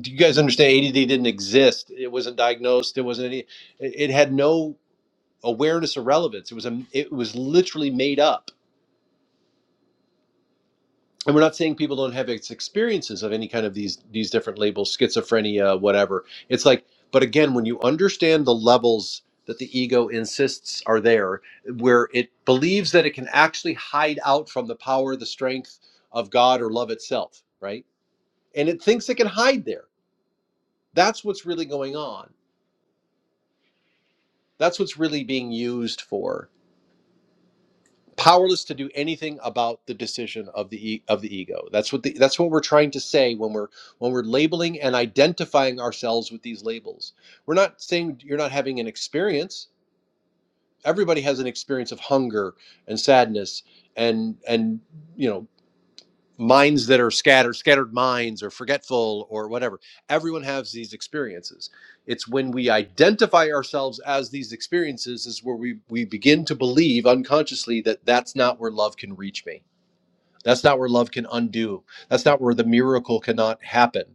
S1: Do you guys understand? ADD didn't exist. It wasn't diagnosed. It wasn't any. It it had no. awareness or relevance. It was a, it was literally made up. And we're not saying people don't have experiences of any kind of these these different labels, schizophrenia, whatever. It's like, but again, when you understand the levels that the ego insists are there, where it believes that it can actually hide out from the power, the strength of God or love itself, right? And it thinks it can hide there. That's what's really going on. That's what's really being used for powerless to do anything about the decision of the e- of the ego that's what the, that's what we're trying to say when we're when we're labeling and identifying ourselves with these labels we're not saying you're not having an experience everybody has an experience of hunger and sadness and and you know minds that are scattered scattered minds or forgetful or whatever everyone has these experiences it's when we identify ourselves as these experiences is where we we begin to believe unconsciously that that's not where love can reach me that's not where love can undo that's not where the miracle cannot happen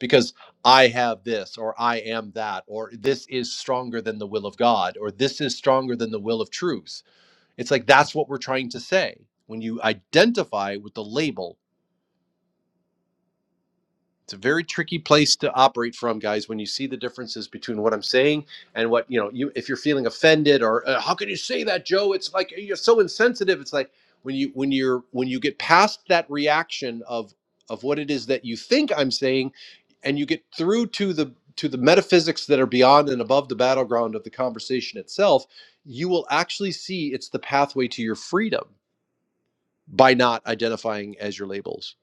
S1: because i have this or i am that or this is stronger than the will of god or this is stronger than the will of truth it's like that's what we're trying to say when you identify with the label it's a very tricky place to operate from guys when you see the differences between what i'm saying and what you know you if you're feeling offended or uh, how can you say that joe it's like uh, you're so insensitive it's like when you when you're when you get past that reaction of of what it is that you think i'm saying and you get through to the to the metaphysics that are beyond and above the battleground of the conversation itself you will actually see it's the pathway to your freedom by not identifying as your labels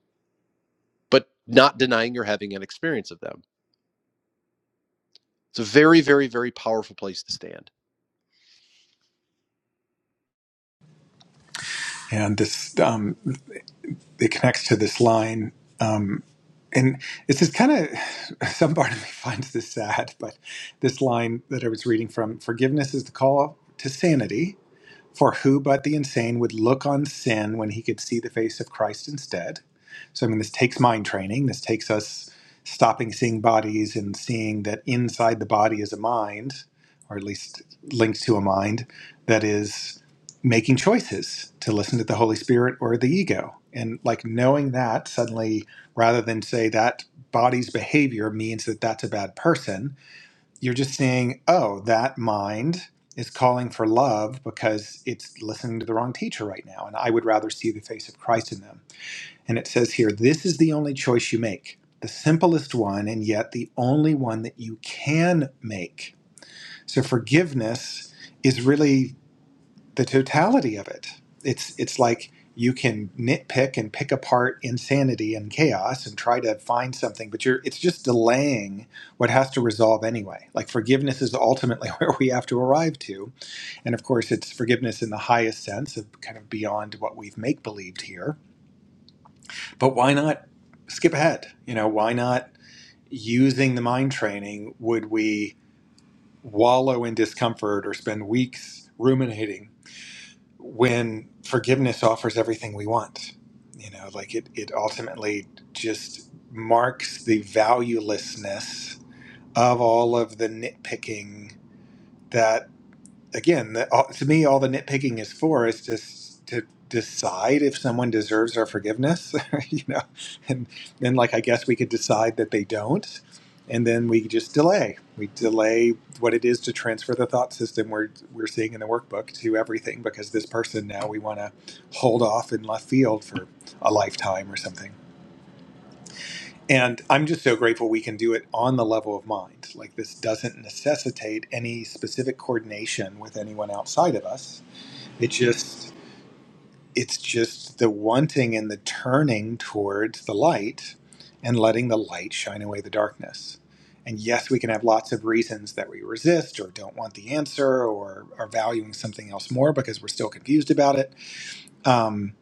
S1: but not denying you're having an experience of them It's a very, very, very powerful place to stand.
S2: And this. Um, it connects to this line. Um, and it's just kind of <sighs> some part of me <laughs> finds this sad, but this line that I was reading from forgiveness is the call to sanity. For who but the insane would look on sin when he could see the face of Christ instead? So, I mean, this takes mind training. This takes us stopping seeing bodies and seeing that inside the body is a mind, or at least linked to a mind, that is making choices to listen to the Holy Spirit or the ego. And like knowing that suddenly, rather than say that body's behavior means that that's a bad person, you're just seeing, oh, that mind is calling for love because it's listening to the wrong teacher right now. And I would rather see the face of Christ in them. And it says here, this is the only choice you make, the simplest one, and yet the only one that you can make. So forgiveness is really the totality of it. It's it's like you can nitpick and pick apart insanity and chaos and try to find something, but you're it's just delaying what has to resolve anyway. Like forgiveness is ultimately <laughs> where we have to arrive to, and of course, it's forgiveness in the highest sense of kind of beyond what we've make believed here. But why not skip ahead? You know, why not using the mind training? Would we wallow in discomfort or spend weeks ruminating? when forgiveness offers everything we want you know like it it ultimately just marks the valuelessness of all of the nitpicking again, the, all, to me, all the nitpicking is for is to s- to decide if someone deserves our forgiveness, <laughs> you know, and then like I guess we could decide that they don't, and then we just delay. We delay what it is to transfer the thought system we're we're seeing in the workbook to everything because this person now we want to hold off in left field for a lifetime or something. And I'm just so grateful we can do it on the level of mind. Like this doesn't necessitate any specific coordination with anyone outside of us it just it's just the wanting and the turning towards the light and letting the light shine away the darkness. And yes, we can have lots of reasons that we resist or don't want the answer or are valuing something else more because we're still confused about it. Um,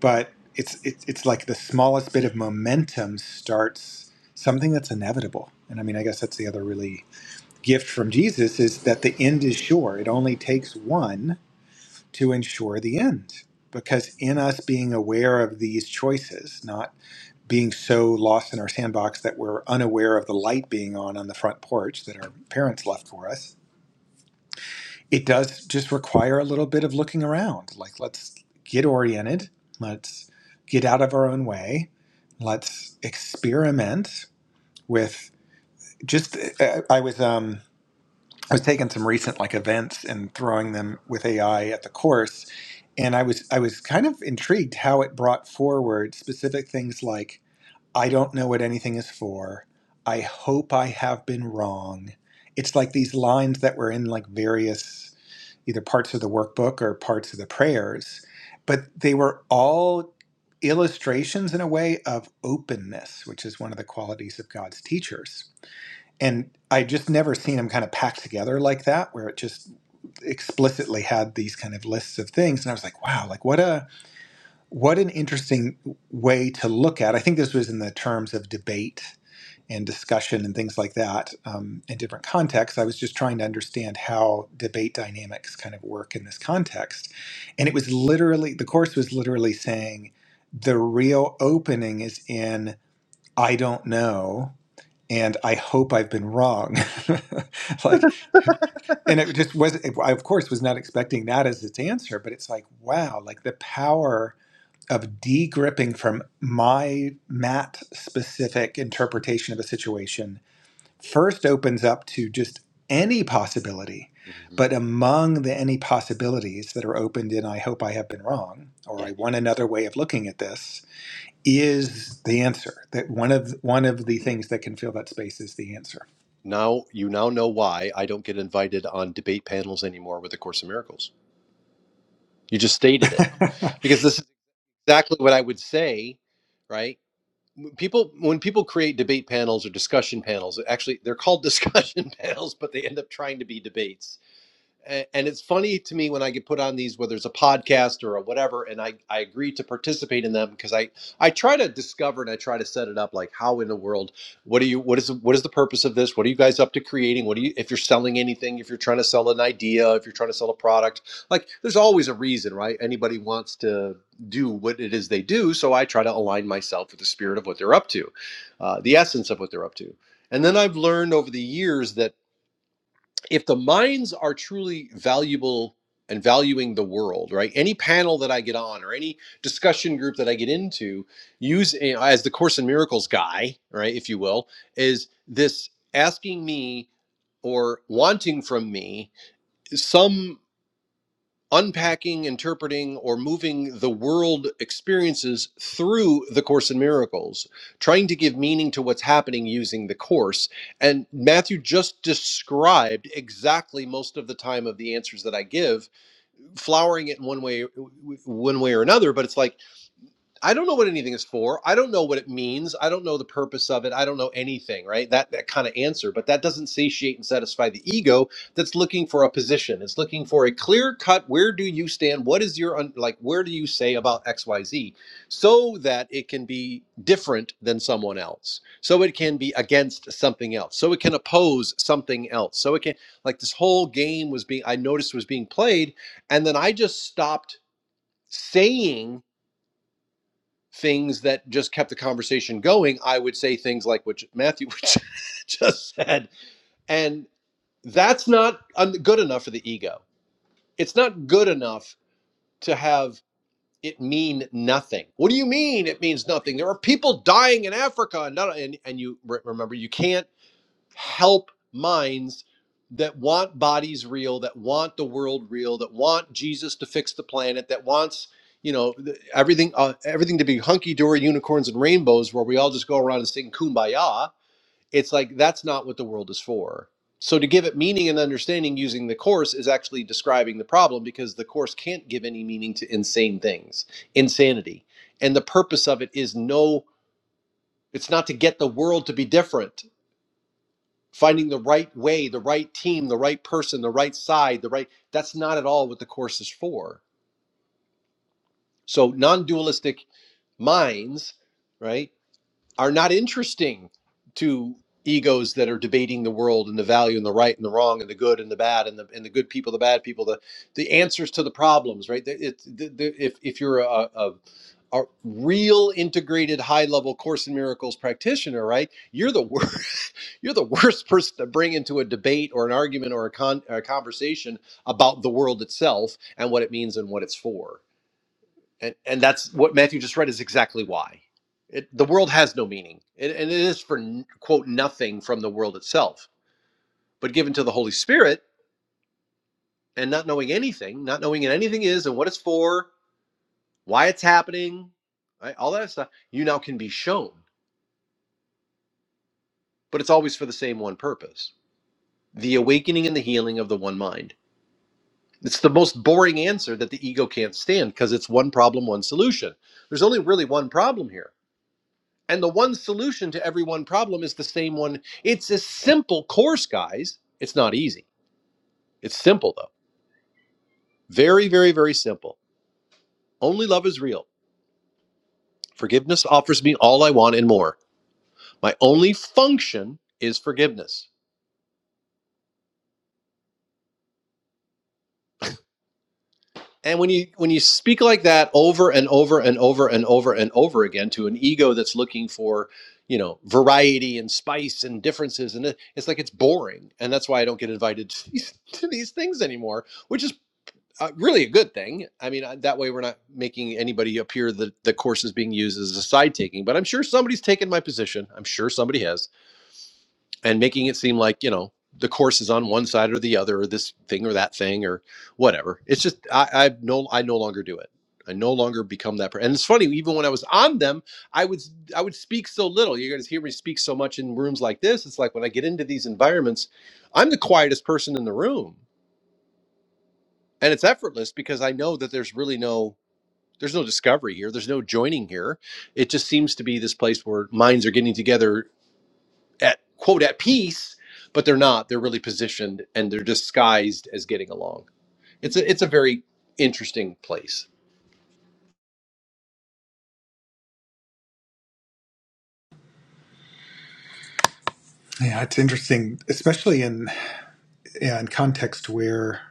S2: but it's it's it's like the smallest bit of momentum starts something that's inevitable. And I mean, I guess that's the other really gift from Jesus is that the end is sure. It only takes one to ensure the end. Because in us being aware of these choices, not being so lost in our sandbox that we're unaware of the light being on on the front porch that our parents left for us, it does just require a little bit of looking around. Like, let's get oriented, let's get out of our own way, let's experiment with just. uh, I was um, I was taking some recent like events and throwing them with AI at the course, and I was I was kind of intrigued how it brought forward specific things like I don't know what anything is for. I hope I have been wrong. It's like these lines that were in like various either parts of the workbook or parts of the prayers, but they were all illustrations in a way of openness, which is one of the qualities of God's teachers and I just never seen them kind of packed together like that, where it just explicitly had these kind of lists of things. And I was like, wow, like what a what an interesting way to look at. I think this was in the terms of debate and discussion and things like that um, in different contexts. I was just trying to understand how debate dynamics kind of work in this context, and it was literally the course was literally saying the real opening is in I don't know and I hope I've been wrong. <laughs> like, and it just was, I of course was not expecting that as its answer, but it's like, wow, like the power of de-gripping from my mat specific interpretation of a situation first opens up to just any possibility.
S1: Mhm.
S2: But among the any possibilities that are opened in, I hope I have been wrong, or I
S1: Yeah.
S2: want another way of looking at this, is the answer. That one of one of the things that can fill that space is the answer
S1: Now you now know why I don't get invited on debate panels anymore with A Course in Miracles. You just stated it
S2: <laughs>
S1: because this is exactly what I would say, right? people when people create debate panels or discussion panels actually they're called discussion <laughs> panels but they end up trying to be debates and it's funny to me when I get put on these, whether it's a podcast or a whatever, and I, I agree to participate in them because I, I try to discover and I try to set it up like how in the world, what are you, what is, what is the purpose of this? What are you guys up to creating? What do you, if you're selling anything, if you're trying to sell an idea, if you're trying to sell a product, like there's always a reason, right? Anybody wants to do what it is they do. So I try to align myself with the spirit of what they're up to, uh, the essence of what they're up to. And then I've learned over the years that if the minds are truly valuable and valuing the world, right? Any panel that I get on or any discussion group that I get into, use as the Course in Miracles guy, right, if you will, is this asking me or wanting from me some unpacking, interpreting, or moving the world experiences through the Course in Miracles, trying to give meaning to what's happening using the Course. And Matthew just described exactly most of the time of the answers that I give, flowering it in one way, one way or another. But it's like I don't know what anything is for. I don't know what it means. I don't know the purpose of it. I don't know anything, right? That that kind of answer, but that doesn't satiate and satisfy the ego that's looking for a position. It's looking for a clear cut where do you stand? What is your un- like where do you say about XYZ so that it can be different than someone else. So it can be against something else. So it can oppose something else. So it can like this whole game was being I noticed was being played and then I just stopped saying things that just kept the conversation going, I would say things like what Matthew <laughs> just said. And that's not good enough for the ego. It's not good enough to have it mean nothing. What do you mean it means nothing? There are people dying in Africa and, not, and, and you re- remember you can't help minds that want bodies real, that want the world real, that want Jesus to fix the planet, that wants you know th- everything uh, everything to be hunky dory, unicorns and rainbows, where we all just go around and sing kumbaya. It's like that's not what the world is for. So to give it meaning and understanding using the course is actually describing the problem because the course can't give any meaning to insane things, insanity. And the purpose of it is no it's not to get the world to be different finding the right way, the right team, the right person, the right side, the right that's not at all what the course is for. So non-dualistic minds, right, are not interesting to egos that are debating the world and the value and the right and the wrong and the good and the bad and the and the good people, the bad people, the the answers to the problems, right? The- It, the, the, if if you're a, a a real integrated high level course in miracles practitioner right you're the <laughs> You're the <laughs> worst person to bring into a debate or an argument or a, con- a conversation about the world itself and what it means and what it's for. And, and that's what Matthew just read is exactly why. It, the world has no meaning, it, and it is for, n- quote, nothing from the world itself. But given to the Holy Spirit and not knowing anything, not knowing what anything is and what it's for, why it's happening, right, all that stuff, you now can be shown. But it's always for the same one purpose the awakening and the healing of the one mind. It's the most boring answer that the ego can't stand because it's one problem, one solution. There's only really one problem here. And the one solution to every one problem is the same one. It's a simple course, guys. It's not easy. It's simple, though. Very, very, very simple. Only love is real. Forgiveness offers me all I want and more. My only function is forgiveness. And when you when you speak like that over and over and over and over and over again to an ego that's looking for, you know, variety and spice and differences, and it, it's like it's boring, and that's why I don't get invited <laughs> to these, to these things anymore, which is uh, really a good thing. I mean, I- that way we're not making anybody appear that the course is being used as a side taking. But I'm sure somebody's taken my position. I'm sure somebody has and making it seem like you know the course is on one side or the other or this thing or that thing or whatever it's just i i no i no longer do it i no longer become that person and it's funny even when i was on them i would i would speak so little you guys hear me speak so much in rooms like this it's like when i get into these environments i'm the quietest person in the room and it's effortless because i know that there's really no there's no discovery here there's no joining here it just seems to be this place where minds are getting together at quote at peace, but they're not. They're really positioned and they're disguised as getting along. It's a it's a very interesting place.
S2: Yeah, it's interesting, especially in yeah, in context where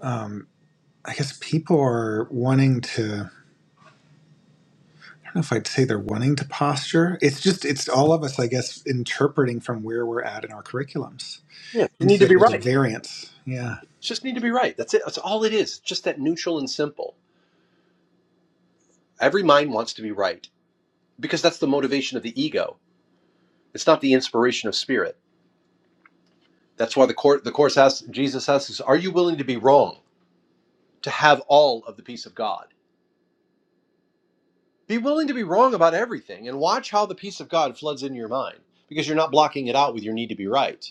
S2: um, I guess people are wanting to. I don't know if I'd say they're wanting to posture. It's just it's all of us, I guess, interpreting from where we're at in our curriculums,
S1: Yes, they
S2: and
S1: need to
S2: so
S1: be
S2: there's a
S1: right.
S2: variance. Yeah,
S1: just need to be right. That's it. That's all it is. just that neutral and simple. Every mind wants to be right because that's the motivation of the ego. It's not the inspiration of spirit. That's why the court the course asks Jesus asks, us, "Are you willing to be wrong to have all of the peace of God? Be willing to be wrong about everything, and watch how the peace of God floods into your mind because you're not blocking it out with your need to be right."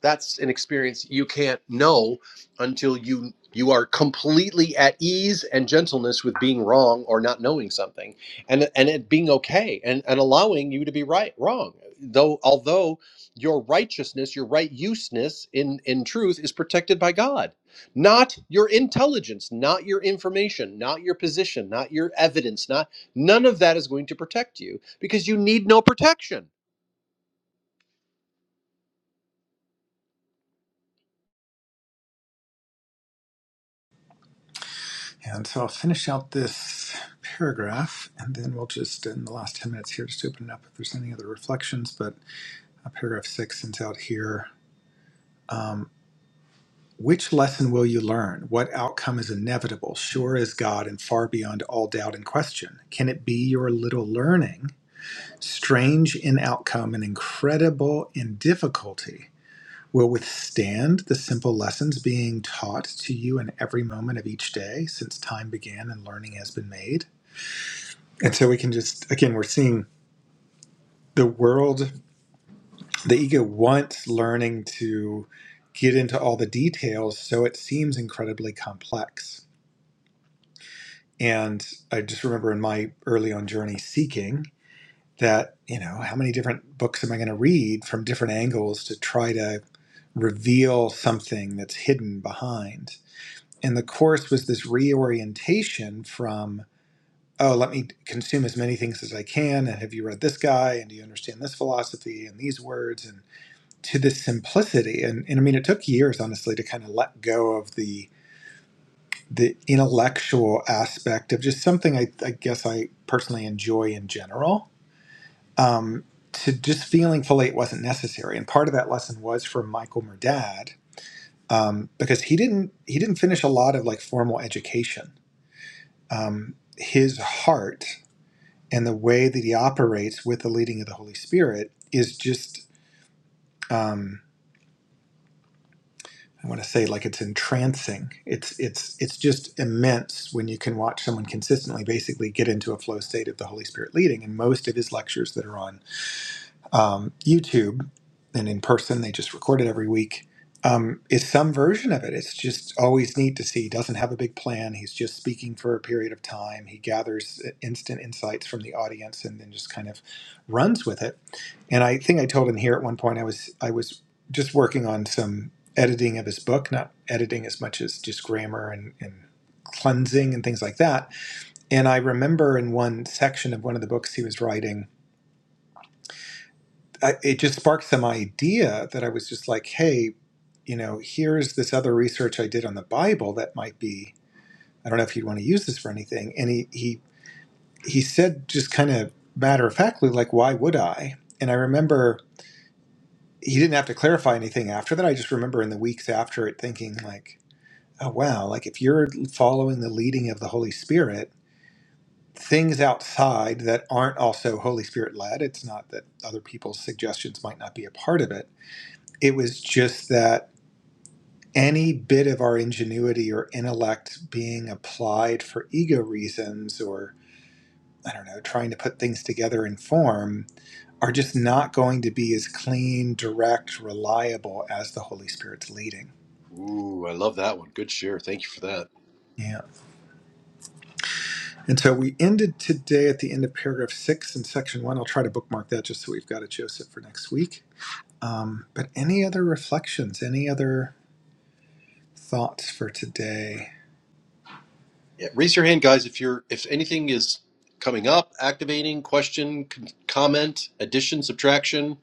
S1: that's an experience you can't know until you you are completely at ease and gentleness with being wrong or not knowing something and and it being okay and and allowing you to be right wrong though although your righteousness your right useness in in truth is protected by god not your intelligence not your information not your position not your evidence not none of that is going to protect you because you need no protection
S2: and so I'll finish out this paragraph, and then we'll just in the last ten minutes here just open it up if there's any other reflections. But uh, paragraph six ends out here. Which lesson will you learn? What outcome is inevitable, sure as God, and far beyond all doubt and question? Can it be your little learning, strange in outcome and incredible in difficulty, will withstand the simple lessons being taught to you in every moment of each day since time began and learning has been made? And so we can just, again, we're seeing the world, the ego wants learning to get into all the details, so it seems incredibly complex And I just remember in my early on journey seeking that, you know, how many different books am I going to read from different angles to try to reveal something that's hidden behind? And the course was this reorientation from, oh, let me consume as many things as I can. And have you read this guy? And do you understand this philosophy and these words? And to this simplicity. And, and I mean, it took years, honestly, to kind of let go of the the intellectual aspect of just something I, I guess I personally enjoy in general. Um, to just feeling fully it wasn't necessary, and part of that lesson was from Michael Murdad um, because he didn't he didn't finish a lot of like formal education. Um, his heart and the way that he operates with the leading of the Holy Spirit is just. um, I want to say like it's entrancing. It's it's it's just immense when you can watch someone consistently basically get into a flow state of the Holy Spirit leading. And most of his lectures that are on um, YouTube and in person. They just record it every week. Um, is some version of it. It's just always neat to see. He doesn't have a big plan. He's just speaking for a period of time. He gathers uh, instant insights from the audience and then just kind of runs with it. And I think I told him here at one point I was I was just working on some editing of his book, not editing as much as just grammar and, and cleansing and things like that. And I remember in one section of one of the books he was writing, I, it just sparked some idea that I was just like, hey, you know, here's this other research I did on the Bible that might be. I don't know if you'd want to use this for anything. And he he he said just kind of matter of factly, like, why would I? And I remember he didn't have to clarify anything after that. I just remember in the weeks after it thinking like, oh wow, like if you're following the leading of the Holy Spirit, things outside that aren't also Holy Spirit led, it's not that other people's suggestions might not be a part of it It was just that any bit of our ingenuity or intellect being applied for ego reasons or, I don't know, trying to put things together in form are just not going to be as clean, direct, reliable as the Holy Spirit's leading.
S1: ooh i love that one good share thank you for that
S2: Yeah. And so we ended today at the end of paragraph six in section one. I'll try to bookmark that just so we've got a Joseph, for next week. Um, but any other reflections, any other thoughts for today?
S1: Yeah, raise your hand, guys, if you're if anything is coming up, activating, question, con- comment, addition, subtraction,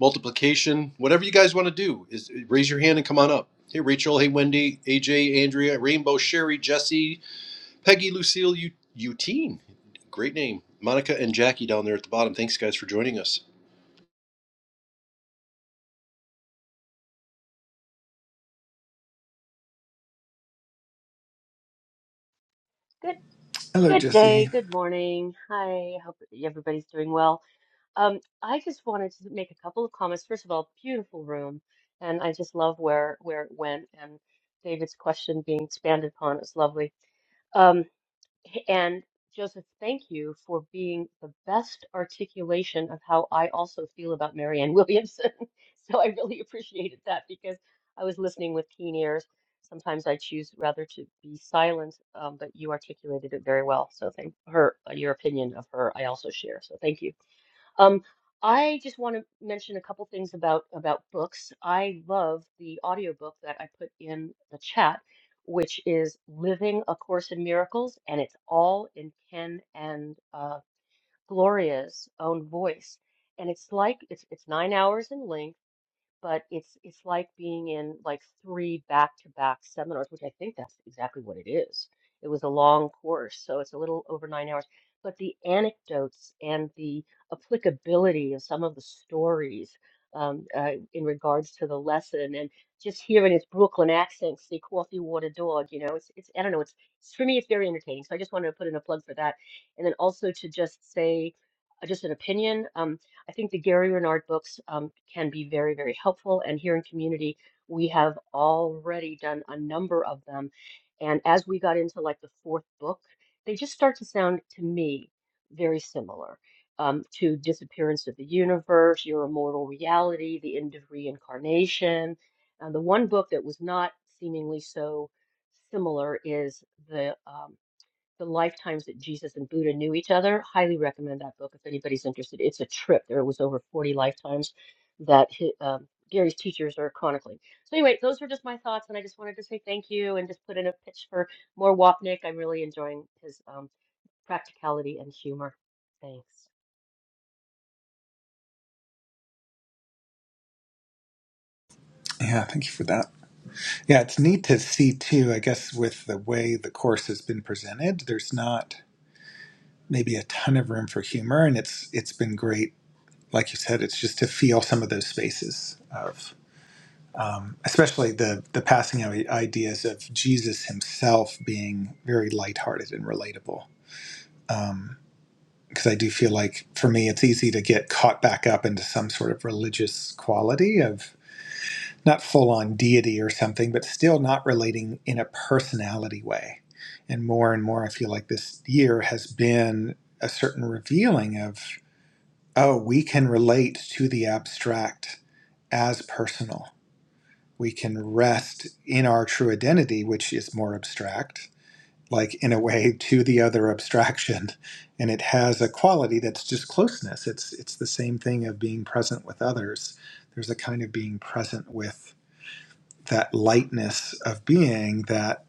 S1: multiplication, whatever you guys want to do, is raise your hand and come on up. Hey, Rachel. Hey, Wendy. AJ, Andrea, Rainbow, Sherry, Jesse, Peggy, Lucille, U- Utine. Great name. Monica and Jackie down there at the bottom. Thanks, guys, for joining us.
S4: Good
S2: Hello,
S4: good day,
S2: Jesse.
S4: good morning. Hi, hope everybody's doing well. Um, I just wanted to make a couple of comments. First of all, beautiful room, and I just love where where it went and David's question being expanded upon. is lovely. Um, and Joseph, thank you for being the best articulation of how I also feel about Marianne Williamson. <laughs> So I really appreciated that because I was listening with keen ears. Sometimes I choose rather to be silent, um, but you articulated it very well. So thank her, your opinion of her, I also share. So thank you. Um, I just want to mention a couple things about about books. I love the audiobook that I put in the chat, which is Living A Course in Miracles, and it's all in Ken and uh, Gloria's own voice. And it's like it's it's nine hours in length but it's it's like being in like three back-to-back seminars, which I think that's exactly what it is. It was a long course, so it's a little over nine hours. But the anecdotes and the applicability of some of the stories um, uh, in regards to the lesson, and just hearing his Brooklyn accent, see coffee, water, dog, you know, it's it's I don't know, it's, it's for me, it's very entertaining. So I just wanted to put in a plug for that, and then also to just say uh, just an opinion. Um, I think the Gary Renard books um, can be very, very helpful. And here in community, we have already done a number of them. And as we got into like the fourth book, they just start to sound to me very similar um, to Disappearance of the Universe, Your Immortal Reality, The End of Reincarnation. And the one book that was not seemingly so similar is the um, the Lifetimes that Jesus and Buddha Knew Each Other. Highly recommend that book if anybody's interested. It's a trip. There was over 40 lifetimes that hi um, Gary's teachers are chronicling. So anyway, those were just my thoughts, and I just wanted to say thank you and just put in a pitch for more Wapnick. I'm really enjoying his um, practicality and humor. Thanks.
S2: Yeah, thank you for that. Yeah, it's neat to see too, I guess, with the way the course has been presented, there's not maybe a ton of room for humor, and it's it's been great, like you said, it's just to feel some of those spaces of um, especially the the passing of ideas of Jesus himself being very lighthearted and relatable. Um, because I do feel like for me, it's easy to get caught back up into some sort of religious quality of. not full on deity or something, but still not relating in a personality way. And more and more, I feel like this year has been a certain revealing of, oh, we can relate to the abstract as personal. We can rest in our true identity, which is more abstract, like in a way to the other abstraction. And it has a quality that's just closeness. It's, it's the same thing of being present with others. There's a kind of being present with that lightness of being that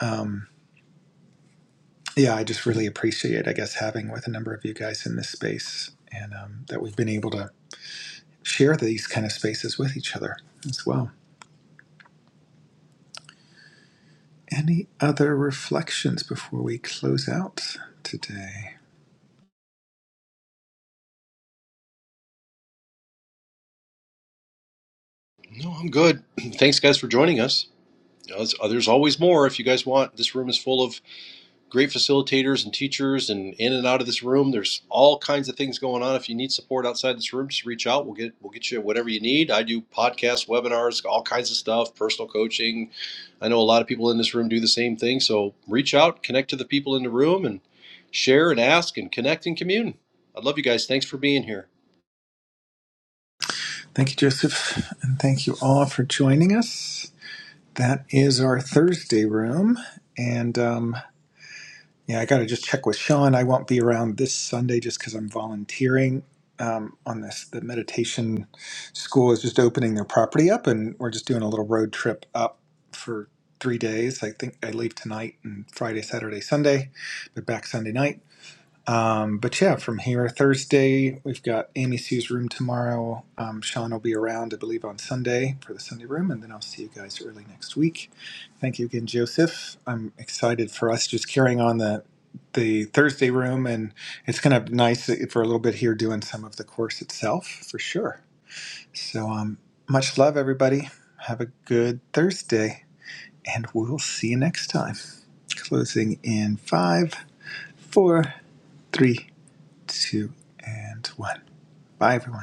S2: um, yeah i just really appreciate i guess having with a number of you guys in this space and um, that we've been able to share these kind of spaces with each other as well any other reflections before we close out today
S1: No, I'm good. <clears throat> Thanks, guys, for joining us. You know, there's there's always more if you guys want. This room is full of great facilitators and teachers and in and out of this room. There's all kinds of things going on. If you need support outside this room, just reach out. We'll get we'll get you whatever you need. I do podcasts, webinars, all kinds of stuff, personal coaching. I know a lot of people in this room do the same thing. So reach out, connect to the people in the room and share and ask and connect and commune. I love you guys. Thanks for being here.
S2: thank you joseph and thank you all for joining us that is our thursday room and um, Yeah, I got to just check with Sean. I won't be around this Sunday just because I'm volunteering um, on this. The meditation school is just opening their property up, and we're just doing a little road trip up for three days. I think I leave tonight and Friday, Saturday, Sunday, but back Sunday night. Um, but yeah, from here, Thursday, we've got Amy Sue's room tomorrow. Um, Sean will be around, I believe, on Sunday for the Sunday room, and then I'll see you guys early next week. Thank you again, Joseph. I'm excited for us just carrying on the the Thursday room, and it's going to be nice for a little bit here doing some of the course itself for sure. So, um, much love, everybody. Have a good Thursday, and we'll see you next time. Closing in five, four, three, two, and one. Bye, everyone.